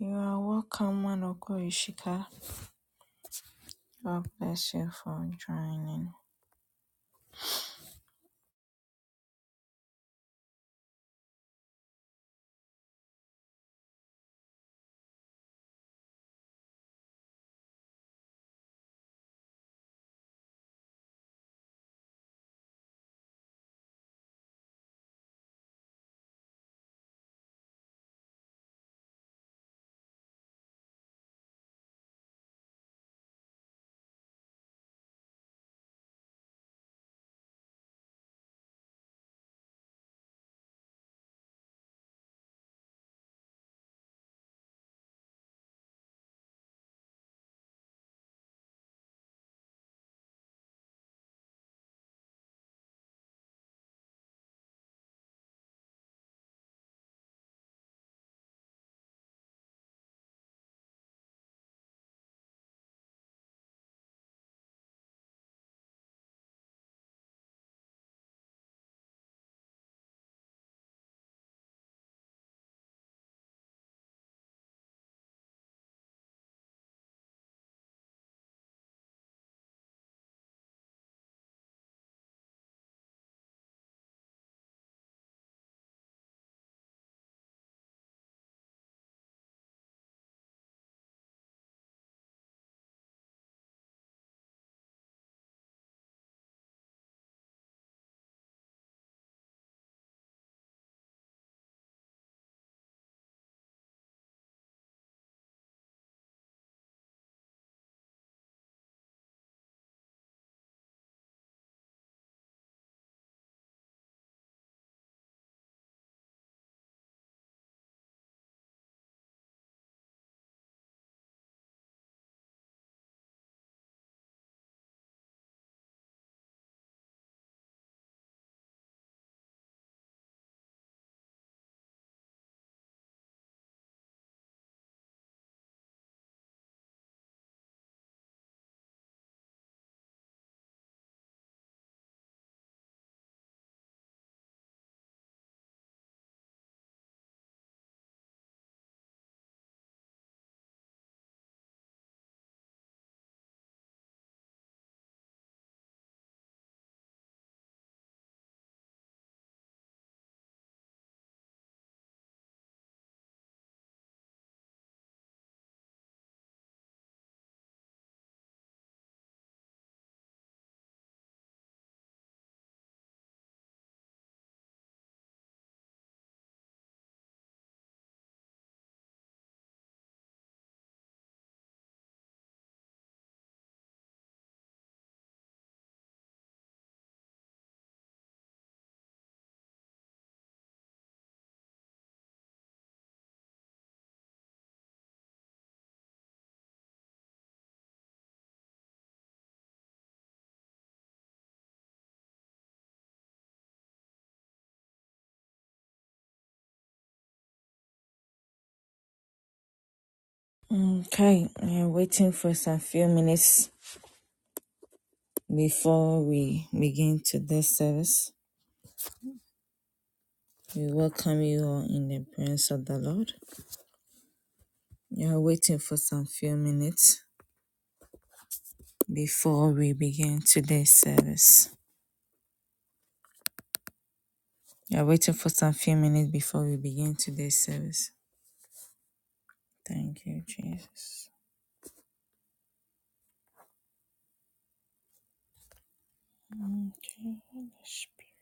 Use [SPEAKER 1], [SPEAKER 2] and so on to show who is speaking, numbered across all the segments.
[SPEAKER 1] You are welcome, man of God, Ishika. God bless you for joining. Okay, we're waiting for some few minutes before we begin today's service. We welcome you all in the presence of the Lord. We are waiting for some few minutes before we begin today's service. We are waiting for some few minutes before we begin today's service. Thank you, Jesus. Okay, Holy Spirit.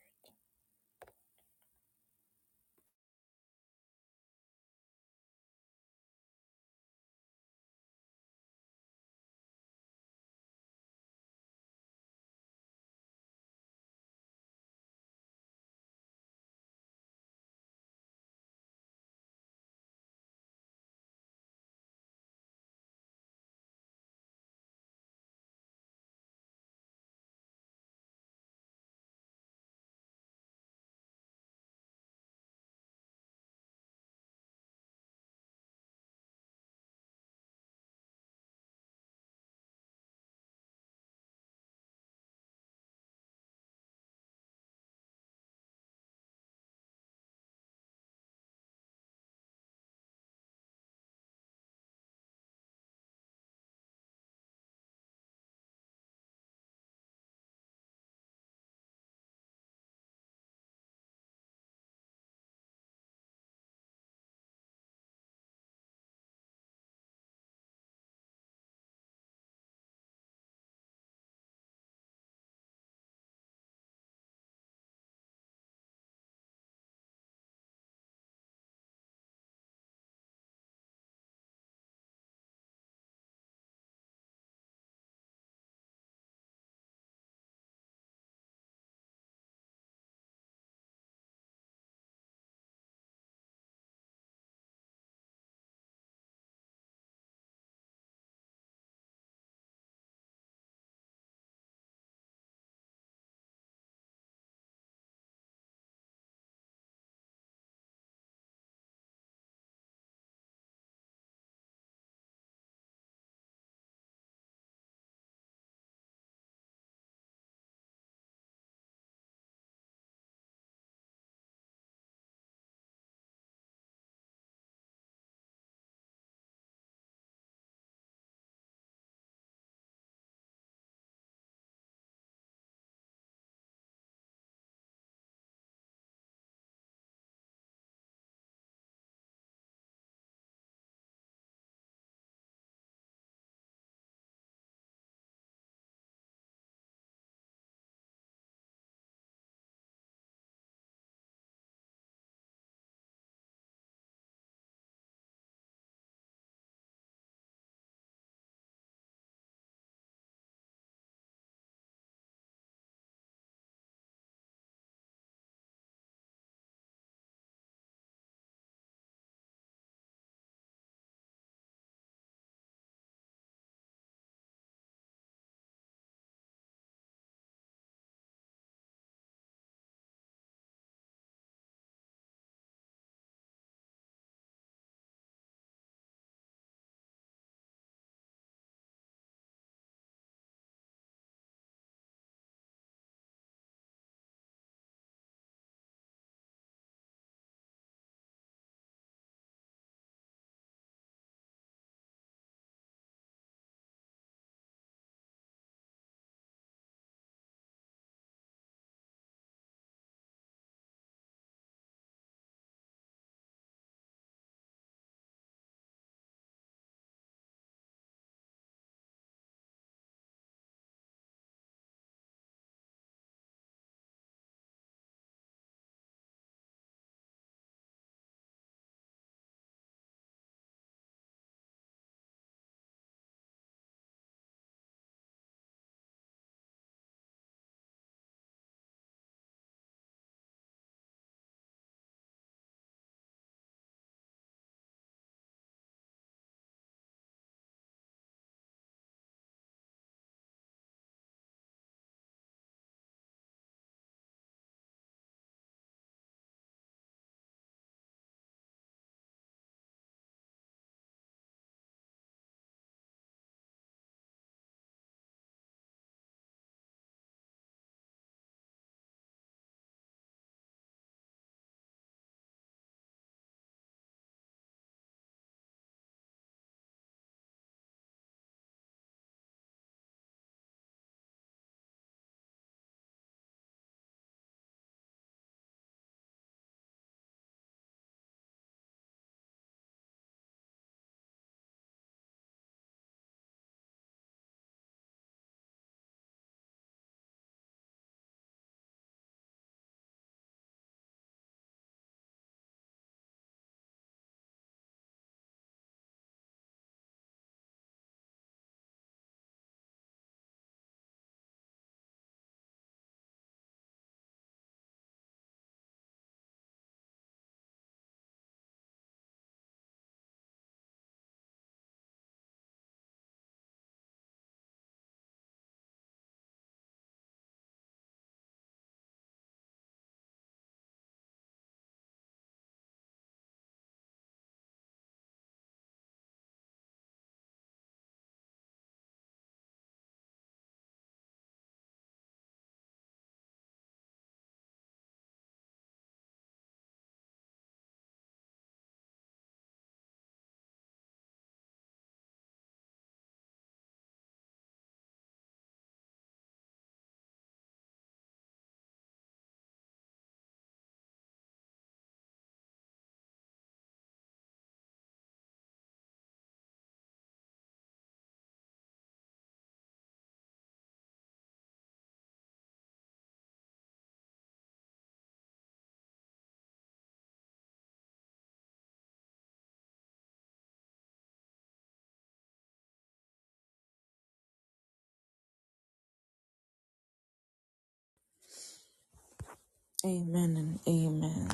[SPEAKER 1] Amen and amen.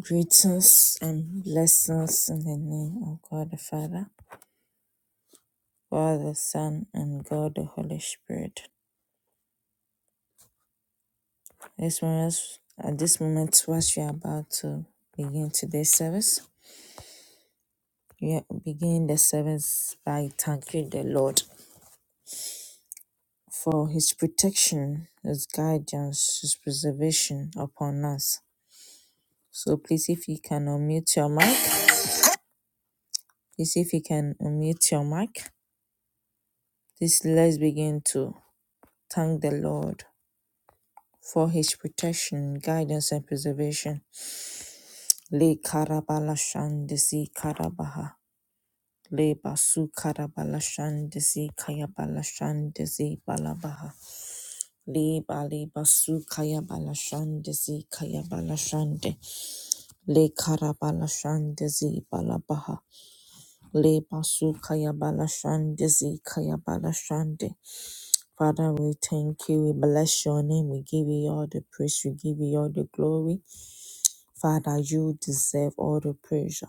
[SPEAKER 1] Greetings and blessings in the name of God the Father, God the Son, and God the Holy Spirit. This moment, at this moment, whilst we are about to begin today's service, we begin the service by thanking the Lord for His protection, His guidance, His preservation upon us. So please, if you can unmute your mic, please, if you can unmute your mic, please let's begin to thank the Lord for his protection, guidance, and preservation. Le Karabalashandesi Karabaha. Le Basu Karabalashandesi Kayabalashandesi Balabaha. Le Bali Basu Kayabalashandesi Kayabalashande. Le Karabalashandesi Balabaha. Le Basu Kayabalashandesi Kayabalashande. Father, we thank you. We bless your name. We give you all the praise. We give you all the glory. Father, you deserve all the praise.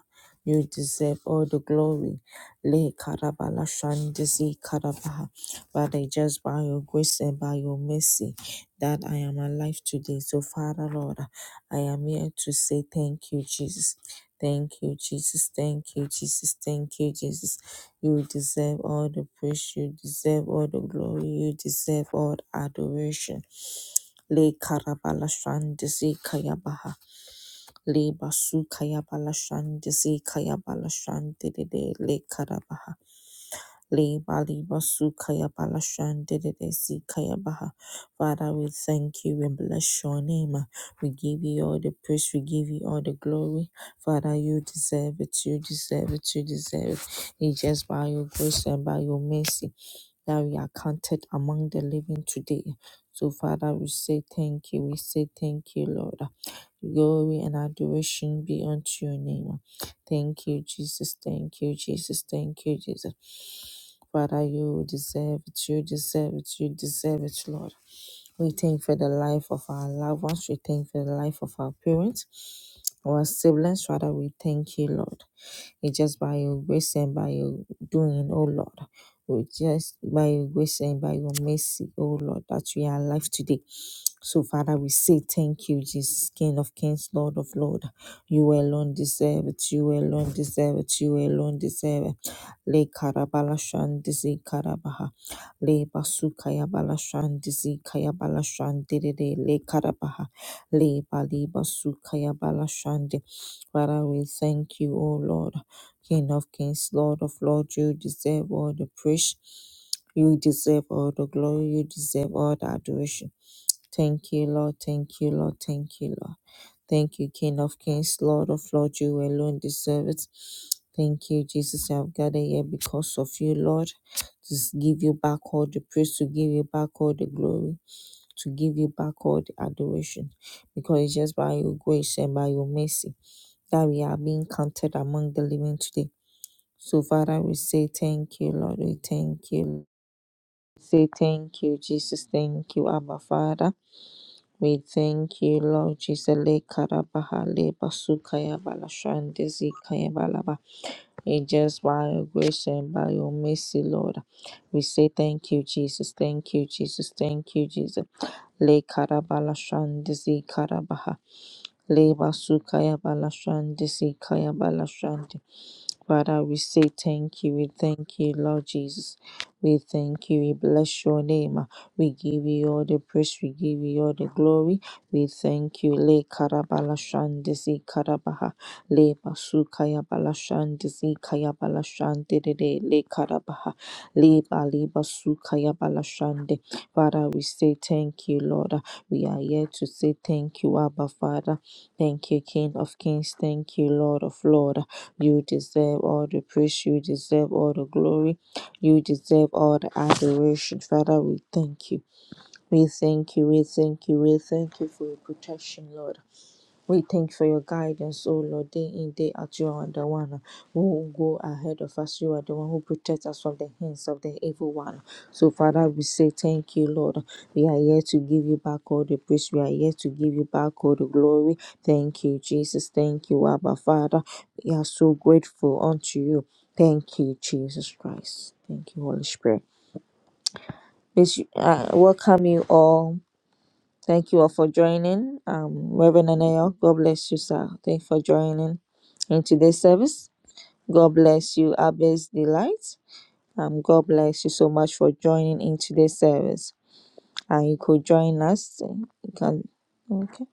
[SPEAKER 1] You deserve all the glory. Le karabala shandisi karabaha. Father, just by your grace and by your mercy that I am alive today. So, Father, Lord, I am here to say thank you, Jesus. Thank you, Jesus. Thank you, Jesus. Thank you, Jesus. You deserve all the praise. You deserve all the glory. You deserve all the adoration. Le karabala shandisi kayabaha le basu kaya balashan desi kaya balashan dedede le karabaha le bali basu kaya balashan dedede si kaya baha father we thank you and bless your name we give you all the praise we give you all the glory father you deserve it you deserve it you deserve it it's just by your grace and by your mercy that we are counted among the living today so father we say thank you we say thank you lord Glory and adoration be unto your name. Thank you, Jesus. Thank you, Jesus. Thank you, Jesus. Father, you deserve it. You deserve it. You deserve it, Lord. We thank you for the life of our loved ones. We thank you for the life of our parents, our siblings. Father, we thank you, Lord. It's just by your grace and by your doing, oh Lord. Oh, just by your grace and by your mercy, oh Lord, that we are alive today. So, Father, we say thank you, Jesus, King of Kings, Lord of Lord. You alone deserve it. You alone deserve it. You alone deserve it le karabalashan dizi karabaha le basukaya balashan dizi kaya balashan diride le karabaha le bali basukaya balashan de Father we thank you O Lord King of Kings Lord of Lords you deserve all the praise you deserve all the glory you deserve all the adoration Thank you, Lord. Thank you, Lord. Thank you, Lord. Thank you, King of Kings, Lord of Lords. You alone deserve it. Thank you, Jesus. I've gathered here because of you, Lord. To give you back all the praise, to give you back all the glory, to give you back all the adoration. Because it's just by your grace and by your mercy that we are being counted among the living today. So, Father, we say thank you, Lord. We thank you. Say thank you, Jesus. Thank you, Abba Father. We thank you, Lord Jesus. Le karabaha le basukaya balashande kaya balaba. It just by your grace and by your mercy, Lord. We say thank you, Jesus. Thank you, Jesus. Thank you, Jesus. Le karabala shande zikarabaha. Le basukaya balashande zikaya Father, we say thank you. We thank you, Lord Jesus. We thank you. We bless your name. We give you all the praise. We give you all the glory. We thank you. Le karabala shandisi karabaha. Le basukaya bala shandisi kaya bala shandidide. Le karabaha. Le bali basukaya bala shandi. Father, we say thank you, Lord. We are here to say thank you, Abba Father. Thank you, King of Kings. Thank you, Lord of Lords. You deserve all the praise. You deserve all the glory. You deserve all the adoration. Father, we thank you. We thank you. We thank you. We thank you for your protection, Lord. We thank you for your guidance, O Lord, day in, day out. You are the one who go ahead of us. You are the one who protects us from the hands of the evil one. So, Father, we say thank you, Lord. We are here to give you back all the praise. We are here to give you back all the glory. Thank you, Jesus. Thank you, Abba, Father. We are so grateful unto you. Thank you, Jesus Christ. Thank you, Holy Spirit. Please, uh, welcome you all Thank you all for joining. Um, Reverend Anayo, God bless you, sir. Thank you for joining in today's service. God bless you, Abbe's Delight. Um, God bless you so much for joining in today's service. And you could join us. uh, You can, okay.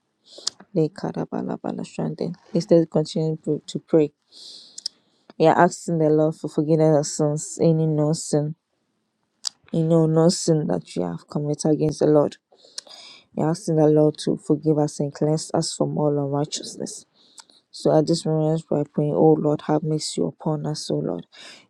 [SPEAKER 1] They karabalabala shande. Let's continue to to pray. We are asking the Lord for forgiveness of sins, any known sin, any known sin that you have committed against the Lord. We are asking the Lord to forgive us and cleanse us from all unrighteousness. So at this moment, let's try praying, oh Lord, have mercy upon us, oh Lord.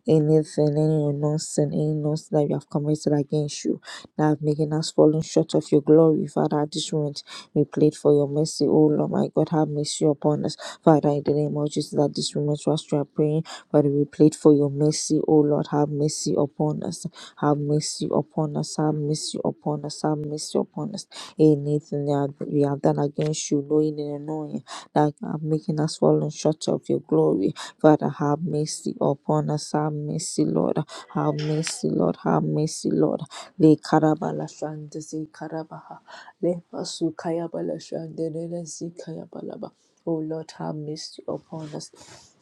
[SPEAKER 1] Anything, any unknown sin, any known sin that we have committed against you, that have making us falling short of your glory, Father, at this moment, we plead for your mercy, oh Lord, my God, have mercy upon us. Father, in the name of Jesus, at this moment, whilst we are praying, Father, we plead for your mercy, oh Lord, have mercy upon us, have mercy upon us, have mercy upon us, have mercy upon us. Anything that we have done against you, knowing and unknowing that are making us fallen short of your glory. Father, have mercy upon us. Have mercy, Lord. Have mercy, Lord. Have mercy, Lord. Le karabala shande se karabaha. Le basu kayabala shande nene si kayabalaba. Oh Lord, have mercy upon us.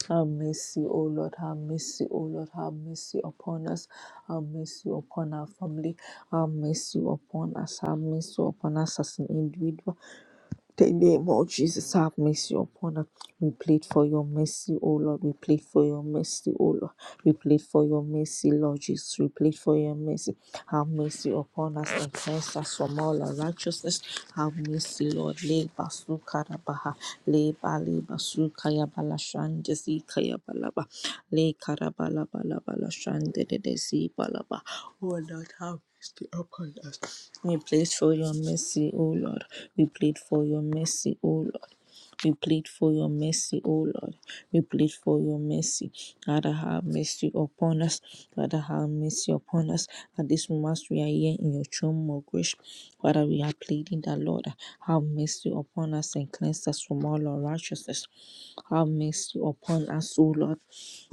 [SPEAKER 1] Have mercy, O Lord, have mercy, O Lord, have mercy upon us, have mercy upon our family, have mercy upon us, have mercy upon us as an individual, the name of Jesus, have mercy upon us. We plead for your mercy, O Lord. We plead for your mercy, O Lord. We plead for your mercy, Lord Jesus. We plead for your mercy. Have mercy upon us and cleanse us from all our righteousness. Have mercy, Lord. Le basu Leba sukarabaha. Leba leba sukayabala shande zikayabalaba. Le karabala bala bala shande de de zibalaba. O Lord, have we plead for your mercy, O Lord. We plead for your mercy, O Lord. We plead for your mercy, O Lord. We plead for your mercy. Father, have mercy upon us. Father, have mercy upon us. At this moment, we are here in your throne of grace. Father, we are pleading that, Lord, have mercy upon us and cleanse us from all unrighteousness. Have mercy upon us, O Lord.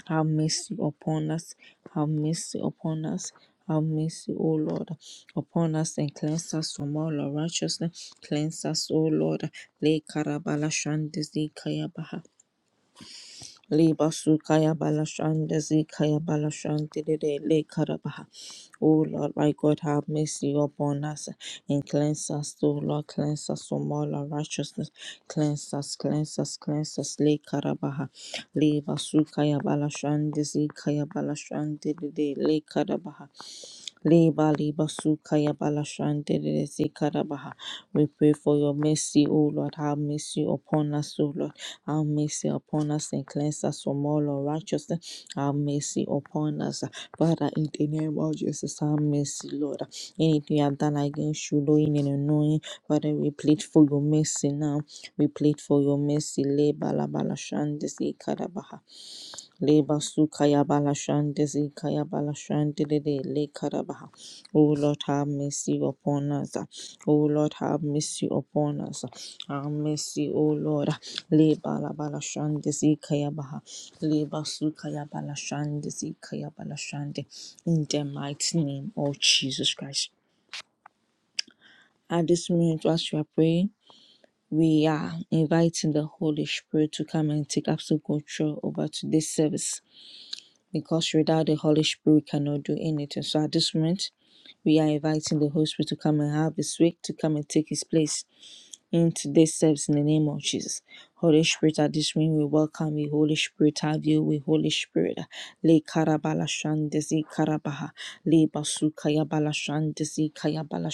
[SPEAKER 1] Have mercy upon us. Have mercy upon us. Have mercy, O Lord, upon us and cleanse us from all unrighteousness. Cleanse us, O Lord. Le karabala shandezi kayabaha. Le basu kayabala shandezi kayabala shandede le karabaha. O Lord, my God, have mercy upon us and cleanse us, O Lord. Cleanse us from all unrighteousness. Cleanse us, cleanse us, cleanse us. Le karabaha. Le basu kayabala shandezi kayabala shandede le karabaha. Liba liba sukaya balashante de sikarabaha. We pray for your mercy, O Lord. Have mercy upon us, O Lord. Have mercy upon us and cleanse us from all unrighteousness. Have mercy upon us. Father, in the name of Jesus, have mercy, Lord. Anything we have done against you, knowing and unknowing, Father, we plead for your mercy now. We plead for your mercy. Liba la balashante sikarabaha. Leba sukaya balashante zikaya balashante lede le karabaha. O Lord, have mercy upon us. O Lord, have mercy upon us. Have mercy, oh Lord. Leba la balashante zikaya baha. Leba sukaya balashante zikaya balashante. In the mighty name of Jesus Christ. At this moment, as we are praying, we are inviting the Holy Spirit to come and take absolute control over today's service. because without the Holy Spirit, we cannot do anything. So at this moment, we are inviting the Holy Spirit to come and have His way, to come and take His place in today's service in the name of Jesus. Holy Spirit, at this moment, we welcome you. Holy Spirit, have you with Holy Spirit. Le karabala shandesi karabaha. Le basu ya bala shandesi kaya bala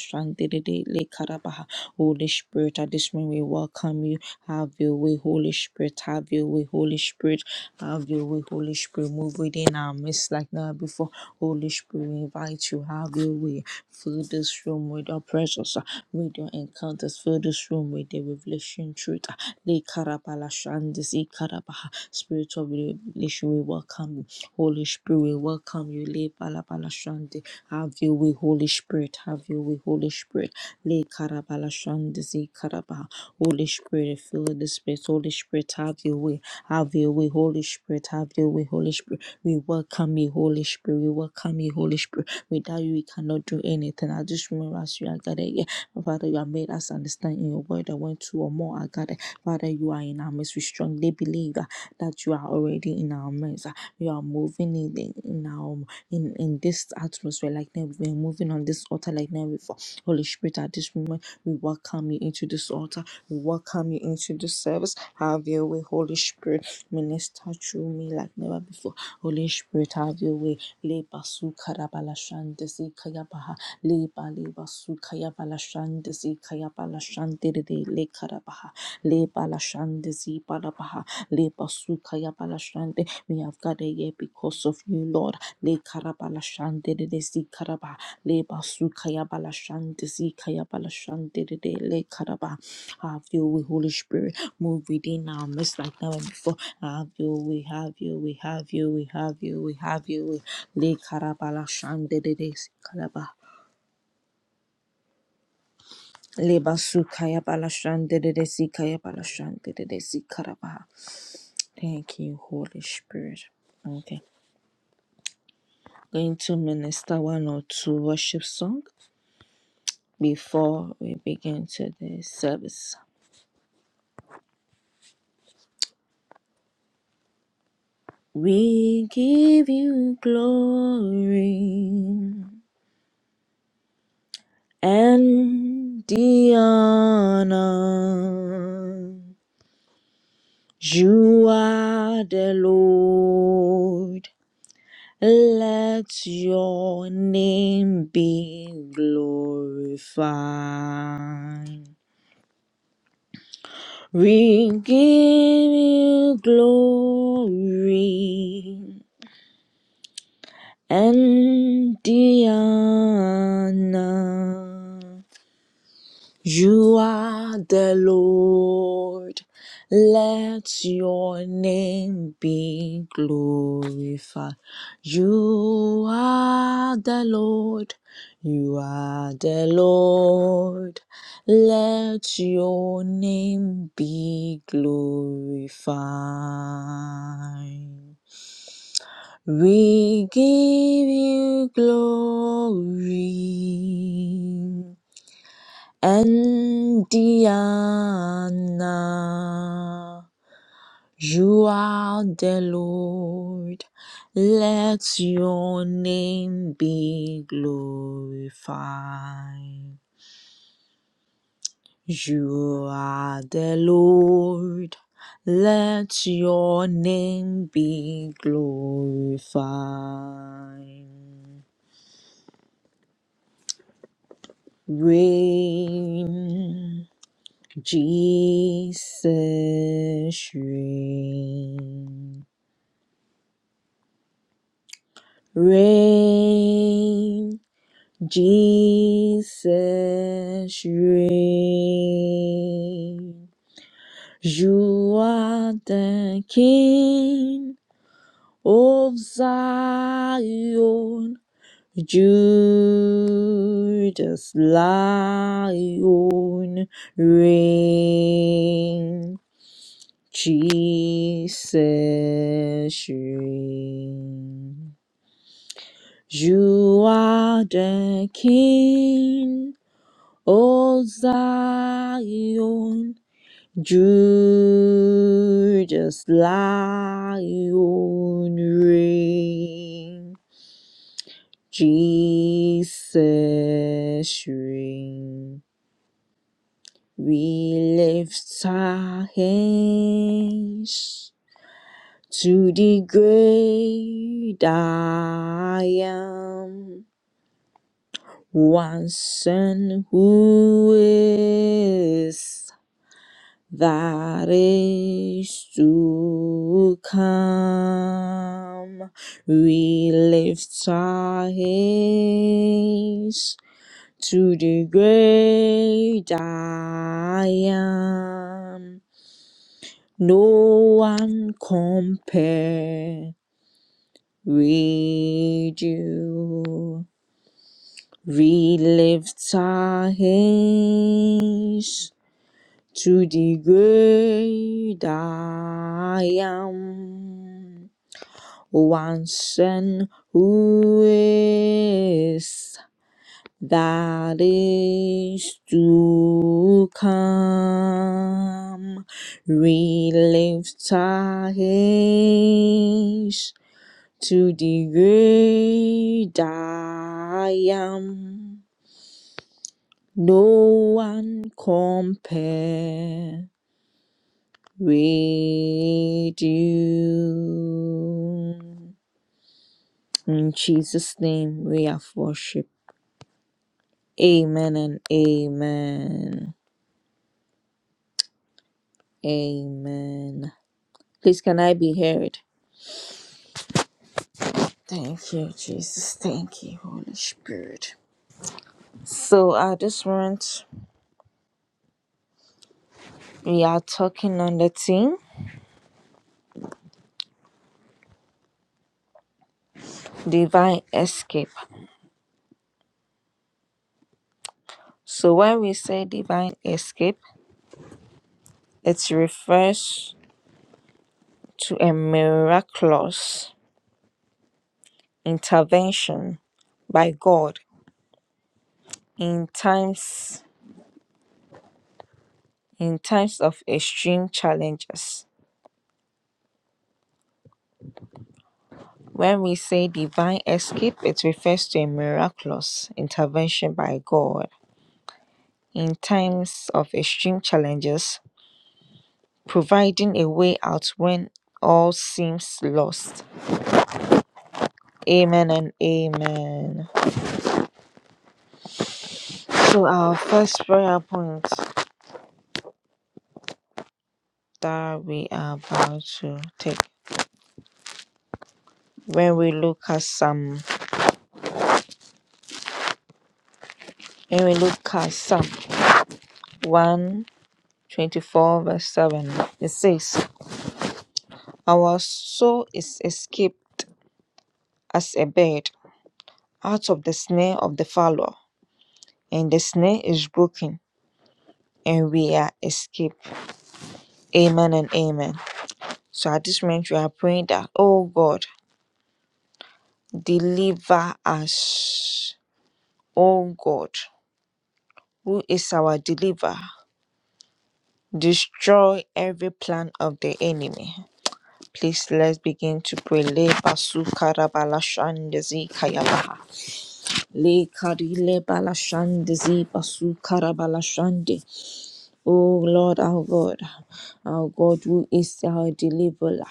[SPEAKER 1] le karabaha. Holy Spirit, at this moment, we welcome you. Have you, way, Holy Spirit. Have you, way, Holy Spirit. Have your way, Holy Spirit. Move within our midst like never before. Holy Spirit, we invite you. Have your way. Fill this room with your presence. With your encounters. Fill this room with the revelation truth. Le karabala shandis e karabaha. Spirit of revelation, we welcome you. Holy Spirit, we welcome you. Le balabala shandi. Have your way, Holy Spirit. Have your way, Holy Spirit. Le karabala shandis e karabaha. Holy Spirit, fill this space. Holy Spirit, have your way. Have your way, Holy Spirit. Have your way, Holy Spirit. We welcome you, Holy Spirit. We welcome you, Holy Spirit. Without you, we cannot do anything. I just remember as we are gathered here, Father, you have made us understand in your word that when two or more are gathered, Father, you are in our midst. We strongly believe uh, that you are already in our midst. Uh, You are moving in, in in our in, in this atmosphere like never. We're moving on this altar like never before. Holy Spirit, at this moment, we welcome you into this altar. We welcome you into the service. Have your way, Holy Spirit. Minister through me like never before. Holy Spirit, have your way. Le basu karabala shande si kayabaha. Le bali basu kayabala shande si kayabala shande de de le karabaha. Le bala shande si balabaha. Le basu kayabala shande. We have gathered here because of you, Lord. Le karabala shande de de si karaba. Le basu kaya bala shande si kaya bala shande de de le karaba. Have your way, Holy Spirit. Move within our midst like never before. Have your way, have your way, have your way, have your way, have your way. Le karabala shande de de si karaba. Le basu kaya bala shande de de si kaya bala shande de de si karaba. Thank you, Holy Spirit. Okay. going to minister one or two worship songs before we begin today's service. We give you glory and the honor. You are the Lord. Let your name be glorified. We give you glory and the honor. You are the Lord. Let your name be glorified. You are the Lord. You are the Lord. Let your name be glorified. We give you glory. Indiana, you are the Lord. Let your name be glorified. You are the Lord. Let your name be glorified. Reign. Jesus reign, reign, Jesus reign. You are the King of Zion, Judas Lion reign. Jesus, you are the King, O Zion, Judas Lion reign. Jesus reign. We lift our hands To the great I am, once and who is that is to come, we lift our hands to the great I am. No one compares. redo. We relift our hands to the great I am. Once and who is that is to come. Relift our hands to the great I am. No one compare with you. In Jesus' name we have worship. Amen and amen. Amen. Please, can I be heard? Thank you, Jesus. Thank you, Holy Spirit. So at this moment, we are talking on the theme divine escape. So when we say divine escape, it refers to a miraculous intervention by God in times in times of extreme challenges. When we say divine escape, it refers to a miraculous intervention by God in times of extreme challenges, providing a way out when all seems lost. Amen and amen. So, our first prayer point that we are about to take when we look at Psalm when we look at Psalm 124 verse 7 it says our soul is escaped as a bird out of the snare of the fowler and the snare is broken and we are escaped amen and amen so at this moment we are praying that oh God deliver us oh God who is our deliverer Destroy every plan of the enemy. Please let's begin to pray. Le basu karabala shandezi kayabaha. Le karile bala shandezi basu karabala shande. Oh Lord our God, our God who is our deliverer.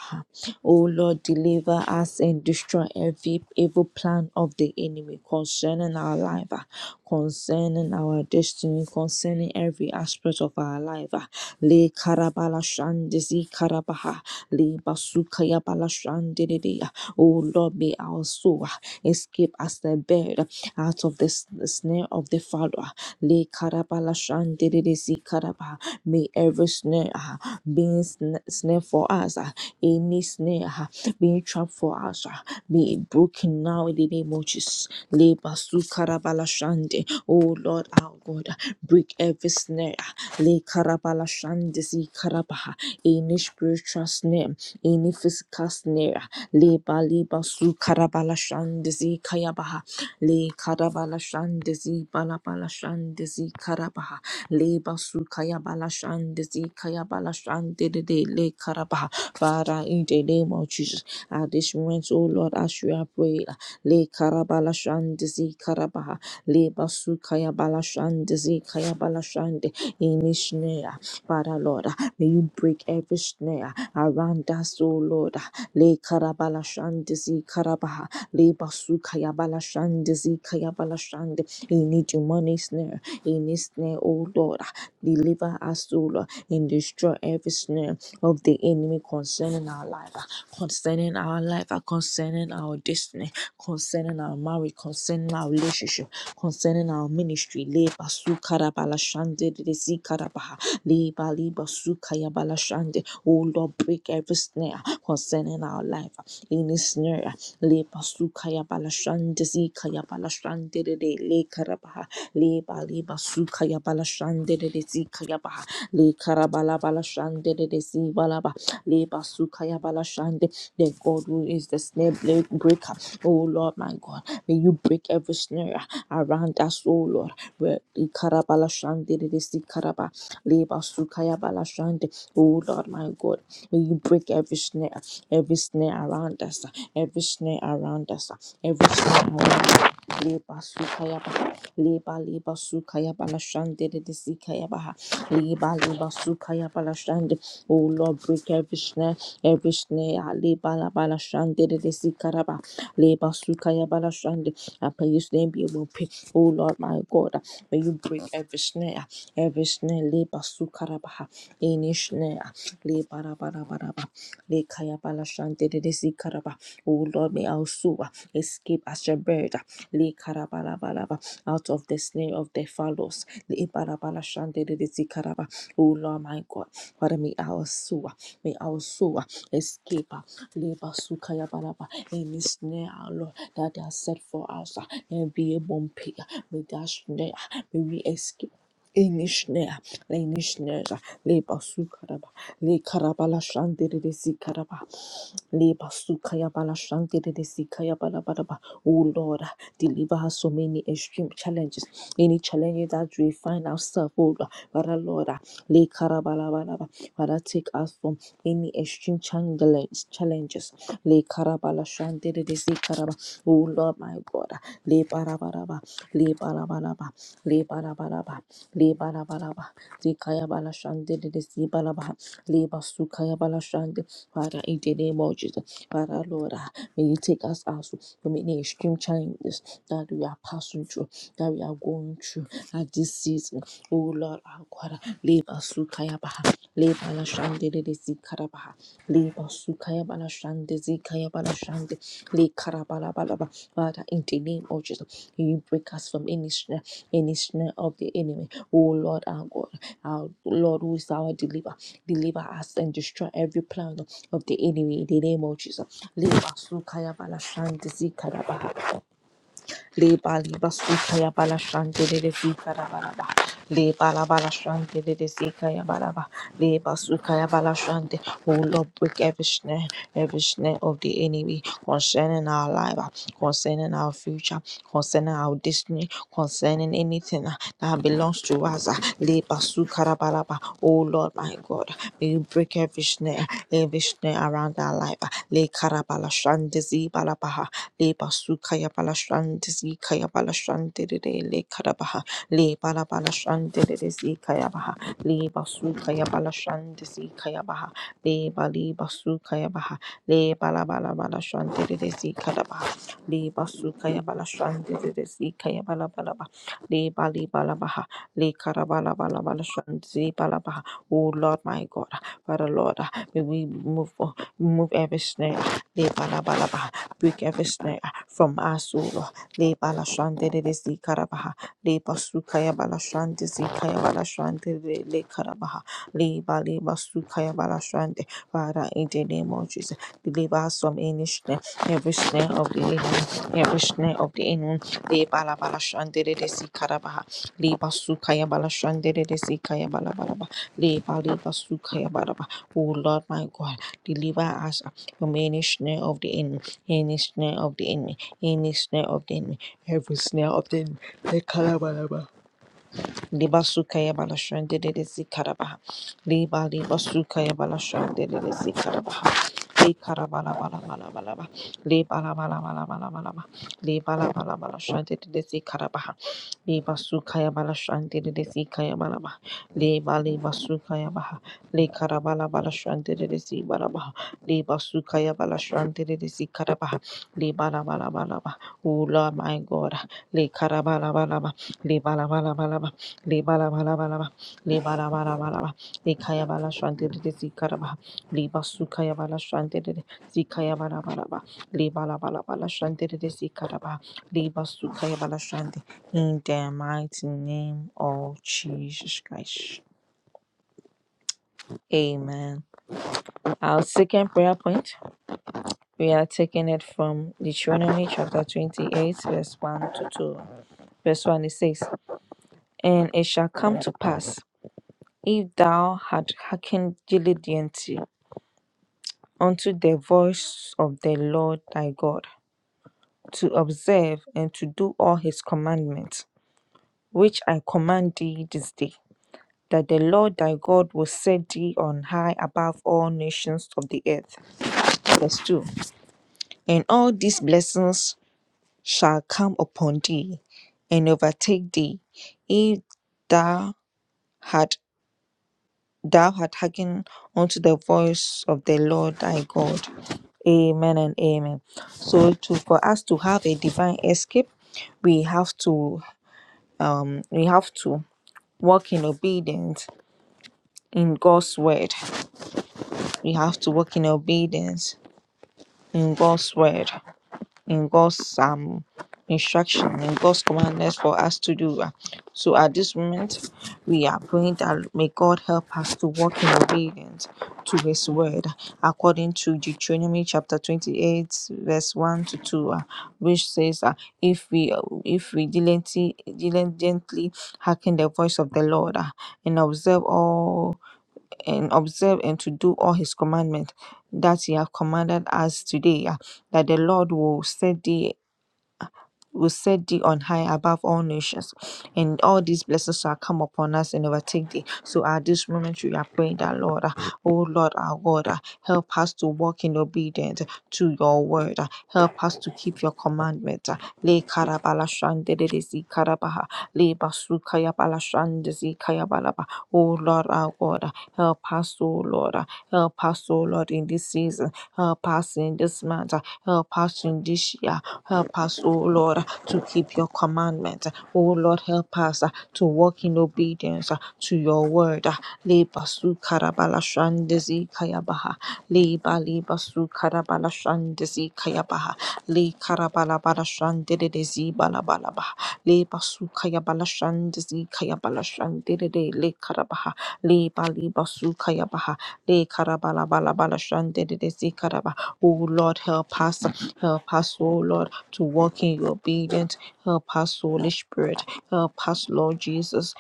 [SPEAKER 1] Oh Lord, deliver us and destroy every evil plan of the enemy concerning our life, ah, concerning our destiny, concerning every aspect of our life. Le karabala balashande zikarabaha le basukaya balashande dedeya. Oh Lord, may our soul escape as the bird out of the s- snare of the fowler. Le karabalashande dedede zikarabaha. May every snare ah, being sn- snare for us, ah, any snare ah, being trapped for us, ah, be broken now in the name of Jesus. Le basukarabalashande. Oh Lord, our God, break every snare. uh, Le karabala shandisi karabaha. Any spiritual snare, any physical snare. Le bali basu karabala shandisi kayabaha. Le karabala shandisi balabala shandisi karabaha. Le basu kayabala shandisi kayabala shandidi le karabaha. Father, in the name of Jesus, at this moment, oh Lord, as you have prayed, le karabala shandisi karabaha. Le basu kayabala shandisi kayabala shande any snare. Father Lord, may you break every snare around us, O Lord. Le karabala shandizi karabaha, le basuka yabala shandizi kayabala shand. Any demonic snare, any snare, O Lord, deliver us, O Lord, and destroy every snare of the enemy concerning our life, concerning our life, concerning our destiny, concerning our marriage, concerning our relationship concerning our ministry. Le basu karabala shande de zi karabaha. Le bali basu kayabala shande. Oh Lord, break every snare concerning our life. Any snare. Le basu kayabala shande zi kayabala shande de de le karabaha. Le bali basu kayabala shande de de zi kayabaha. Le karabala bala shande de de zi balaba. Leba Sukaya Balashande, the God who is the snare bre- breaker. Oh Lord, my God, may you break every snare around us, oh Lord. Where Ikara the it is Ikaraba, Leba Sukaya Balashande, oh Lord, my God, may you break every snare, every snare around us, every snare around us, every snare around us. Leba Sukaya Ba, Leba Leba Sukaya Balashande, it is Ikayaba, Leba Leba Sukaya Balashande. Oh Lord, break every snare, every snare. Ali bala bala shande de de si karaba. Le basuka ya bala shande. I pray His name be will pray. Oh Lord, my God, may you break every snare, every snare. Le basuka raba. Any snare. Le bara bara bara bara. Le kaya bala shande de de si karaba. Oh Lord, may our soul escape as a bird. Le karabala bala bala out of the snare of the fallows. Le bara bara shande de de si karaba. Oh Lord, my God. Father, may our soul, may our soul escape, uh, labor, sukaya, balaba, any snare, uh, Lord, that they are set for us, uh, and be a bumpy, uh, may that snare, uh, may we escape. Any snare, any snare, uh, labor, sukaraba, le karabala shande de sikaraba, labor, sukaya, bala shande de sikaya, bala bala ba. Oh Lord, uh, deliver us so many extreme challenges, any challenge that we find ourselves, oh Lord, Father, Lord, uh, Father, take us from any extreme challenge, challenges. Le karabala shandere de se karaba. Oh Lord, my God. Le barabaraba. Le barabaraba. Le barabaraba. Le barabaraba. Di kaya bala shandere de se baraba. Le basu kaya bala shande. Father, in the name of Jesus. Father, Lord, ah, may you take us out from any extreme challenges that we are passing through, that we are going through at this season. Oh Lord, our God. Le basu kaya ba. Le balashande de de zikarabaha. Le basukaya balashande zikaya balashande. Le karabalabalaba. Father, in the name of Jesus, you break us from any snare, any snare of the enemy. Oh Lord, our God, our Lord, who is our deliverer, deliver us and destroy every plan of the enemy in the name of Jesus. Le basukaya balashande zikarabaha. Le Baliba Sukaya Balashante de de zika da bala Sikarabaraba. Le Balabalashante de Sikaya Baraba. Le basuka ya bala shante. Oh Lord, break every snare, every snare of the enemy concerning our life, uh, concerning our future, concerning our destiny, concerning anything uh, that belongs to us. uh, Le basuka da bala ba. Oh Lord, my God, may you break every snare, every snare around our life. uh, Le Karabala shante zi bala ba le basu kaya bala shante zi kaya bala shante de de le karabaha le bala bala shante de de zi kaya baha le basu kaya bala shante zi kaya baha le bali basu kaya baha le bala bala bala shante de de zi karabaha le basu kaya bala shante de de zi kaya bala bala ba le bali bala baha le karabala bala bala shante zi bala baha oh Lord my God Father Lord may we move on move every snare Le bala bala baha. Break every snare from us, O Lord. Le balashande de zi karabaha. Le basukaya balashande zi kaya balashande de le karabaha. Le bali basukaya balashande. Father, in the name of Jesus, deliver us from any snare, every snare of the enemy, every snare of the enemy. Le bala balashande de zi karabaha. Le basukaya balashande de zi kaya balabalaba. Le bali basukaya balaba. O Lord, my God, deliver us from any snare of the enemy. Any snare of the enemy, any snare of the enemy, every snare of the enemy, the calabalaba. Liba suka ya bala shande de de zikarabaha. Liba liba suka ya bala shande de de zikarabaha. Likara bala bala bala bala ba. Liba la bala bala bala bala ba. Liba la bala bala shande de de zikarabaha. Liba suka ya bala shande de de zikaya bala ba. Liba liba suka ya baha. Likara bala bala shande de de zibala baha. suka ya bala shande de de zikarabaha. Liba la bala bala ba. Ula my God. Likara bala bala ba. Libala bala bala ba, libala bala bala ba, likaya bala shante de zikara ba, libasukaya bala shante de zikaya bala bala ba, libala bala bala shante de zikara ba, libasukaya bala shante. In the mighty name of Jesus Christ, Amen. Our second prayer point, we are taking it from Deuteronomy chapter twenty-eight, verse one to two. Verse one it says, "And it shall come to pass." if thou had hearkened diligently unto the voice of the Lord thy God, to observe and to do all his commandments, which I command thee this day, that the Lord thy God will set thee on high above all nations of the earth. Verse 2 And all these blessings shall come upon thee and overtake thee, if thou had thou art hearkened unto the voice of the Lord thy God. Amen and amen. So to for us to have a divine escape, we have to um we have to walk in obedience in God's word. We have to walk in obedience in God's word. in God's um instruction, in God's commandments for us to do. uh. So at this moment, we are praying that may God help us to walk in obedience to His word, according to Deuteronomy chapter twenty-eight, verse one to two, uh, which says, uh, "If we uh, if we diligently diligently hearken the voice of the Lord uh, and observe all." and observe and to do all his commandment that he have commanded us today ah, that the lord will set thee will set thee on high above all nations. And all these blessings shall come upon us and overtake thee. So at this moment we are praying that Lord, uh, oh Lord our God, uh, help us to walk in obedience to your word. uh, Help us to keep your commandment. uh. Le karabala shandere zi karabaha. Le basukaya bala shande zi kaya balaba. Oh Lord our God, uh, help us, oh Lord. uh, Help us, oh Lord, in this season. Help us in this month. uh, Help us in this year. Help us, oh Lord to keep your commandment. Oh Lord, help us uh, to walk in obedience uh, to your word. uh, Leba su karabala shandezi kayabaha. Leba leba su karabala shandezi kayabaha. Le karabala bala shandedezi bala bala baha. Leba su kayabala shandezi kayabala shandede le karabaha. Leba leba su kayabaha. Le karabala bala bala shandedezi karaba. Oh Lord, help us. uh, Help us, oh Lord to walk in your obedience. Help us, Holy Spirit. Help us, Lord Jesus.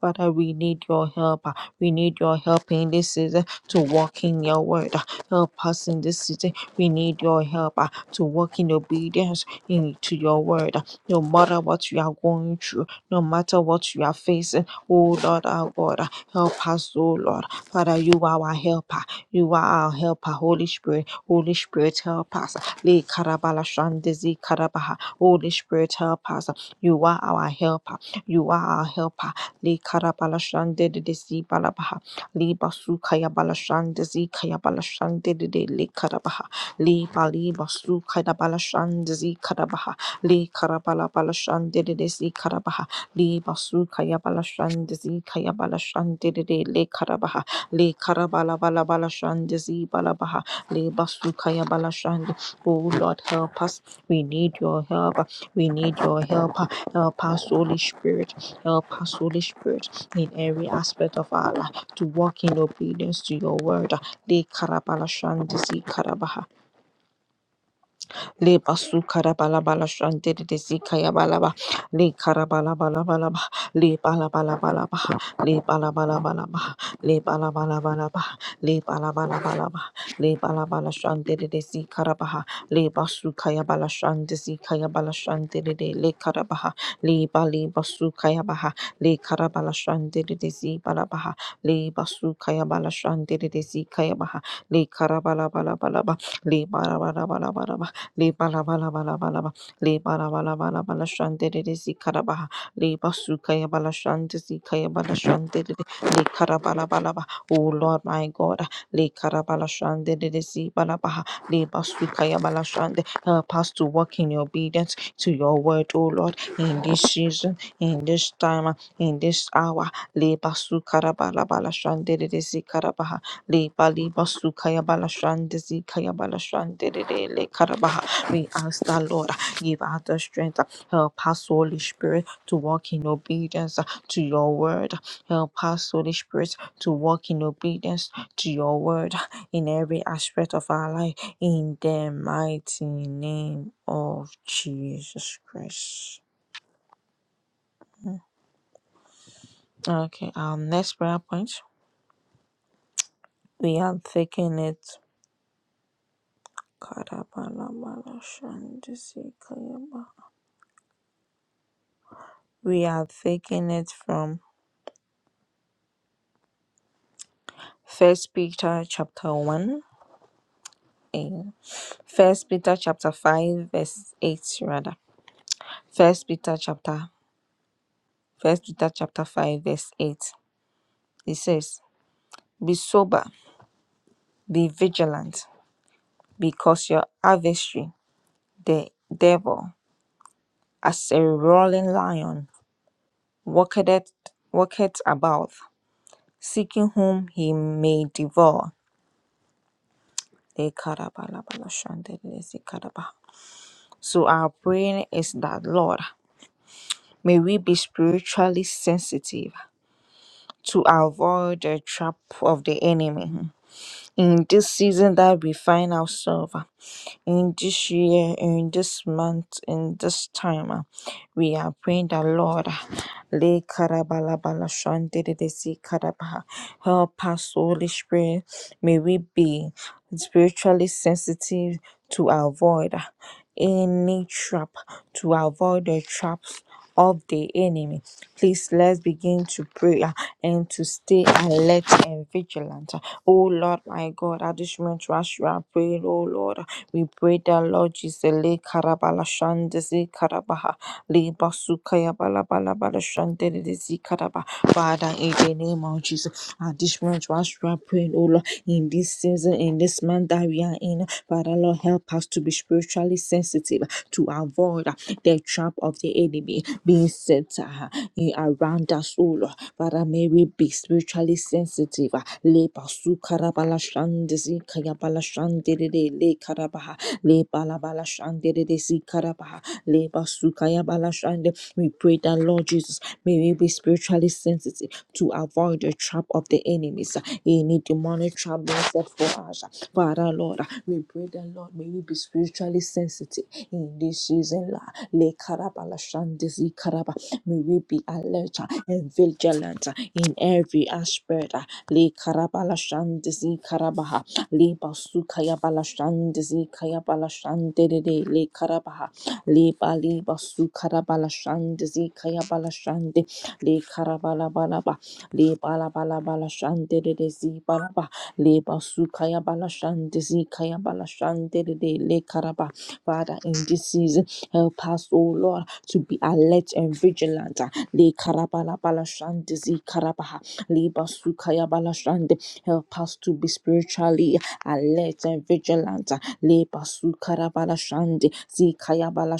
[SPEAKER 1] Father, we need your help. We need your help in this season to walk in your word. Help us in this season. We need your help uh, to walk in obedience into your word. No matter what you are going through, no matter what you are facing, oh Lord our God, help us, oh Lord. Father, you are our helper. You are our helper, Holy Spirit. Holy Spirit, help us. Le karabala shandezi karabaha. Holy Spirit, help us. You are our helper. You are our helper. Le karabala shandezi balabaha. Le basu kaya bala shandezi kaya bala shandede le karabaha. Le bali basu kaya bala shandezi karabaha. Le karabala bala shandezi karabaha. Le basu kaya bala shandezi kaya bala shandede le karabaha. Le Karabala Bala Bala Shanda Zi Bala Baha Le Basukaya Bala shande. Oh Lord, help us. We need your help. We need your help. Help us, Holy Spirit. Help us, Holy Spirit, in every aspect of our life to walk in obedience to your word. Le Karabala Shanda Zi Karabaha le basu karabala bala shante de de si kaya bala le karabala bala bala ba le bala bala bala ba le bala bala bala ba le bala bala bala ba le bala bala bala ba le bala bala shante de de si le basu kaya bala shante si kaya bala shante de de le karabaha le bali basu kaya baha le karabala shante de de si bala baha le basu kaya bala shante de de si kaya baha le karabala bala bala ba le bara bara bara bara le bala bala bala bala ba. le bala bala bala bala. shante de si karabaha le basukaya bala shante si kaya bala shante de le karabala bala ba. oh Lord my God le karabala shante de si bala baha. le basukaya bala shante help us to walk in obedience to your word oh Lord in this season in this time in this hour le basu basukara bala shante de si karabaha le bali basu kaya bala shante si kaya bala shante de le karabaha we ask the Lord, give us the strength, help us, Holy Spirit, to walk in obedience to your word. Help us, Holy Spirit, to walk in obedience to your word in every aspect of our life. In the mighty name of Jesus Christ. Okay, our next prayer point. We are taking it. We are taking it from First Peter chapter 1 in First Peter chapter five verse eight rather. First Peter chapter First Peter chapter five verse eight. It says, "Be sober, be vigilant, because your adversary, the devil, as a roaring lion, walketh walketh about, seeking whom he may devour." So our prayer is that Lord, may we be spiritually sensitive to avoid the trap of the enemy Hmm. in this season that we find ourselves. ah, in this year, in this month, in this time. uh, We are praying that Lord, uh, le karabalabala shandididisi karabaha. help us, Holy Spirit. May we be spiritually sensitive to avoid uh, any trap, to avoid the traps of the enemy. Please let's begin to pray uh, and to stay alert and vigilant. uh, Oh Lord, my God, at this moment, rush you are praying, oh Lord. We pray that Lord Jesus, Le Karabala Shandese Karabaha, Le Basukaya Balabala Balashandese Karaba. Father, in the name of Jesus, at this moment, rush you are praying, oh Lord, in this season, in this month that we are in, Father, Lord, help us to be spiritually sensitive to avoid uh, the trap of the enemy being set uh, in- around us, oh Lord. Father, may we be spiritually sensitive. ah. Le basu karabala shandesi kayabala shandere le karabaha le balabala shandere si karabaha le basu kayabala shande. We pray that Lord Jesus, may we be spiritually sensitive to avoid the trap of the enemies. ah. Any demonic trap being set for us, ah. Father Lord, ah, we pray that Lord, may we be spiritually sensitive in this season. la. Le karabala shandesi karaba May we be alert uh, and vigilant uh, in every aspect. uh, Le karabala shandizi karabaha. Le basukaya bala shandizi kaya bala shandede le karabaha. Le bali basukara bala shandizi kaya bala shandi. Le karabala bala ba. Le bala bala bala shandede zi bala ba. Le basukaya bala shandizi kaya bala shandede le karaba. Father, in this season, help us, O Lord to be alert and vigilant. Ah, Le karabala bala shande zi karabaha. Le basukaya bala shande. Help us to be spiritually alert and vigilant. Ah, Le basukara bala shande zi kaya bala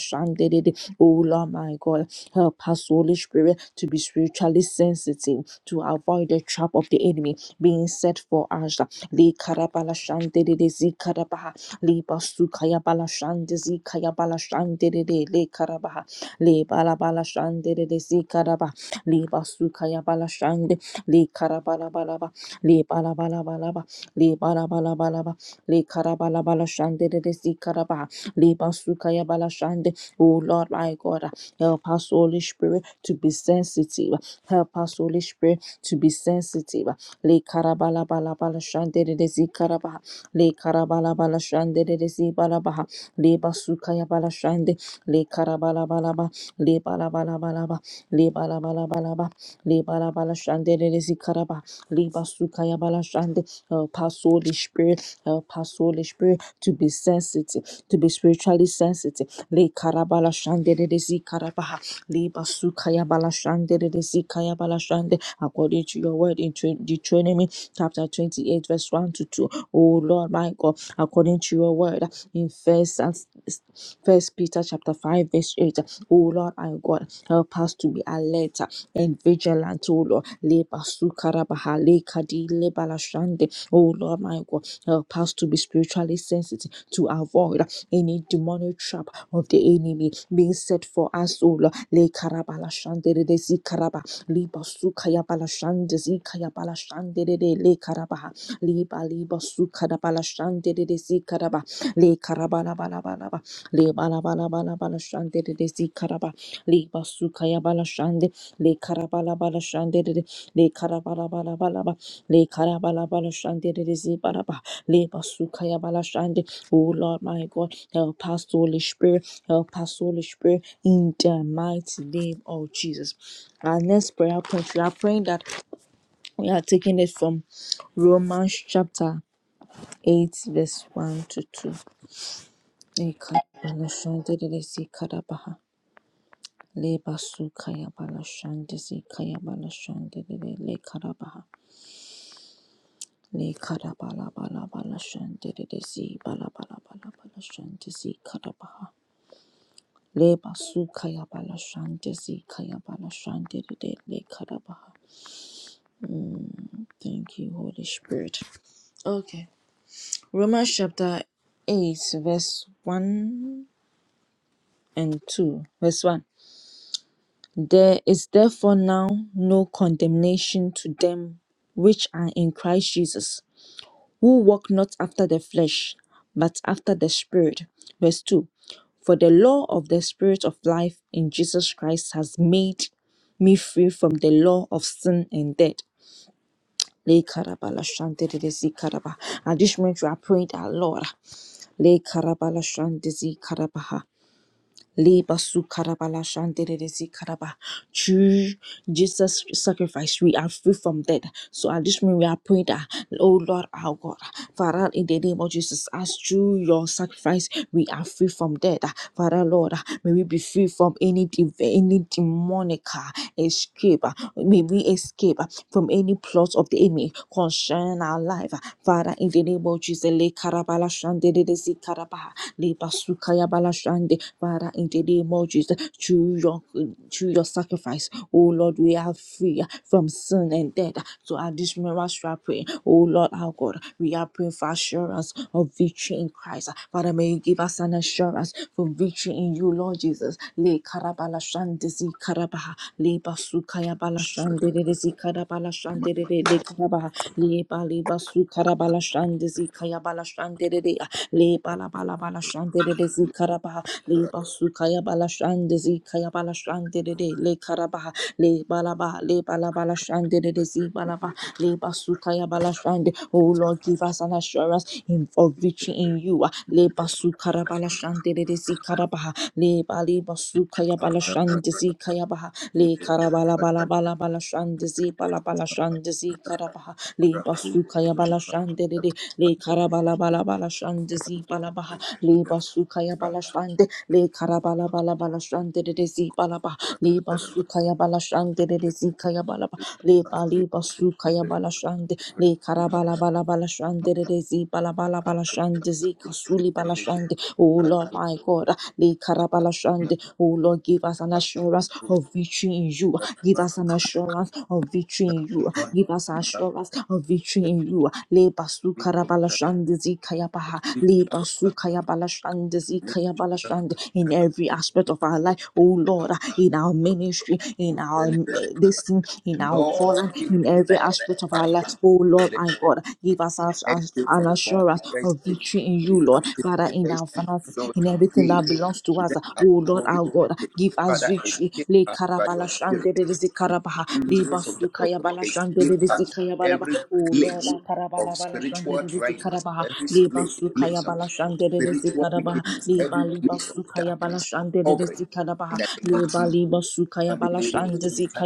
[SPEAKER 1] Oh Lord, my God, help us, Holy Spirit, to be spiritually sensitive to avoid the trap of the enemy being set for us. Le karabala shande de de zi karabaha. Le basukaya bala shande zi kaya bala de de. Le karabaha le balabala shande de de zikaraba le basukaya bala shande le karabala balaba le balabala balaba le balabala balaba le karabala bala shande de de zikaraba le basukaya bala shande oh Lord my God help us Holy Spirit to be sensitive help us Holy Spirit to be sensitive le karabala bala bala shande de de zikaraba le karabala bala shande de de zibalaba le basukaya bala shande le karabala balaba Le le le bala bala bala bala bala bala bala ba, ba, Lebalabalabalaba, lebalabalabalaba, le zikaraba, le basukaya bala shande. Help us, Holy Spirit, help us, Holy Spirit, to be sensitive, to be spiritually sensitive. Le karabala shandere zikarabaha, lebasukayabala shandere bala shande. de zikaya bala shande. According to your word in Deut- Deuteronomy chapter 28, verse 1 to 2. Oh Lord, my God, according to your word in First First Peter chapter 5, verse 8. Oh Lord, our God, help us to be alert and vigilant, oh Lord. Leba sukarabaha lekadi lebalashande. Oh Lord, my God, help us to be spiritually sensitive to avoid any demonic trap of the enemy being set for us, oh Lord. le Lekarabalashande de zikaraba. Liba sukaya bala shande, zikaya bala balashande de lekarabaha liba liba su kadabala shante de de si kadaba le karabala bala bala ba le bala bala bala bala shante de de si karaba liba su kaya bala shante le karabala bala shante de de le karabala bala bala ba le karabala bala shante de de si bala ba le basu kaya bala shante oh Lord my God help us Holy Spirit help us Holy Spirit in the mighty name of Jesus our next prayer point we are praying that we are taking it from Romans chapter 8, verse 1 to 2. Ekabaloshandedesi karabaha. Lebasukayabaloshande- kayabaloshandedede lekarabaha. Lekarabalabalabaloshande- balabalabaloshande- karabaha. Lebasukayabaloshande- kayabaloshandedede lekarabaha. Thank you, Holy Spirit. Okay. Romans chapter 8, verse 1 and 2. Verse 1 There is therefore now no condemnation to them which are in Christ Jesus, who walk not after the flesh, but after the Spirit. Verse 2 For the law of the Spirit of life in Jesus Christ has made me free from the law of sin and death. Le karabala shandere zi karaba. At this moment, we are praying that Lord. Le karabala shandere zi karabaha. Leba su karabala shandere de zi karaba. Through Jesus' sacrifice, we are free from death. So at this moment, we are praying that, oh Lord, our God, Father, in the name of Jesus, as through your sacrifice, we are free from death. Father, Lord, may we be free from any div- any demonic uh, escape. uh, May we escape uh, from any plot of the enemy concerning our life. Father, in the name of Jesus, le karabala shande de desi karabaha, le basukaya bala shande. Father, in the name of Jesus, through your, through your sacrifice, oh Lord, we are free from sin and death. So at this moment, we are praying, oh Lord, our God, we are praying for assurance of victory in Christ. Father, may you give us an assurance for victory in you, Lord Jesus. Le karabala shande zi karabaha, le basukaya bala shande de desi karabala shande de de le karabaha le bali basu karabala shande zi kaya bala shande de de le bala bala bala shande de de zi karaba le basu kaya bala shande zi kaya bala shande de de le karaba le bala ba le bala bala shande de de zi bala ba le basu kaya bala shande oh Lord give us an assurance in for victory in you ah. le basu karabala shande de de zi karaba le bali basu kaya bala shande zi kaya ba le karabala bala bala bala shande zi bala bala shande zi karaba le basuka ya bala shande de de le karabala bala bala shande zi bala baha le basuka ya bala shande le karabala bala bala shande de de zi bala baha le basuka ya bala shande de de zi kaya bala baha le bali basu kaya bala shande le karabala bala bala shande re re zi bala bala bala shande zi kasuli bala shande oh Lord my God le karabala shande oh Lord give us an assurance of victory in you give us an assurance of victory in you give us assurance of victory in you le basu karabala shande zi kaya baha le basu kaya bala shande zi kaya bala shande in every aspect of our life oh Lord in our ministry in our uh, this thing season, in our calling,
[SPEAKER 2] Lord, we
[SPEAKER 1] in every
[SPEAKER 2] blessed
[SPEAKER 1] aspect of our
[SPEAKER 2] by
[SPEAKER 1] life. Oh Lord,
[SPEAKER 2] this.
[SPEAKER 1] my God, give us us- us
[SPEAKER 2] escape from
[SPEAKER 1] an
[SPEAKER 2] bondage,
[SPEAKER 1] assurance of
[SPEAKER 2] escape
[SPEAKER 1] victory in
[SPEAKER 2] from
[SPEAKER 1] you, Lord. Father,
[SPEAKER 2] captivity,
[SPEAKER 1] in our
[SPEAKER 2] escape.
[SPEAKER 1] finances,
[SPEAKER 2] Lord,
[SPEAKER 1] in everything
[SPEAKER 2] today,
[SPEAKER 1] that belongs to us.
[SPEAKER 2] let our
[SPEAKER 1] Oh Lord,
[SPEAKER 2] soul be
[SPEAKER 1] our God,
[SPEAKER 2] escaped.
[SPEAKER 1] give us
[SPEAKER 2] Father,
[SPEAKER 1] victory.
[SPEAKER 2] escape
[SPEAKER 1] Le
[SPEAKER 2] us by
[SPEAKER 1] karabala
[SPEAKER 2] your spirit.
[SPEAKER 1] shande de rizi
[SPEAKER 2] Let
[SPEAKER 1] karabaha,
[SPEAKER 2] the
[SPEAKER 1] le
[SPEAKER 2] angels of the
[SPEAKER 1] basuka ya
[SPEAKER 2] Lord
[SPEAKER 1] bala shande de
[SPEAKER 2] escape us
[SPEAKER 1] rizi kaya
[SPEAKER 2] from
[SPEAKER 1] bala
[SPEAKER 2] every
[SPEAKER 1] Oh Lord,
[SPEAKER 2] place
[SPEAKER 1] our
[SPEAKER 2] of
[SPEAKER 1] karabala bala shande
[SPEAKER 2] spiritual
[SPEAKER 1] de rizi
[SPEAKER 2] dryness,
[SPEAKER 1] karabaha,
[SPEAKER 2] every
[SPEAKER 1] le
[SPEAKER 2] spla-
[SPEAKER 1] basuka ya
[SPEAKER 2] place of
[SPEAKER 1] bala shande de rizi
[SPEAKER 2] spiritual
[SPEAKER 1] karabaha,
[SPEAKER 2] wickedness,
[SPEAKER 1] le
[SPEAKER 2] every
[SPEAKER 1] bali
[SPEAKER 2] place of
[SPEAKER 1] basuka ya bala
[SPEAKER 2] darkness, of
[SPEAKER 1] shande de
[SPEAKER 2] covering.
[SPEAKER 1] rizi
[SPEAKER 2] In
[SPEAKER 1] karabaha,
[SPEAKER 2] the
[SPEAKER 1] le bali basuka ya bala
[SPEAKER 2] name of
[SPEAKER 1] shande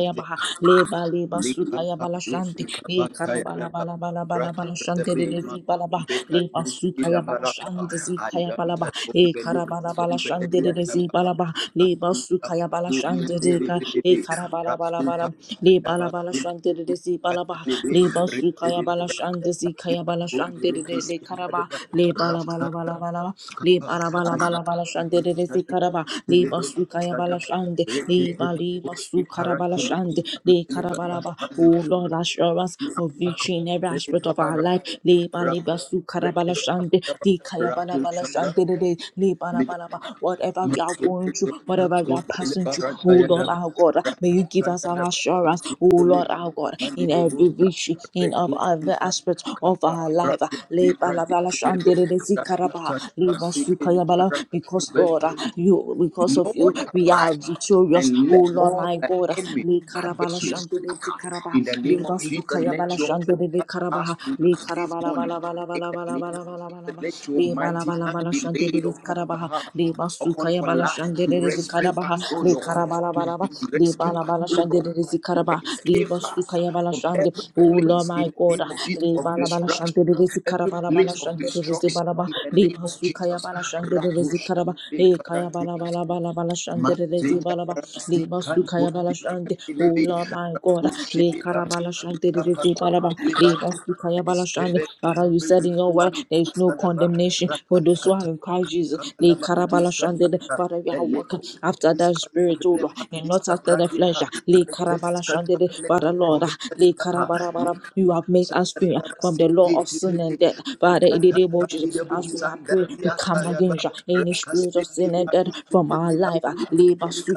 [SPEAKER 1] kaya
[SPEAKER 2] Jesus.
[SPEAKER 1] baha leba leba
[SPEAKER 2] Lika
[SPEAKER 1] suka ya
[SPEAKER 2] pa,
[SPEAKER 1] bala shanti
[SPEAKER 2] duski pa,
[SPEAKER 1] e
[SPEAKER 2] cha ya
[SPEAKER 1] karabala
[SPEAKER 2] pa.
[SPEAKER 1] bala bala bala
[SPEAKER 2] Pratap
[SPEAKER 1] bala
[SPEAKER 2] se
[SPEAKER 1] shanti
[SPEAKER 2] be
[SPEAKER 1] de de
[SPEAKER 2] ma,
[SPEAKER 1] zi bala ba
[SPEAKER 2] kumbekar
[SPEAKER 1] leba
[SPEAKER 2] duski
[SPEAKER 1] suka ya bala
[SPEAKER 2] dabara pa.
[SPEAKER 1] shanti zi kaya
[SPEAKER 2] Aya
[SPEAKER 1] bala
[SPEAKER 2] pa,
[SPEAKER 1] ba e
[SPEAKER 2] kumbekar
[SPEAKER 1] karabala bala
[SPEAKER 2] kumbekar
[SPEAKER 1] shanti
[SPEAKER 2] ya
[SPEAKER 1] de de zi
[SPEAKER 2] pa.
[SPEAKER 1] bala ba leba
[SPEAKER 2] Rasu pa,
[SPEAKER 1] suka ya bala shanti
[SPEAKER 2] kumbekar
[SPEAKER 1] de
[SPEAKER 2] be
[SPEAKER 1] ka
[SPEAKER 2] be be.
[SPEAKER 1] e karabala bala
[SPEAKER 2] Rasu pa,
[SPEAKER 1] bala leba la
[SPEAKER 2] dabara
[SPEAKER 1] bala
[SPEAKER 2] be
[SPEAKER 1] shanti de de zi bala ba
[SPEAKER 2] be be. Be
[SPEAKER 1] leba suka
[SPEAKER 2] be be
[SPEAKER 1] bala
[SPEAKER 2] dabara,
[SPEAKER 1] shanti zi kaya bala
[SPEAKER 2] kumbekar be be
[SPEAKER 1] shanti
[SPEAKER 2] be.
[SPEAKER 1] de
[SPEAKER 2] Rasu
[SPEAKER 1] le karaba
[SPEAKER 2] pa,
[SPEAKER 1] leba la bala
[SPEAKER 2] dabara.
[SPEAKER 1] bala bala ba.
[SPEAKER 2] Rapa
[SPEAKER 1] leba la bala bala bala shanti de de zi karaba leba suka ya bala shanti leba leba suka Zu Karabalashande, De Karabalaba. Oh Lord, assurance of victory in every aspect of our life. Leba Leba Zu Karabalashande, De Kayabalabalashande, De De, Leba Laba Laba. Whatever we are going through, whatever we are passing through, oh Lord our God, may you give us an assurance, oh Lord our God, in every victory, in of every aspect of our life. Leba Laba Lashande, De De, Zu Karaba, Leba Zu Kayabala. Because Lord, you because of
[SPEAKER 2] Lord,
[SPEAKER 1] you, we are
[SPEAKER 2] arise
[SPEAKER 1] victorious.
[SPEAKER 2] and
[SPEAKER 1] Oh Lord.
[SPEAKER 2] let
[SPEAKER 1] Lord
[SPEAKER 2] all
[SPEAKER 1] my
[SPEAKER 2] the
[SPEAKER 1] God,
[SPEAKER 2] enemy
[SPEAKER 1] Le Karabala
[SPEAKER 2] adversaries,
[SPEAKER 1] Shandele
[SPEAKER 2] scatter.
[SPEAKER 1] Zikaraba,
[SPEAKER 2] in the
[SPEAKER 1] Le
[SPEAKER 2] name of Jesus.
[SPEAKER 1] Basukaya Bala
[SPEAKER 2] Let your hand
[SPEAKER 1] Shandele
[SPEAKER 2] touch us
[SPEAKER 1] Karabaha, Le
[SPEAKER 2] tonight, this
[SPEAKER 1] Karabala
[SPEAKER 2] morning.
[SPEAKER 1] Bala Bala
[SPEAKER 2] In
[SPEAKER 1] Bala
[SPEAKER 2] the
[SPEAKER 1] Bala Bala
[SPEAKER 2] name of
[SPEAKER 1] Bala Bala
[SPEAKER 2] Jesus,
[SPEAKER 1] Bala,
[SPEAKER 2] let your
[SPEAKER 1] Le Bala
[SPEAKER 2] mighty
[SPEAKER 1] Bala
[SPEAKER 2] hand
[SPEAKER 1] Bala
[SPEAKER 2] be laid
[SPEAKER 1] Shandele
[SPEAKER 2] upon our
[SPEAKER 1] Karabaha,
[SPEAKER 2] heart,
[SPEAKER 1] Le
[SPEAKER 2] upon
[SPEAKER 1] Basukaya
[SPEAKER 2] our
[SPEAKER 1] Bala
[SPEAKER 2] life, to
[SPEAKER 1] Shandele
[SPEAKER 2] rescue
[SPEAKER 1] Zikarabaha,
[SPEAKER 2] us, O
[SPEAKER 1] Le
[SPEAKER 2] Lord,
[SPEAKER 1] Karabala
[SPEAKER 2] to
[SPEAKER 1] Bala Bala, Le
[SPEAKER 2] rescue
[SPEAKER 1] Bala
[SPEAKER 2] us,
[SPEAKER 1] Bala
[SPEAKER 2] O Lord
[SPEAKER 1] Shandele
[SPEAKER 2] to
[SPEAKER 1] Zikaraba, Le
[SPEAKER 2] escape us
[SPEAKER 1] Basukaya Bala
[SPEAKER 2] from
[SPEAKER 1] Shande,
[SPEAKER 2] every
[SPEAKER 1] O Lord
[SPEAKER 2] place in
[SPEAKER 1] my
[SPEAKER 2] the
[SPEAKER 1] God,
[SPEAKER 2] name of Jesus
[SPEAKER 1] Le
[SPEAKER 2] of
[SPEAKER 1] Bala Bala
[SPEAKER 2] destruction,
[SPEAKER 1] Shandele
[SPEAKER 2] every
[SPEAKER 1] Zikarabala Bala
[SPEAKER 2] place of
[SPEAKER 1] Shandele
[SPEAKER 2] destruction
[SPEAKER 1] Zikaraba,
[SPEAKER 2] in the
[SPEAKER 1] Le
[SPEAKER 2] name of
[SPEAKER 1] Basukaya
[SPEAKER 2] Jesus.
[SPEAKER 1] Bala Shandele
[SPEAKER 2] Ratusha
[SPEAKER 1] Zikaraba,
[SPEAKER 2] de
[SPEAKER 1] E Kaya Bala
[SPEAKER 2] Karate,
[SPEAKER 1] Bala Bala Bala Shandele
[SPEAKER 2] Masinga
[SPEAKER 1] Zikaraba,
[SPEAKER 2] rasi
[SPEAKER 1] Lima
[SPEAKER 2] kanto
[SPEAKER 1] Sukaya
[SPEAKER 2] si
[SPEAKER 1] Balashante, O
[SPEAKER 2] kandilebe
[SPEAKER 1] Lord my God,
[SPEAKER 2] rato
[SPEAKER 1] Le
[SPEAKER 2] shirita
[SPEAKER 1] Karabalashante,
[SPEAKER 2] shirita
[SPEAKER 1] Riti
[SPEAKER 2] pakunde
[SPEAKER 1] Paraba, Lima
[SPEAKER 2] lebanto
[SPEAKER 1] Sukaya Balashante.
[SPEAKER 2] eskebe
[SPEAKER 1] Father, you
[SPEAKER 2] tekebe
[SPEAKER 1] said in your word,
[SPEAKER 2] ikapara
[SPEAKER 1] there is no
[SPEAKER 2] kusadaba
[SPEAKER 1] condemnation for those who are
[SPEAKER 2] rakaskata
[SPEAKER 1] in Christ Jesus. Le
[SPEAKER 2] kaskakalaba
[SPEAKER 1] Karabalashante,
[SPEAKER 2] diskataka
[SPEAKER 1] Father, we are walking
[SPEAKER 2] eleko
[SPEAKER 1] after that
[SPEAKER 2] diskato
[SPEAKER 1] spirit, O
[SPEAKER 2] bele
[SPEAKER 1] Lord, and not
[SPEAKER 2] pandiska
[SPEAKER 1] after the
[SPEAKER 2] brandipa
[SPEAKER 1] flesh. Le Karabalashante,
[SPEAKER 2] reteskatobele
[SPEAKER 1] Father, Lord,
[SPEAKER 2] kaskobe
[SPEAKER 1] Le
[SPEAKER 2] selibaha
[SPEAKER 1] Karabarabara, you have
[SPEAKER 2] Rakata
[SPEAKER 1] made us free from the law of sin and death. Father, in the name of Jesus, as we are praying, we come against any spirit of sin and death from our life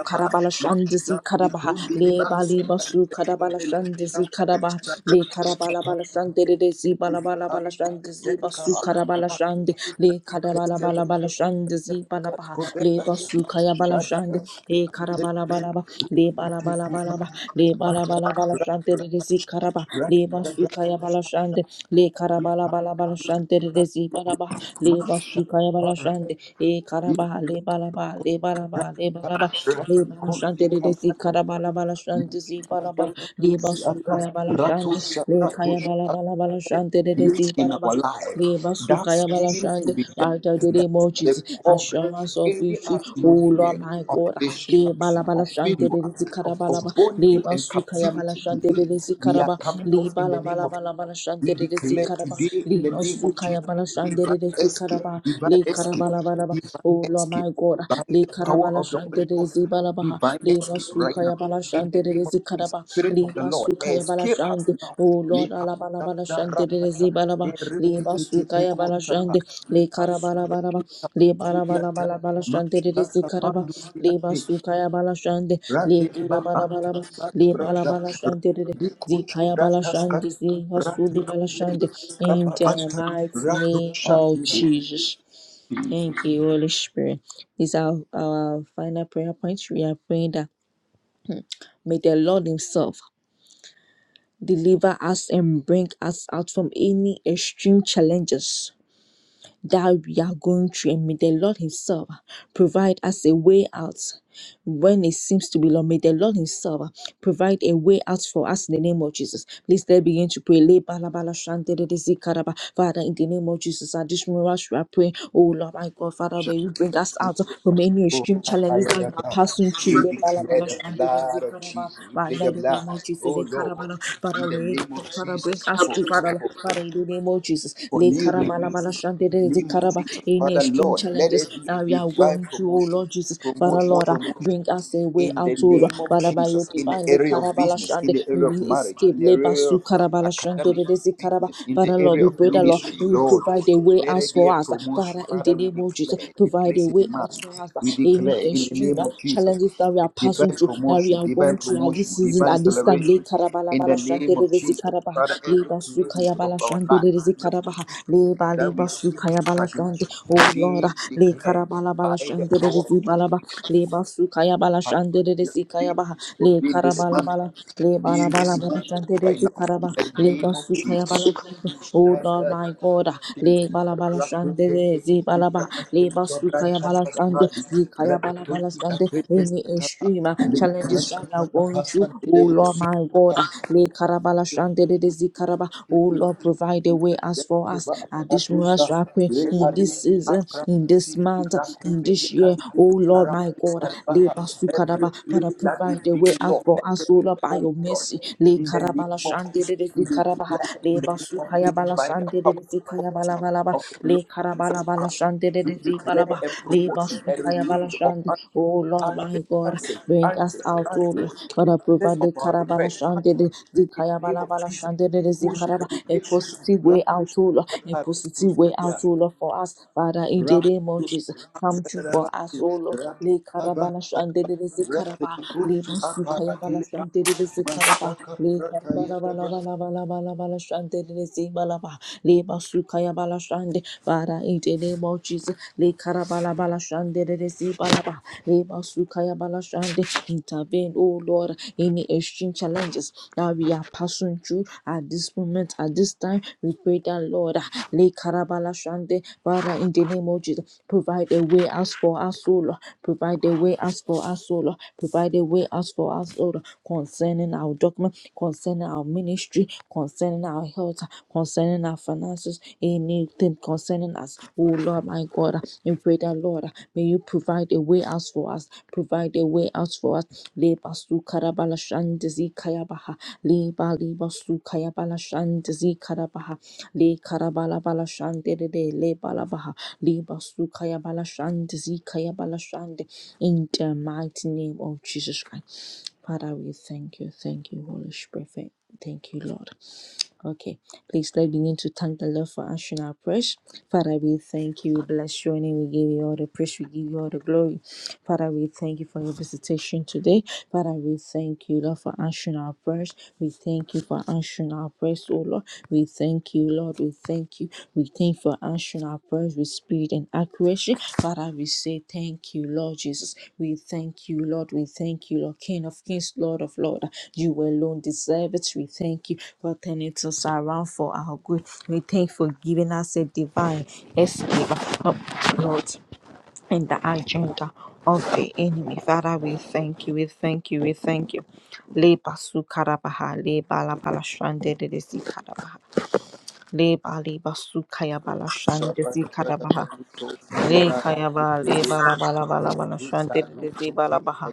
[SPEAKER 1] karabala shandizi karabaha le bali basu karabala shandizi karabaha le karabala bala shandizi bala bala bala shandizi basu karabala shandi le karabala bala bala shandizi bala baha le basu kaya bala shandi e karabala bala ba le bala bala bala ba le bala bala bala shandizi karaba le basu kaya bala shandi le karabala bala bala shandizi bala baha le basu kaya bala shandi e karaba le bala ba le bala ba le bala ba
[SPEAKER 2] Place
[SPEAKER 1] Lebala Shanti Desi Karabala Bala Shanti Si Balaba Leba Sukaya Bala Shanti Le Kaya Bala Bala Bala Shanti Desi
[SPEAKER 2] in
[SPEAKER 1] Baraba
[SPEAKER 2] our life
[SPEAKER 1] Leba
[SPEAKER 2] that
[SPEAKER 1] Sukaya Bala
[SPEAKER 2] seems to
[SPEAKER 1] Shanti
[SPEAKER 2] be
[SPEAKER 1] Father
[SPEAKER 2] darkness,
[SPEAKER 1] the
[SPEAKER 2] that
[SPEAKER 1] name of
[SPEAKER 2] is
[SPEAKER 1] Jesus
[SPEAKER 2] the covering,
[SPEAKER 1] assurance of
[SPEAKER 2] any
[SPEAKER 1] victory O Lord
[SPEAKER 2] atmosphere
[SPEAKER 1] my
[SPEAKER 2] of
[SPEAKER 1] God Lebala
[SPEAKER 2] destruction,
[SPEAKER 1] Bala
[SPEAKER 2] of
[SPEAKER 1] Shanti
[SPEAKER 2] failure,
[SPEAKER 1] Desi
[SPEAKER 2] of, of
[SPEAKER 1] Karabala Ba
[SPEAKER 2] bondage
[SPEAKER 1] Leba
[SPEAKER 2] and
[SPEAKER 1] Sukaya Bala
[SPEAKER 2] captivity
[SPEAKER 1] Shanti
[SPEAKER 2] today.
[SPEAKER 1] Desi
[SPEAKER 2] We are
[SPEAKER 1] Karaba
[SPEAKER 2] coming out in the
[SPEAKER 1] Lebala
[SPEAKER 2] name
[SPEAKER 1] Bala
[SPEAKER 2] of
[SPEAKER 1] Bala Bala
[SPEAKER 2] we
[SPEAKER 1] Shanti Desi
[SPEAKER 2] declare
[SPEAKER 1] Karaba
[SPEAKER 2] today in the
[SPEAKER 1] Leba
[SPEAKER 2] name of Jesus
[SPEAKER 1] Sukaya Bala
[SPEAKER 2] divine
[SPEAKER 1] Shanti Desi
[SPEAKER 2] escape,
[SPEAKER 1] Karaba
[SPEAKER 2] divine
[SPEAKER 1] Le
[SPEAKER 2] escape,
[SPEAKER 1] Karabala Bala bala Ba
[SPEAKER 2] divine
[SPEAKER 1] O Lord
[SPEAKER 2] escape
[SPEAKER 1] my God
[SPEAKER 2] by
[SPEAKER 1] Le
[SPEAKER 2] the power
[SPEAKER 1] Karabala
[SPEAKER 2] of the Holy
[SPEAKER 1] Shandere
[SPEAKER 2] Ghost,
[SPEAKER 1] Zibalabaha,
[SPEAKER 2] divine
[SPEAKER 1] Le
[SPEAKER 2] escape right now
[SPEAKER 1] Masukaya Bala
[SPEAKER 2] in the
[SPEAKER 1] Shandere
[SPEAKER 2] name of Jesus,
[SPEAKER 1] Zikaraba,
[SPEAKER 2] Spirit
[SPEAKER 1] Le
[SPEAKER 2] of the Lord,
[SPEAKER 1] Masukaya Bala
[SPEAKER 2] escape us
[SPEAKER 1] Shande,
[SPEAKER 2] now.
[SPEAKER 1] O Lord
[SPEAKER 2] Lepa-
[SPEAKER 1] Alabala
[SPEAKER 2] da-
[SPEAKER 1] Bala
[SPEAKER 2] da- ra- ta-
[SPEAKER 1] Shandere
[SPEAKER 2] ta.
[SPEAKER 1] Zibalaba, Le
[SPEAKER 2] Erekete-
[SPEAKER 1] Masukaya
[SPEAKER 2] peko-
[SPEAKER 1] Bala
[SPEAKER 2] sa- ha.
[SPEAKER 1] Shande, Le
[SPEAKER 2] Lepa- su-
[SPEAKER 1] Karabala
[SPEAKER 2] re-
[SPEAKER 1] Balaba,
[SPEAKER 2] ke- ta-
[SPEAKER 1] Le
[SPEAKER 2] su- ya-
[SPEAKER 1] Balabala
[SPEAKER 2] ta.
[SPEAKER 1] Bala Bala
[SPEAKER 2] Ma-
[SPEAKER 1] Shandere
[SPEAKER 2] sha- ta- pa-
[SPEAKER 1] Zikaraba,
[SPEAKER 2] ndu- si- ya-
[SPEAKER 1] Le
[SPEAKER 2] te.
[SPEAKER 1] Masukaya Bala Shande, Le
[SPEAKER 2] Ratiba
[SPEAKER 1] Karabala Balaba,
[SPEAKER 2] antasta
[SPEAKER 1] Le
[SPEAKER 2] brada
[SPEAKER 1] Balabala Shandere
[SPEAKER 2] ratikushi
[SPEAKER 1] Zikaya Bala
[SPEAKER 2] brada
[SPEAKER 1] Shande,
[SPEAKER 2] skata
[SPEAKER 1] Zihasudi Bala Shande,
[SPEAKER 2] ratikumbelukas
[SPEAKER 1] in
[SPEAKER 2] kapa
[SPEAKER 1] the
[SPEAKER 2] anta
[SPEAKER 1] mighty name
[SPEAKER 2] ratusha
[SPEAKER 1] of
[SPEAKER 2] ibi
[SPEAKER 1] Jesus. Thank
[SPEAKER 2] Jesus
[SPEAKER 1] you, Holy Spirit. These are our final prayer points. We are praying that may the Lord Himself deliver us and bring us out from any extreme challenges that we are going through, and may the Lord Himself provide us a way out when it seems to be long. May the Lord Himself uh, provide a way out for us in the name of Jesus. Please let begin to pray. Le ba la ba de de zi ka Father, in the name of Jesus, at this moment, we are praying. Oh Lord, my God, Father, may you bring us out from any
[SPEAKER 2] Oh,
[SPEAKER 1] extreme challenges that we are
[SPEAKER 2] ayadada.
[SPEAKER 1] passing through.
[SPEAKER 2] We
[SPEAKER 1] Le ba la ba
[SPEAKER 2] declare the
[SPEAKER 1] de de zi
[SPEAKER 2] blood
[SPEAKER 1] ka
[SPEAKER 2] of Jesus. We
[SPEAKER 1] By
[SPEAKER 2] play the
[SPEAKER 1] night of the
[SPEAKER 2] blood.
[SPEAKER 1] name of Jesus,
[SPEAKER 2] Oh
[SPEAKER 1] Le ka
[SPEAKER 2] Lord,
[SPEAKER 1] la.
[SPEAKER 2] in
[SPEAKER 1] Father, may
[SPEAKER 2] the
[SPEAKER 1] you,
[SPEAKER 2] name of
[SPEAKER 1] Father, bring
[SPEAKER 2] Jesus. For,
[SPEAKER 1] us through,
[SPEAKER 2] for,
[SPEAKER 1] Father, Father,
[SPEAKER 2] for,
[SPEAKER 1] in the name of Jesus.
[SPEAKER 2] for
[SPEAKER 1] Le ka
[SPEAKER 2] new
[SPEAKER 1] da ba la ba la
[SPEAKER 2] releases
[SPEAKER 1] shan de
[SPEAKER 2] in
[SPEAKER 1] de
[SPEAKER 2] the
[SPEAKER 1] zi
[SPEAKER 2] name
[SPEAKER 1] ka
[SPEAKER 2] of
[SPEAKER 1] Baba,
[SPEAKER 2] Jesus.
[SPEAKER 1] any
[SPEAKER 2] Father
[SPEAKER 1] extreme
[SPEAKER 2] Lord, let there
[SPEAKER 1] challenges
[SPEAKER 2] be a
[SPEAKER 1] that we are
[SPEAKER 2] divine
[SPEAKER 1] going through, oh
[SPEAKER 2] promotion.
[SPEAKER 1] Lord Jesus. Father,
[SPEAKER 2] Promotion,
[SPEAKER 1] Lord, uh,
[SPEAKER 2] promotion,
[SPEAKER 1] bring us a way
[SPEAKER 2] in
[SPEAKER 1] out,
[SPEAKER 2] the
[SPEAKER 1] oh Lord.
[SPEAKER 2] name of
[SPEAKER 1] Father, by your
[SPEAKER 2] Jesus, in the
[SPEAKER 1] divine le
[SPEAKER 2] area of
[SPEAKER 1] karabala
[SPEAKER 2] business, in
[SPEAKER 1] shande,
[SPEAKER 2] the
[SPEAKER 1] may
[SPEAKER 2] area
[SPEAKER 1] we
[SPEAKER 2] of marriage,
[SPEAKER 1] escape
[SPEAKER 2] in the
[SPEAKER 1] labor
[SPEAKER 2] area
[SPEAKER 1] su
[SPEAKER 2] of
[SPEAKER 1] karabala shande
[SPEAKER 2] academic
[SPEAKER 1] de de si karaba.
[SPEAKER 2] business, in the
[SPEAKER 1] Father, Lord,
[SPEAKER 2] area
[SPEAKER 1] we
[SPEAKER 2] of
[SPEAKER 1] pray that, Lord,
[SPEAKER 2] ministry,
[SPEAKER 1] may you
[SPEAKER 2] Lord,
[SPEAKER 1] provide a way
[SPEAKER 2] let
[SPEAKER 1] out
[SPEAKER 2] it be
[SPEAKER 1] for
[SPEAKER 2] a
[SPEAKER 1] us. Father,
[SPEAKER 2] promotion.
[SPEAKER 1] in the
[SPEAKER 2] Father, we
[SPEAKER 1] name of Jesus,
[SPEAKER 2] declare, we
[SPEAKER 1] provide a
[SPEAKER 2] place a
[SPEAKER 1] way
[SPEAKER 2] demand,
[SPEAKER 1] out for us.
[SPEAKER 2] we declare
[SPEAKER 1] Any
[SPEAKER 2] in the
[SPEAKER 1] extreme
[SPEAKER 2] name
[SPEAKER 1] uh,
[SPEAKER 2] of Jesus,
[SPEAKER 1] challenges that we
[SPEAKER 2] a
[SPEAKER 1] are passing
[SPEAKER 2] divine
[SPEAKER 1] through, that we
[SPEAKER 2] promotion,
[SPEAKER 1] are
[SPEAKER 2] divine
[SPEAKER 1] going through at this
[SPEAKER 2] promotion,
[SPEAKER 1] season,
[SPEAKER 2] divine
[SPEAKER 1] at this time, le
[SPEAKER 2] celebration
[SPEAKER 1] karabala
[SPEAKER 2] in
[SPEAKER 1] bala
[SPEAKER 2] the
[SPEAKER 1] shande
[SPEAKER 2] name
[SPEAKER 1] de
[SPEAKER 2] of
[SPEAKER 1] de si
[SPEAKER 2] Jesus.
[SPEAKER 1] karaba.
[SPEAKER 2] Father, every
[SPEAKER 1] Leba
[SPEAKER 2] place
[SPEAKER 1] sukaya
[SPEAKER 2] of
[SPEAKER 1] bala
[SPEAKER 2] our
[SPEAKER 1] shandi
[SPEAKER 2] life,
[SPEAKER 1] le
[SPEAKER 2] every
[SPEAKER 1] karabaha.
[SPEAKER 2] position
[SPEAKER 1] Leba
[SPEAKER 2] that
[SPEAKER 1] leba
[SPEAKER 2] we see
[SPEAKER 1] sukaya bala shandi.
[SPEAKER 2] stagnation
[SPEAKER 1] Oh Lord,
[SPEAKER 2] today we
[SPEAKER 1] ah, le
[SPEAKER 2] declare
[SPEAKER 1] karabala bala
[SPEAKER 2] by the
[SPEAKER 1] shandi
[SPEAKER 2] power of
[SPEAKER 1] le balaba. Leba sukaya bala shandi
[SPEAKER 2] be
[SPEAKER 1] le kaya
[SPEAKER 2] in
[SPEAKER 1] baha.
[SPEAKER 2] this room,
[SPEAKER 1] Le
[SPEAKER 2] be in this
[SPEAKER 1] karabala
[SPEAKER 2] month,
[SPEAKER 1] bala. Le
[SPEAKER 2] be
[SPEAKER 1] bala
[SPEAKER 2] in
[SPEAKER 1] bala
[SPEAKER 2] this
[SPEAKER 1] bala
[SPEAKER 2] month
[SPEAKER 1] shandi le
[SPEAKER 2] right now.
[SPEAKER 1] karaba.
[SPEAKER 2] In the
[SPEAKER 1] Leba
[SPEAKER 2] name of
[SPEAKER 1] sukaya bala
[SPEAKER 2] Jesus.
[SPEAKER 1] shandi. Oh Lord, my God. ah, Le bala bala shandi le balaba. Leba Sukaya Balashande, Zikaya Balabalashande, any extreme uh, challenges right now going through, oh Lord my God, uh, Le Karabalashande, de Zikaraba, oh
[SPEAKER 2] Every place
[SPEAKER 1] Lord, provide a way as for us at this moment, I pray, in this season, in this month, in this year, oh Lord my God, Leba Sukaraba, Father,
[SPEAKER 2] that
[SPEAKER 1] provide
[SPEAKER 2] is
[SPEAKER 1] a way
[SPEAKER 2] being
[SPEAKER 1] as
[SPEAKER 2] locked,
[SPEAKER 1] for us,
[SPEAKER 2] every
[SPEAKER 1] oh Lord, by
[SPEAKER 2] oh my
[SPEAKER 1] your
[SPEAKER 2] God,
[SPEAKER 1] mercy, Le
[SPEAKER 2] in the name of Jesus,
[SPEAKER 1] Karabalashande,
[SPEAKER 2] we
[SPEAKER 1] karabaha
[SPEAKER 2] declare
[SPEAKER 1] le
[SPEAKER 2] in the name of
[SPEAKER 1] basukaya
[SPEAKER 2] Jesus
[SPEAKER 1] bala
[SPEAKER 2] by the
[SPEAKER 1] shande de
[SPEAKER 2] power
[SPEAKER 1] de kaya
[SPEAKER 2] and authority
[SPEAKER 1] bala bala ba
[SPEAKER 2] of the Lord
[SPEAKER 1] le karabala
[SPEAKER 2] Jesus
[SPEAKER 1] bala
[SPEAKER 2] Christ,
[SPEAKER 1] shande de
[SPEAKER 2] we
[SPEAKER 1] de
[SPEAKER 2] declare
[SPEAKER 1] ba
[SPEAKER 2] a
[SPEAKER 1] le
[SPEAKER 2] promotion, a
[SPEAKER 1] basukaya bala
[SPEAKER 2] release
[SPEAKER 1] shande
[SPEAKER 2] of
[SPEAKER 1] oh Lord
[SPEAKER 2] answers,
[SPEAKER 1] my
[SPEAKER 2] answers,
[SPEAKER 1] God
[SPEAKER 2] answers,
[SPEAKER 1] bring us
[SPEAKER 2] answers,
[SPEAKER 1] out oh Lord
[SPEAKER 2] answers,
[SPEAKER 1] but approve
[SPEAKER 2] answers of
[SPEAKER 1] the
[SPEAKER 2] our
[SPEAKER 1] karabala
[SPEAKER 2] request,
[SPEAKER 1] shande de de
[SPEAKER 2] in
[SPEAKER 1] kaya
[SPEAKER 2] the name
[SPEAKER 1] bala
[SPEAKER 2] of
[SPEAKER 1] bala
[SPEAKER 2] Jesus,
[SPEAKER 1] shande de de
[SPEAKER 2] push
[SPEAKER 1] karaba a
[SPEAKER 2] elevation.
[SPEAKER 1] positive way out
[SPEAKER 2] Rakush
[SPEAKER 1] oh Lord a positive way
[SPEAKER 2] Taparekustia.
[SPEAKER 1] out oh Lord for us Father in the name of
[SPEAKER 2] Rakush
[SPEAKER 1] Jesus come true for us
[SPEAKER 2] Taparekustia.
[SPEAKER 1] oh Lord le
[SPEAKER 2] Rakaba.
[SPEAKER 1] karabala shande de de zikaraba, le
[SPEAKER 2] Rakikushi
[SPEAKER 1] masuka ya bala
[SPEAKER 2] Aparatile.
[SPEAKER 1] shante de de zikaraba,
[SPEAKER 2] Masaka
[SPEAKER 1] le karaba la bala
[SPEAKER 2] Paratayadaba.
[SPEAKER 1] bala bala bala bala shante de de zibalaba, le masuka ya bala shante, bara in the name of Jesus, le karaba la bala shante de de zibalaba, le masuka ya bala shante, intervene, oh Lord, any extreme challenges that we are passing through at this moment, at this time, we pray that Lord, le karaba Shande. Father, in the name of Jesus, provide a way as for us, O Lord. Provide a way as for us, O Lord. Provide a way as for us, O Lord. Concerning our document, concerning our ministry, concerning our health, concerning our finances, anything concerning us, O Lord, my God. We pray that, Lord, may you provide a way as for us. Provide a way as for us. Leba su karabala shande zi kayabaha. Leba leba su kayabala shande zi karabaha le karabala bala shande de de le balabaha le basukaya bala shande zikaya bala shande in the mighty name of Jesus Christ. Father, we thank you, thank you, Holy Spirit. Thank you, Lord. Okay, please let's begin to thank the Lord for answering our prayers. Father, we thank you, we bless your name, we give you all the praise, we give you all the glory. Father, we thank you for your visitation today. Father, we thank you, Lord, for answering our prayers. We thank you for answering our prayers, oh Lord. We thank you, Lord. We thank you. We thank you for answering our prayers with speed and accuracy. Father, we say thank you, Lord Jesus. We thank you, Lord. We thank you, Lord, King of Kings, Lord of Lords. You alone deserve it. We thank you for turning us around for our good. We thank you for giving us a divine escape, oh, Lord in the agenda of the enemy. Father, we thank you, we thank you, we thank you. Le basu karabaha, le bala bala shande de de si karabaha. Le bali basu kaya bala shande si karabaha. Le kaya ba, le bala bala bala bala shande de de si bala baha.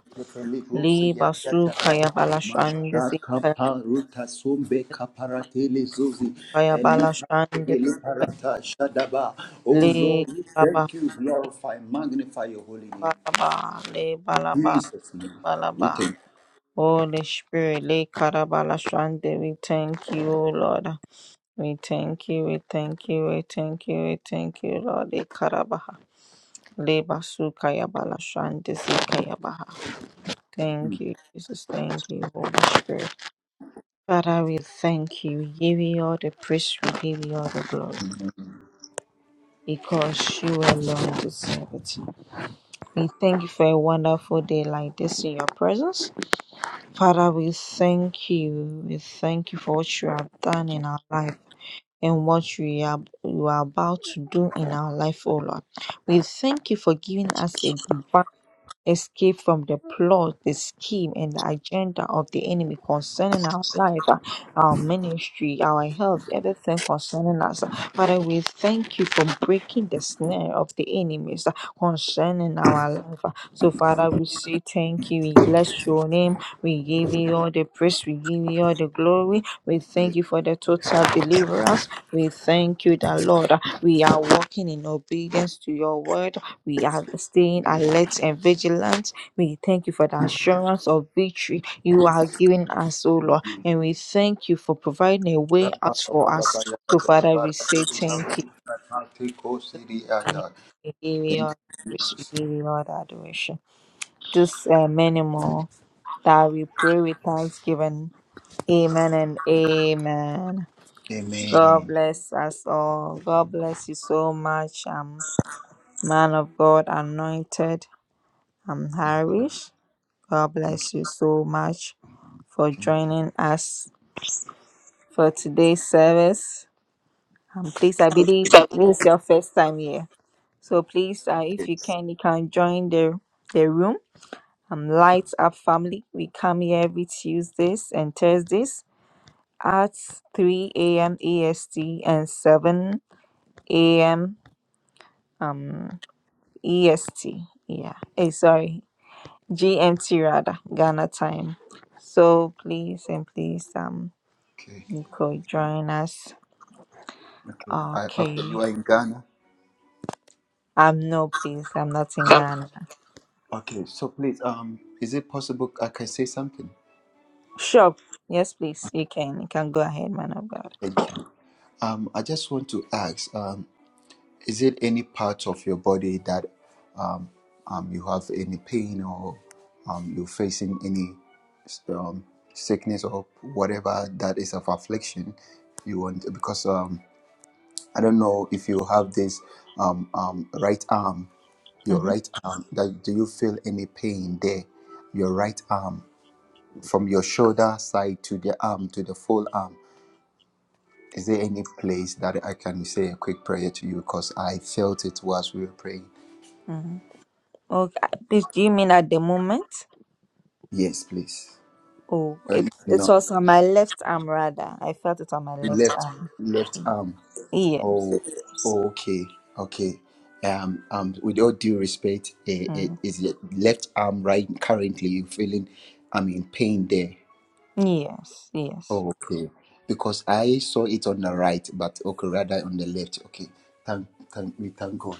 [SPEAKER 1] Le basu kaya bala shande si kaya.
[SPEAKER 2] sombe kaparatele zuzi
[SPEAKER 1] Kaya bala
[SPEAKER 2] elipa
[SPEAKER 1] shande si kaya.
[SPEAKER 2] veliparata shadaba. Oh
[SPEAKER 1] Le
[SPEAKER 2] Lord, we
[SPEAKER 1] karabaha
[SPEAKER 2] thank you, glorify, magnify your holy name.
[SPEAKER 1] bala ba, le bala ba,
[SPEAKER 2] Jesus'
[SPEAKER 1] le
[SPEAKER 2] name.
[SPEAKER 1] bala
[SPEAKER 2] We
[SPEAKER 1] ba.
[SPEAKER 2] thank you.
[SPEAKER 1] Holy Spirit, Le Karabala Shande, we thank you, O Lord. We thank you, we thank you, we thank you, we thank you, Lord. Le Karabaha. Le Basukaya Bala Shande, Sikaya Baha. Thank you, Jesus. Thank you, Holy Spirit. Father, we thank you. We give you all the praise, we give you all the glory. Because you alone deserve it. We thank you for a wonderful day like this in your presence. Father, we thank you. We thank you for what you have done in our life and what you are, you are about to do in our life, O Lord. We thank you for giving us a divine escape from the plot, the scheme, and the agenda of the enemy concerning our life, uh, our ministry, our health, everything concerning us. Father, we thank you for breaking the snare of the enemies uh, concerning our life. uh. So, Father, we say thank you. We bless your name. We give you all the praise. We give you all the glory. We thank
[SPEAKER 2] Yes.
[SPEAKER 1] you for the total deliverance. We thank you, that Lord, uh, we are walking in obedience to your word. We are staying alert and vigilant. We thank you for the assurance of victory you are giving us, O Lord. And we thank you for providing a way out for us. So, Father, we say thank you. We give you
[SPEAKER 2] Thank you,
[SPEAKER 1] all the praise.
[SPEAKER 2] Jesus.
[SPEAKER 1] We give you all the adoration. This uh, many more that we pray with thanksgiving. Amen and amen.
[SPEAKER 2] Amen.
[SPEAKER 1] God bless us all. God bless you so much. Um, man of God, anointed. I'm
[SPEAKER 2] Thank
[SPEAKER 1] Harish. God
[SPEAKER 2] you,
[SPEAKER 1] bless you so much for
[SPEAKER 2] King.
[SPEAKER 1] joining us for today's service. Um, please, I believe this is your first time here. So please, uh, if you
[SPEAKER 2] Yes.
[SPEAKER 1] can, you can join the, the room. Um, Lights Up Family. We come here every Tuesdays and Thursdays at 3 a.m. EST and 7 a.m. Um, EST. Yeah. Hey, sorry. GMT rather, Ghana time. So please and please, um,
[SPEAKER 2] Okay.
[SPEAKER 1] You could join us.
[SPEAKER 2] Okay. I, okay. You
[SPEAKER 1] Okay.
[SPEAKER 2] are in Ghana.
[SPEAKER 1] Um, no, please. I'm not in Ghana.
[SPEAKER 2] Okay. So please, um, is it possible I can say something?
[SPEAKER 1] Sure. Yes, please. You can. You can go ahead, man of God.
[SPEAKER 2] Thank you. Um, I just want to ask, um, is it any part of your body that um, um, you have any pain or um, you're facing any um, sickness or whatever that is of affliction? You want because um, I don't know if you have this um, um, right arm, your
[SPEAKER 1] Mm-hmm.
[SPEAKER 2] right arm. That, do you feel any pain there? Your right arm, from your shoulder side to the arm to the full arm. Is there any place that I can say a quick prayer to you? Because I felt it whilst we were praying.
[SPEAKER 1] Mm-hmm. Okay. Please, do you mean at the moment?
[SPEAKER 2] Yes, please.
[SPEAKER 1] Oh,
[SPEAKER 2] Uh,
[SPEAKER 1] it, it
[SPEAKER 2] No.
[SPEAKER 1] was on my left arm, rather. I felt it on my left
[SPEAKER 2] left
[SPEAKER 1] arm.
[SPEAKER 2] left arm.
[SPEAKER 1] Yes.
[SPEAKER 2] Oh, oh, okay, okay. Um, um, with all due respect, eh, eh,
[SPEAKER 1] Mm.
[SPEAKER 2] is your left arm right currently you feeling, I'm in pain there.
[SPEAKER 1] Yes. Yes.
[SPEAKER 2] Oh, okay. Because I saw it on the right, but okay, rather on the left. Okay. Thank, thank we thank God.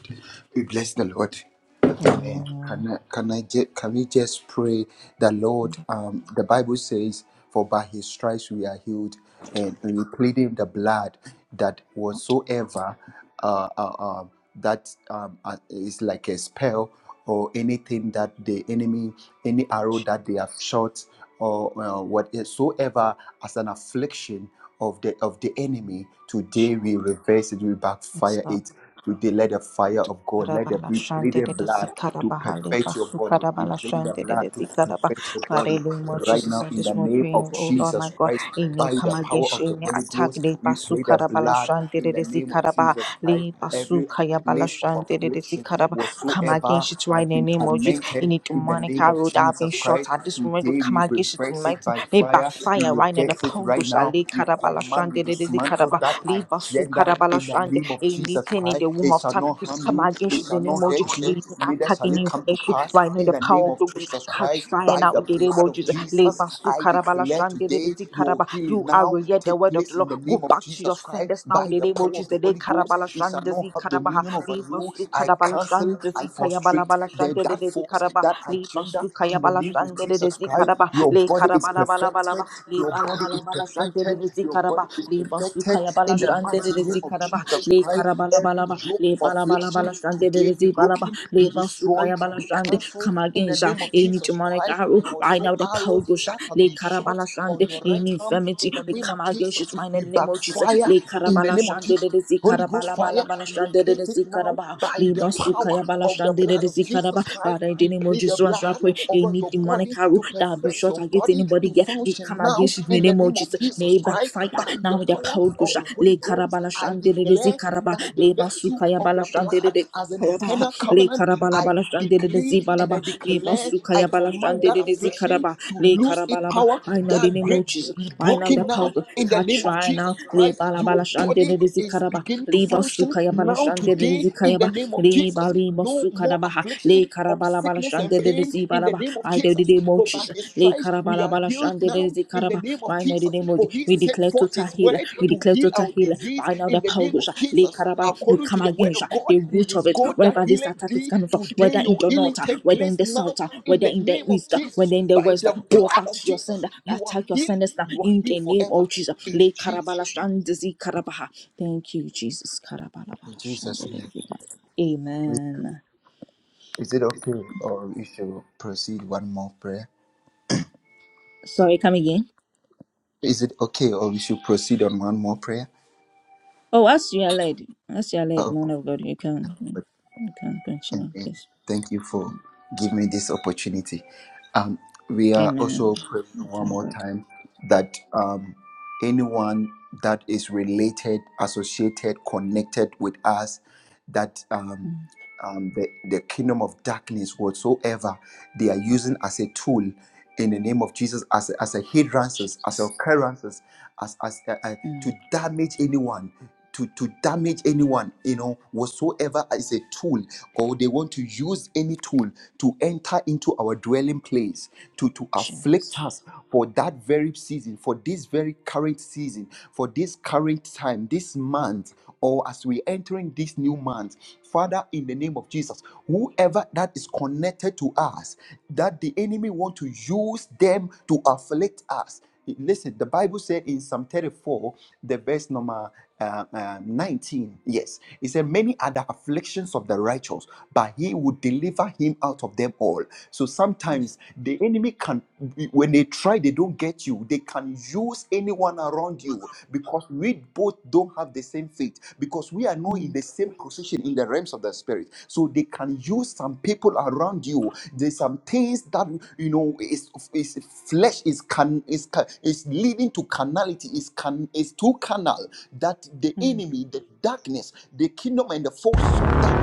[SPEAKER 2] We bless the Lord. Amen.
[SPEAKER 1] Amen.
[SPEAKER 2] Can I can I ju- can we just pray the Lord? Um, the Bible says, "For by His stripes we are healed," and we plead Him the blood that whatsoever uh, uh, um, that um, uh, is like a spell or anything that the enemy, any arrow that they have shot or uh, whatsoever as an affliction of the of the enemy. Today we reverse it, we
[SPEAKER 1] Yes,
[SPEAKER 2] backfire
[SPEAKER 1] Lord.
[SPEAKER 2] it. Today let the fire of God, let the
[SPEAKER 1] Karabala
[SPEAKER 2] be
[SPEAKER 1] shandere
[SPEAKER 2] pleaded
[SPEAKER 1] de
[SPEAKER 2] blood to
[SPEAKER 1] zikarabahale
[SPEAKER 2] perfect your
[SPEAKER 1] basu
[SPEAKER 2] body. We
[SPEAKER 1] karabala
[SPEAKER 2] claim the
[SPEAKER 1] shandere
[SPEAKER 2] blood
[SPEAKER 1] de
[SPEAKER 2] to
[SPEAKER 1] zikaraba.
[SPEAKER 2] perfect your
[SPEAKER 1] Father,
[SPEAKER 2] body
[SPEAKER 1] in the name of
[SPEAKER 2] right
[SPEAKER 1] Jesus,
[SPEAKER 2] now
[SPEAKER 1] at
[SPEAKER 2] in the
[SPEAKER 1] this moment
[SPEAKER 2] name
[SPEAKER 1] praying,
[SPEAKER 2] of
[SPEAKER 1] oh Lord my
[SPEAKER 2] Jesus
[SPEAKER 1] God,
[SPEAKER 2] Christ.
[SPEAKER 1] any
[SPEAKER 2] By
[SPEAKER 1] come
[SPEAKER 2] the power
[SPEAKER 1] against
[SPEAKER 2] of the
[SPEAKER 1] any
[SPEAKER 2] Holy
[SPEAKER 1] attack,
[SPEAKER 2] Ghost,
[SPEAKER 1] le
[SPEAKER 2] we
[SPEAKER 1] basu
[SPEAKER 2] play the
[SPEAKER 1] karabala
[SPEAKER 2] blood in
[SPEAKER 1] shandere
[SPEAKER 2] the
[SPEAKER 1] de
[SPEAKER 2] name of
[SPEAKER 1] zikaraba,
[SPEAKER 2] Jesus Christ.
[SPEAKER 1] le basu
[SPEAKER 2] Every
[SPEAKER 1] kayabala
[SPEAKER 2] place of
[SPEAKER 1] shandere de
[SPEAKER 2] affliction
[SPEAKER 1] zikaraba. Come
[SPEAKER 2] whatsoever
[SPEAKER 1] against it right in
[SPEAKER 2] has
[SPEAKER 1] the
[SPEAKER 2] been
[SPEAKER 1] name of Jesus.
[SPEAKER 2] tormented
[SPEAKER 1] Any
[SPEAKER 2] in the
[SPEAKER 1] demonic
[SPEAKER 2] name of
[SPEAKER 1] arrow that have been
[SPEAKER 2] Jesus
[SPEAKER 1] shot
[SPEAKER 2] Christ.
[SPEAKER 1] at this moment, we
[SPEAKER 2] Today
[SPEAKER 1] come
[SPEAKER 2] we
[SPEAKER 1] against it in
[SPEAKER 2] reverse it
[SPEAKER 1] mighty
[SPEAKER 2] by
[SPEAKER 1] may
[SPEAKER 2] fire. We
[SPEAKER 1] backfire right now. The
[SPEAKER 2] reverse it
[SPEAKER 1] power
[SPEAKER 2] right
[SPEAKER 1] goes,
[SPEAKER 2] now.
[SPEAKER 1] le
[SPEAKER 2] We
[SPEAKER 1] karabala
[SPEAKER 2] command, we
[SPEAKER 1] shandere de
[SPEAKER 2] dismantle
[SPEAKER 1] zikaraba,
[SPEAKER 2] that
[SPEAKER 1] le basu
[SPEAKER 2] agenda in the
[SPEAKER 1] karabala
[SPEAKER 2] name of Jesus
[SPEAKER 1] Anything in
[SPEAKER 2] Christ.
[SPEAKER 1] the womb
[SPEAKER 2] It
[SPEAKER 1] of
[SPEAKER 2] shall
[SPEAKER 1] time,
[SPEAKER 2] not
[SPEAKER 1] we
[SPEAKER 2] harm
[SPEAKER 1] come
[SPEAKER 2] you,
[SPEAKER 1] against
[SPEAKER 2] it
[SPEAKER 1] you
[SPEAKER 2] shall
[SPEAKER 1] in the name
[SPEAKER 2] not
[SPEAKER 1] of
[SPEAKER 2] hurt
[SPEAKER 1] Jesus.
[SPEAKER 2] you,
[SPEAKER 1] Any
[SPEAKER 2] neither
[SPEAKER 1] attack,
[SPEAKER 2] shall
[SPEAKER 1] any
[SPEAKER 2] it come to
[SPEAKER 1] inflation,
[SPEAKER 2] pass.
[SPEAKER 1] right now
[SPEAKER 2] In
[SPEAKER 1] the
[SPEAKER 2] the name
[SPEAKER 1] power of
[SPEAKER 2] of
[SPEAKER 1] the Ghost
[SPEAKER 2] Jesus Christ,
[SPEAKER 1] catch fire
[SPEAKER 2] by
[SPEAKER 1] now
[SPEAKER 2] the
[SPEAKER 1] in the name
[SPEAKER 2] blood
[SPEAKER 1] of
[SPEAKER 2] of
[SPEAKER 1] Jesus.
[SPEAKER 2] Jesus,
[SPEAKER 1] Leba su
[SPEAKER 2] I
[SPEAKER 1] karabala
[SPEAKER 2] declare
[SPEAKER 1] shandere de
[SPEAKER 2] today
[SPEAKER 1] zi
[SPEAKER 2] your
[SPEAKER 1] karaba.
[SPEAKER 2] healing
[SPEAKER 1] You are
[SPEAKER 2] now
[SPEAKER 1] yet the
[SPEAKER 2] take
[SPEAKER 1] word of the
[SPEAKER 2] place in
[SPEAKER 1] Lord.
[SPEAKER 2] the name
[SPEAKER 1] Go
[SPEAKER 2] of
[SPEAKER 1] back to your
[SPEAKER 2] Jesus Christ
[SPEAKER 1] senders now in
[SPEAKER 2] by
[SPEAKER 1] the
[SPEAKER 2] the
[SPEAKER 1] name of
[SPEAKER 2] power of
[SPEAKER 1] Jesus.
[SPEAKER 2] the
[SPEAKER 1] Le
[SPEAKER 2] Holy Ghost.
[SPEAKER 1] karabala
[SPEAKER 2] It shall
[SPEAKER 1] shandere
[SPEAKER 2] not
[SPEAKER 1] zi
[SPEAKER 2] have
[SPEAKER 1] karabaha.
[SPEAKER 2] dominion over
[SPEAKER 1] Leba
[SPEAKER 2] you.
[SPEAKER 1] su
[SPEAKER 2] I
[SPEAKER 1] karabala
[SPEAKER 2] cancel,
[SPEAKER 1] shandere
[SPEAKER 2] I
[SPEAKER 1] zi kayabala
[SPEAKER 2] frustrate
[SPEAKER 1] bala
[SPEAKER 2] the,
[SPEAKER 1] shandere
[SPEAKER 2] that
[SPEAKER 1] de zi
[SPEAKER 2] force,
[SPEAKER 1] karaba.
[SPEAKER 2] that
[SPEAKER 1] Leba
[SPEAKER 2] agenda
[SPEAKER 1] su
[SPEAKER 2] in the
[SPEAKER 1] kayabala
[SPEAKER 2] name of
[SPEAKER 1] shandere de
[SPEAKER 2] Jesus
[SPEAKER 1] zi
[SPEAKER 2] Christ.
[SPEAKER 1] karaba.
[SPEAKER 2] Your
[SPEAKER 1] Le
[SPEAKER 2] body is
[SPEAKER 1] karabala bala bala
[SPEAKER 2] perfected,
[SPEAKER 1] ba. Le
[SPEAKER 2] your
[SPEAKER 1] bala
[SPEAKER 2] body
[SPEAKER 1] bala
[SPEAKER 2] is
[SPEAKER 1] bala shandere
[SPEAKER 2] perfected.
[SPEAKER 1] de zi
[SPEAKER 2] Your
[SPEAKER 1] karaba.
[SPEAKER 2] body is
[SPEAKER 1] Leba su
[SPEAKER 2] perfected
[SPEAKER 1] kayabala
[SPEAKER 2] in the
[SPEAKER 1] shandere de
[SPEAKER 2] mighty name
[SPEAKER 1] zi
[SPEAKER 2] of
[SPEAKER 1] karaba
[SPEAKER 2] Jesus
[SPEAKER 1] le
[SPEAKER 2] Christ.
[SPEAKER 1] karabala
[SPEAKER 2] Every
[SPEAKER 1] balaba le
[SPEAKER 2] yoke of
[SPEAKER 1] bala bala bala
[SPEAKER 2] affliction
[SPEAKER 1] shande de
[SPEAKER 2] today
[SPEAKER 1] de
[SPEAKER 2] be
[SPEAKER 1] zi bala ba
[SPEAKER 2] broken, be
[SPEAKER 1] Leba
[SPEAKER 2] destroyed,
[SPEAKER 1] sukaya
[SPEAKER 2] be
[SPEAKER 1] balasande.
[SPEAKER 2] cancelled
[SPEAKER 1] Come
[SPEAKER 2] in the
[SPEAKER 1] against uh,
[SPEAKER 2] name of
[SPEAKER 1] any
[SPEAKER 2] Jesus
[SPEAKER 1] demonic
[SPEAKER 2] Christ.
[SPEAKER 1] arrow. Right
[SPEAKER 2] Also,
[SPEAKER 1] now, the power
[SPEAKER 2] arrow
[SPEAKER 1] goes. uh,
[SPEAKER 2] that have
[SPEAKER 1] Le
[SPEAKER 2] been shot on
[SPEAKER 1] karabalasande.
[SPEAKER 2] your right
[SPEAKER 1] Any
[SPEAKER 2] hand in
[SPEAKER 1] infirmity.
[SPEAKER 2] the
[SPEAKER 1] We
[SPEAKER 2] name
[SPEAKER 1] come
[SPEAKER 2] of
[SPEAKER 1] against
[SPEAKER 2] Jesus.
[SPEAKER 1] it. My
[SPEAKER 2] We
[SPEAKER 1] name of Jesus.
[SPEAKER 2] backfire
[SPEAKER 1] Le
[SPEAKER 2] in the name of
[SPEAKER 1] karabalasande.
[SPEAKER 2] Jesus.
[SPEAKER 1] De de
[SPEAKER 2] Holy Ghost fire,
[SPEAKER 1] zikarabalabalashande. De de
[SPEAKER 2] locate it now
[SPEAKER 1] zikaraba.
[SPEAKER 2] by the
[SPEAKER 1] Leba
[SPEAKER 2] power
[SPEAKER 1] sukaya
[SPEAKER 2] of the
[SPEAKER 1] balashande. De de
[SPEAKER 2] blood of
[SPEAKER 1] zikaraba.
[SPEAKER 2] Jesus Christ.
[SPEAKER 1] Father, in the
[SPEAKER 2] We
[SPEAKER 1] name of
[SPEAKER 2] plead the
[SPEAKER 1] Jesus, as I
[SPEAKER 2] blood
[SPEAKER 1] pray,
[SPEAKER 2] over
[SPEAKER 1] any
[SPEAKER 2] your
[SPEAKER 1] demonic
[SPEAKER 2] body
[SPEAKER 1] arrow
[SPEAKER 2] to
[SPEAKER 1] that will be
[SPEAKER 2] perfect
[SPEAKER 1] shot
[SPEAKER 2] your
[SPEAKER 1] against
[SPEAKER 2] body
[SPEAKER 1] anybody
[SPEAKER 2] to
[SPEAKER 1] here, we come
[SPEAKER 2] function now
[SPEAKER 1] against it in the
[SPEAKER 2] in the
[SPEAKER 1] name of
[SPEAKER 2] name of
[SPEAKER 1] Jesus. May
[SPEAKER 2] Jesus
[SPEAKER 1] it
[SPEAKER 2] Christ.
[SPEAKER 1] backfire.
[SPEAKER 2] By
[SPEAKER 1] Now,
[SPEAKER 2] the
[SPEAKER 1] with the
[SPEAKER 2] power
[SPEAKER 1] power goes.
[SPEAKER 2] of
[SPEAKER 1] uh,
[SPEAKER 2] the Holy
[SPEAKER 1] Le
[SPEAKER 2] Ghost, I
[SPEAKER 1] karabalasande. De de
[SPEAKER 2] declare
[SPEAKER 1] zikaraba.
[SPEAKER 2] by the
[SPEAKER 1] Leba
[SPEAKER 2] virtue
[SPEAKER 1] sukaya
[SPEAKER 2] of the
[SPEAKER 1] balashande. De
[SPEAKER 2] blood as an
[SPEAKER 1] de
[SPEAKER 2] eternal
[SPEAKER 1] le
[SPEAKER 2] covenant,
[SPEAKER 1] karabala
[SPEAKER 2] I
[SPEAKER 1] bala shande de
[SPEAKER 2] decree
[SPEAKER 1] zi
[SPEAKER 2] and
[SPEAKER 1] balaba
[SPEAKER 2] I
[SPEAKER 1] le
[SPEAKER 2] declare,
[SPEAKER 1] basuka
[SPEAKER 2] I
[SPEAKER 1] ya bala
[SPEAKER 2] command
[SPEAKER 1] shande
[SPEAKER 2] that
[SPEAKER 1] de zi
[SPEAKER 2] affliction to
[SPEAKER 1] le
[SPEAKER 2] lose its
[SPEAKER 1] karabalaba
[SPEAKER 2] power,
[SPEAKER 1] I know the
[SPEAKER 2] that
[SPEAKER 1] name of
[SPEAKER 2] grip
[SPEAKER 1] Jesus
[SPEAKER 2] be
[SPEAKER 1] I know the
[SPEAKER 2] broken now
[SPEAKER 1] power
[SPEAKER 2] in the
[SPEAKER 1] catch
[SPEAKER 2] name of
[SPEAKER 1] right now
[SPEAKER 2] Jesus
[SPEAKER 1] le
[SPEAKER 2] Christ.
[SPEAKER 1] bala bala
[SPEAKER 2] You
[SPEAKER 1] shande
[SPEAKER 2] body
[SPEAKER 1] de
[SPEAKER 2] is
[SPEAKER 1] zikaraba.
[SPEAKER 2] beginning to
[SPEAKER 1] le
[SPEAKER 2] function
[SPEAKER 1] basuka ya bala
[SPEAKER 2] now
[SPEAKER 1] shande de
[SPEAKER 2] today
[SPEAKER 1] zi
[SPEAKER 2] in the
[SPEAKER 1] kayaba
[SPEAKER 2] name of
[SPEAKER 1] le
[SPEAKER 2] Jesus.
[SPEAKER 1] bali
[SPEAKER 2] No
[SPEAKER 1] basuka
[SPEAKER 2] more
[SPEAKER 1] da baha le
[SPEAKER 2] affliction of
[SPEAKER 1] karabala bala
[SPEAKER 2] sickness and
[SPEAKER 1] shande de
[SPEAKER 2] pain
[SPEAKER 1] zi
[SPEAKER 2] in the
[SPEAKER 1] balaba
[SPEAKER 2] name of
[SPEAKER 1] I know the
[SPEAKER 2] Jesus.
[SPEAKER 1] name of
[SPEAKER 2] For by
[SPEAKER 1] Jesus
[SPEAKER 2] his
[SPEAKER 1] le
[SPEAKER 2] stripes we
[SPEAKER 1] karabala
[SPEAKER 2] are
[SPEAKER 1] bala
[SPEAKER 2] healed
[SPEAKER 1] shande de
[SPEAKER 2] now
[SPEAKER 1] zikaraba.
[SPEAKER 2] in the name of
[SPEAKER 1] Right now, in the
[SPEAKER 2] Jesus.
[SPEAKER 1] name of
[SPEAKER 2] For
[SPEAKER 1] Jesus,
[SPEAKER 2] he
[SPEAKER 1] we
[SPEAKER 2] sent
[SPEAKER 1] declare
[SPEAKER 2] forth
[SPEAKER 1] total
[SPEAKER 2] his
[SPEAKER 1] healing.
[SPEAKER 2] word
[SPEAKER 1] We
[SPEAKER 2] to
[SPEAKER 1] declare
[SPEAKER 2] heal
[SPEAKER 1] total
[SPEAKER 2] our
[SPEAKER 1] healing.
[SPEAKER 2] disease
[SPEAKER 1] Right now, the
[SPEAKER 2] in the
[SPEAKER 1] power of
[SPEAKER 2] name
[SPEAKER 1] God,
[SPEAKER 2] of
[SPEAKER 1] lay
[SPEAKER 2] Jesus.
[SPEAKER 1] Karaba, we
[SPEAKER 2] According to
[SPEAKER 1] come
[SPEAKER 2] the word
[SPEAKER 1] against
[SPEAKER 2] of
[SPEAKER 1] uh,
[SPEAKER 2] God,
[SPEAKER 1] the
[SPEAKER 2] he
[SPEAKER 1] root of
[SPEAKER 2] is
[SPEAKER 1] it,
[SPEAKER 2] God that
[SPEAKER 1] wherever this
[SPEAKER 2] healeth
[SPEAKER 1] attack is
[SPEAKER 2] thee.
[SPEAKER 1] coming from,
[SPEAKER 2] Today
[SPEAKER 1] whether in
[SPEAKER 2] your
[SPEAKER 1] the
[SPEAKER 2] healing
[SPEAKER 1] north, uh,
[SPEAKER 2] take
[SPEAKER 1] whether in
[SPEAKER 2] place
[SPEAKER 1] the
[SPEAKER 2] now
[SPEAKER 1] south, uh,
[SPEAKER 2] in
[SPEAKER 1] whether
[SPEAKER 2] the
[SPEAKER 1] in the
[SPEAKER 2] name of
[SPEAKER 1] east, uh,
[SPEAKER 2] Jesus.
[SPEAKER 1] whether in the
[SPEAKER 2] By
[SPEAKER 1] west. uh,
[SPEAKER 2] the
[SPEAKER 1] Go
[SPEAKER 2] blood
[SPEAKER 1] back
[SPEAKER 2] of
[SPEAKER 1] to your
[SPEAKER 2] Jesus,
[SPEAKER 1] sender,
[SPEAKER 2] you are
[SPEAKER 1] attack your
[SPEAKER 2] healed.
[SPEAKER 1] senders now
[SPEAKER 2] You are
[SPEAKER 1] in
[SPEAKER 2] healed
[SPEAKER 1] the name
[SPEAKER 2] forever
[SPEAKER 1] of Jesus.
[SPEAKER 2] in
[SPEAKER 1] Lay
[SPEAKER 2] Jesus.
[SPEAKER 1] Karabala Shandizi Karabaha. Thank you, Jesus. Karabala
[SPEAKER 2] In
[SPEAKER 1] Bala
[SPEAKER 2] Jesus'
[SPEAKER 1] Shandidi.
[SPEAKER 2] name. We-
[SPEAKER 1] Amen.
[SPEAKER 2] Is it okay or we should proceed one more prayer?
[SPEAKER 1] Sorry, come again.
[SPEAKER 2] Is it okay or we should proceed on one more prayer?
[SPEAKER 1] Oh, as you are led, as you are led,
[SPEAKER 2] Oh,
[SPEAKER 1] man of God, you can,
[SPEAKER 2] but-
[SPEAKER 1] you can continue,
[SPEAKER 2] amen.
[SPEAKER 1] please.
[SPEAKER 2] Thank you for giving me this opportunity. Um, we are also
[SPEAKER 1] Amen. I
[SPEAKER 2] praying one
[SPEAKER 1] Thank
[SPEAKER 2] more
[SPEAKER 1] God.
[SPEAKER 2] time that um, anyone that is related, associated, connected with us, that um,
[SPEAKER 1] Mm,
[SPEAKER 2] um, the, the kingdom of darkness whatsoever they are using as a tool in the name of Jesus as a, as a hindrances, as a
[SPEAKER 1] Jesus.
[SPEAKER 2] occurrences, as, as uh, uh, to
[SPEAKER 1] Mm,
[SPEAKER 2] damage anyone. To, to damage anyone, you know, whatsoever is a tool, or they want to use any tool to enter into our dwelling place, to, to
[SPEAKER 1] Jesus.
[SPEAKER 2] afflict us for that very season, for this very current season, for this current time, this month or as we entering this new month, Father, in the name of Jesus, whoever that is connected to us, that the enemy want to use them to afflict us. Listen, the Bible said in Psalm 34, the verse number uh, uh, 19, yes, it said, Many are the afflictions of the righteous, but he would deliver him out of them all. So sometimes the enemy can, when. When they try, they don't get you. They can use anyone around you because we both don't have the same faith, because we are not in the same position in the realms of the spirit. So they can use some people around you. There's some things that you know is is flesh is can is ca- is leading to carnality, is can is too carnal that the
[SPEAKER 1] Mm,
[SPEAKER 2] enemy, the darkness, the kingdom, and the forces of darkness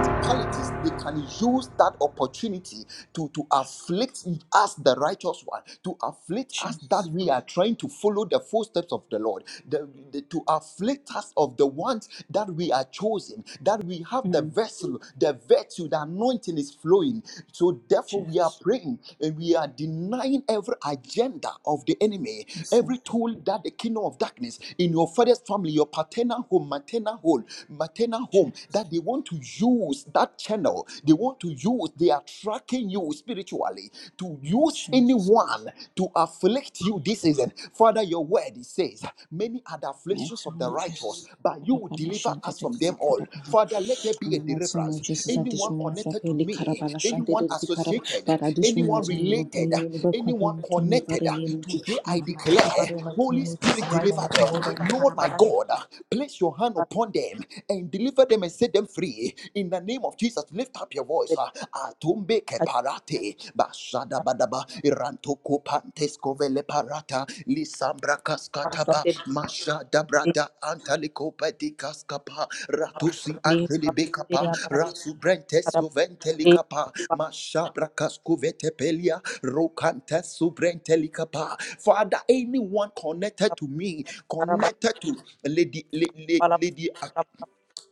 [SPEAKER 2] principalities they can use that opportunity to to afflict us the righteous one to afflict us that
[SPEAKER 1] Jesus.
[SPEAKER 2] we are trying to follow the footsteps of the lord the- the- to afflict us of the ones that we are chosen that we have the
[SPEAKER 1] Mm,
[SPEAKER 2] vessel the virtue the anointing is flowing so therefore we are
[SPEAKER 1] Jesus.
[SPEAKER 2] praying and we are denying every agenda of the enemy
[SPEAKER 1] Yes, Lord.
[SPEAKER 2] every tool that the kingdom of darkness in your father's family your paternal home maternal home maternal home
[SPEAKER 1] Jesus.
[SPEAKER 2] that they want to use that channel. They want to use, they are tracking you spiritually to use
[SPEAKER 1] Jesus.
[SPEAKER 2] anyone to afflict you this season. Father, your word it says, Many are the afflictions
[SPEAKER 1] Yes,
[SPEAKER 2] of the
[SPEAKER 1] Lord
[SPEAKER 2] righteous,
[SPEAKER 1] Jesus.
[SPEAKER 2] but you will
[SPEAKER 1] Kadabala
[SPEAKER 2] deliver
[SPEAKER 1] shante
[SPEAKER 2] us
[SPEAKER 1] de
[SPEAKER 2] from
[SPEAKER 1] dizi
[SPEAKER 2] them all.
[SPEAKER 1] kadabaha.
[SPEAKER 2] Father, let there
[SPEAKER 1] In
[SPEAKER 2] be a
[SPEAKER 1] the mighty name of
[SPEAKER 2] deliverance.
[SPEAKER 1] Jesus, at this
[SPEAKER 2] Anyone
[SPEAKER 1] moment, so I
[SPEAKER 2] connected
[SPEAKER 1] pray,
[SPEAKER 2] to me,
[SPEAKER 1] Likarabala shante
[SPEAKER 2] anyone
[SPEAKER 1] de dizi kadaba.
[SPEAKER 2] associated,
[SPEAKER 1] Father, at this
[SPEAKER 2] anyone
[SPEAKER 1] moment, I will pray,
[SPEAKER 2] related,
[SPEAKER 1] Lord,
[SPEAKER 2] anyone
[SPEAKER 1] continue to me, Father,
[SPEAKER 2] connected,
[SPEAKER 1] in the name of Jesus.
[SPEAKER 2] today
[SPEAKER 1] In
[SPEAKER 2] I
[SPEAKER 1] my mighty name,
[SPEAKER 2] declare,
[SPEAKER 1] Father, in the
[SPEAKER 2] Holy
[SPEAKER 1] name of Jesus,
[SPEAKER 2] Spirit,
[SPEAKER 1] right in
[SPEAKER 2] deliver
[SPEAKER 1] the
[SPEAKER 2] them.
[SPEAKER 1] power of
[SPEAKER 2] Lord, my
[SPEAKER 1] the
[SPEAKER 2] God, place your hand upon them and deliver deliver them and set them free. In the name of Jesus, lift up your voice. ah. Atumbe keparate, bashadabadaba, irantoko pantes kovele parata, lisambra
[SPEAKER 1] Karabala
[SPEAKER 2] kaskataba,
[SPEAKER 1] shante
[SPEAKER 2] mashadabrada antaliko pedikaskapa, ratusi
[SPEAKER 1] de dizi
[SPEAKER 2] antelibekapa, rasubrentes
[SPEAKER 1] kadaba.
[SPEAKER 2] koventelikapa, mashabra kaskuvetepelia, rokantes subrentelikapa. Father, anyone connected to me,
[SPEAKER 1] Anybody
[SPEAKER 2] connected to Lady, Lady,
[SPEAKER 1] who have
[SPEAKER 2] Lady